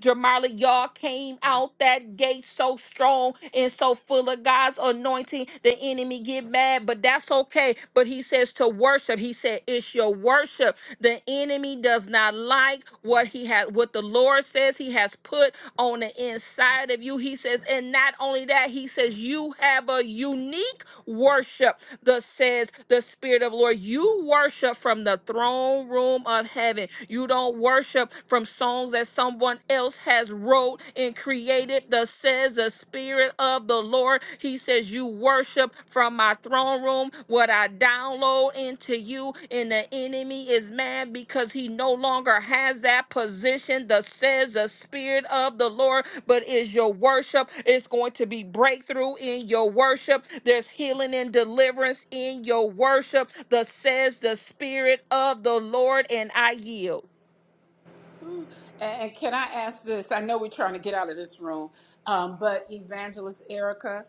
Speaker 1: Jamarla, y'all came out that gate so strong and so full of God's anointing. The enemy get mad, but that's that's okay. But he says to worship. He said, It's your worship. The enemy does not like what he had. what the Lord says he has put on the inside of you. He says, and not only that, he says, you have a unique worship. The says the Spirit of the Lord. You worship from the throne room of heaven. You don't worship from songs that someone else has wrote and created. The says the Spirit of the Lord. He says, You worship from my throne room what I download into you, and the enemy is mad because he no longer has that position. The says the Spirit of the Lord, but is your worship. It's going to be breakthrough in your worship. There's healing and deliverance in your worship. The says the Spirit of the Lord, and I yield.
Speaker 3: Ooh, And and can I ask this? I know we're trying to get out of this room, um, but Evangelist Erica,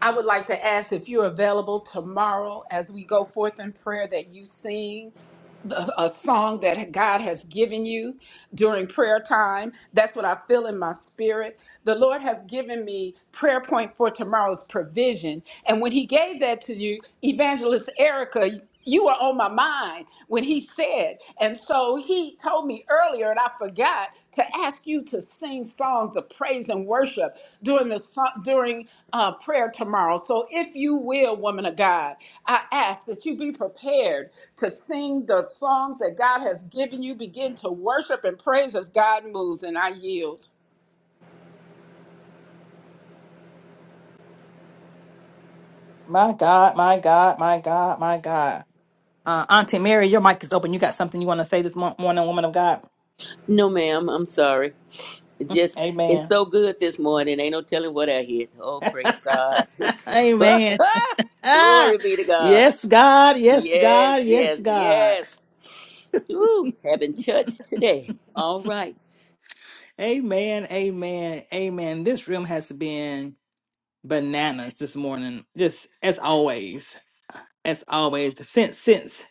Speaker 3: I would like to ask if you're available tomorrow as we go forth in prayer that you sing a a song that God has given you during prayer time. That's what I feel in my spirit. The Lord has given me prayer point for tomorrow's provision. And when He gave that to you, Evangelist Erica, you were on my mind when He said. And so He told me earlier, and I forgot to ask you to sing songs of praise and worship during the so- during uh, prayer tomorrow. So if you will, woman of God, I ask that you be prepared to sing the songs that God has given you. Begin to worship and praise as God moves, and I yield.
Speaker 7: My God, my God, my God, my God. Uh, Auntie Mary, your mic is open. You got something you want to say this mo- morning, woman of God?
Speaker 5: No, ma'am, I'm sorry. It just, it's
Speaker 7: Amen.
Speaker 5: so good this morning. Ain't no telling what I hit. Oh, praise God. It's-
Speaker 7: Amen. Ah,
Speaker 5: Glory be to God.
Speaker 7: yes, God. Yes, God.
Speaker 5: Yes,
Speaker 7: Yes,
Speaker 5: yes,
Speaker 7: God.
Speaker 5: yes. Woo, having church today. All right.
Speaker 7: Amen. Amen. Amen. This room has been bananas this morning. Just as always, as always, since since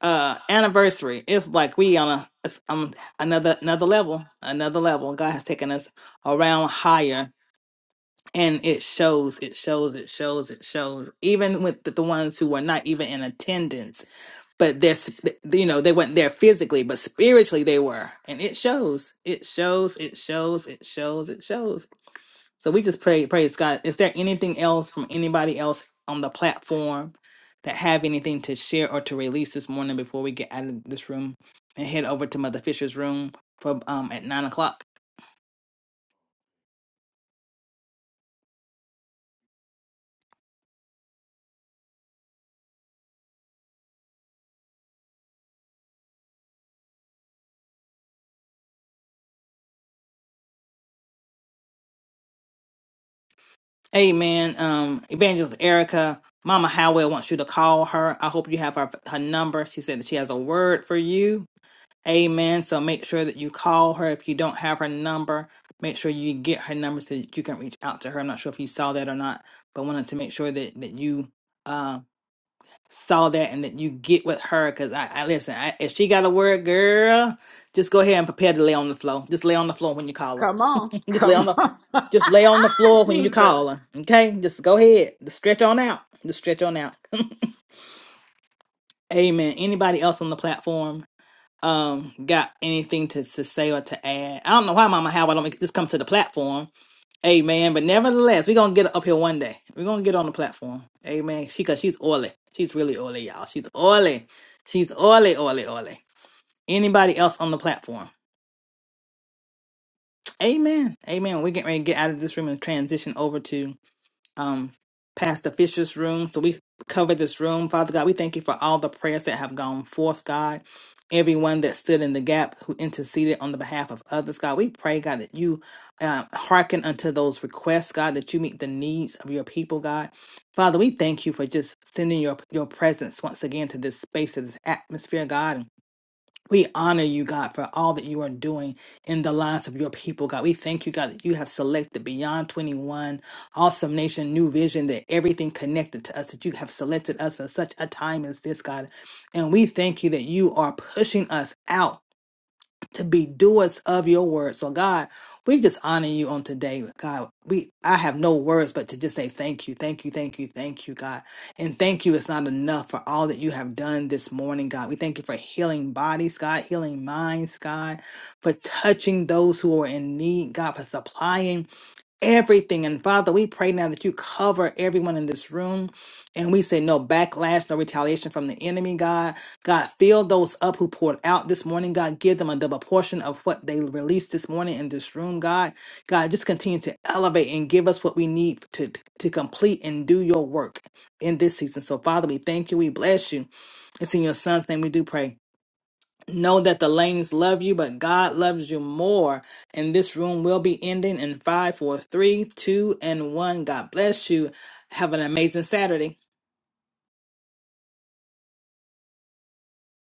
Speaker 7: uh anniversary, it's like we on a it's, um another another level, another level. God has taken us around higher. And it shows, it shows, it shows, it shows. Even with the, the ones who were not even in attendance, but they're sp- you know they weren't there physically but spiritually they were and it shows it shows it shows it shows it shows so we just pray praise god is there anything else from anybody else on the platform that have anything to share or to release this morning before we get out of this room and head over to mother fisher's room for um at nine o'clock amen um evangelist erica mama howell wants you to call her i hope you have her her number she said that she has a word for you Amen. So make sure that you call her. If you don't have her number, make sure you get her number so that you can reach out to her. I'm not sure if you saw that or not, but wanted to make sure that that you uh, saw that and that you get with her. Cause I, I listen, I, if she got a word, girl, just go ahead and prepare to lay on the floor. Just lay on the floor when you call
Speaker 3: Come
Speaker 7: her.
Speaker 3: on,
Speaker 7: just lay
Speaker 3: come
Speaker 7: on the,
Speaker 3: on,
Speaker 7: just lay on the floor when you
Speaker 3: Jesus.
Speaker 7: call her. Okay, just go ahead. Just stretch on out. Just stretch on out. Amen. Anybody else on the platform? um got anything to, to say or to add. I don't know why Mama How I don't make- just come to the platform. Amen. But nevertheless, we're gonna get up here one day. We're gonna get on the platform. Amen. She cause she's oily. She's really oily, y'all. She's oily. She's oily, oily, oily. Anybody else on the platform? Amen. Amen. We're getting ready to get out of this room and transition over to um, Pastor Fisher's room. So we cover this room. Father God, we thank you for all the prayers that have gone forth, God. Everyone that stood in the gap who interceded on the behalf of others, God, we pray, God, that you uh, hearken unto those requests, God, that you meet the needs of your people, God. Father, we thank you for just sending your your presence once again to this space, to this atmosphere, God we honor you, God, for all that you are doing in the lives of your people, God. We thank you, God, that you have selected Beyond 21, Awesome Nation, New Vision, that everything connected to us, that you have selected us for such a time as this, God. And we thank you that you are pushing us out to be doers of your word. So God, we just honor you on today. God, we I have no words but to just say thank you, thank you, thank you, thank you, God. And thank you is not enough for all that you have done this morning, God. We thank you for healing bodies, God, healing minds, God, for touching those who are in need, God, for supplying everything. And Father, we pray now that you cover everyone in this room. And we say no backlash, no retaliation from the enemy, God. God, fill those up who poured out this morning, God. Give them a double portion of what they released this morning in this room, God. God, just continue to elevate and give us what we need to, to complete and do your work in this season. So, Father, we thank you. We bless you. It's in your son's name we do pray. Know that the lanes love you, but God loves you more. And this room will be ending in five, four, three, two, and one. God bless you. Have an amazing Saturday.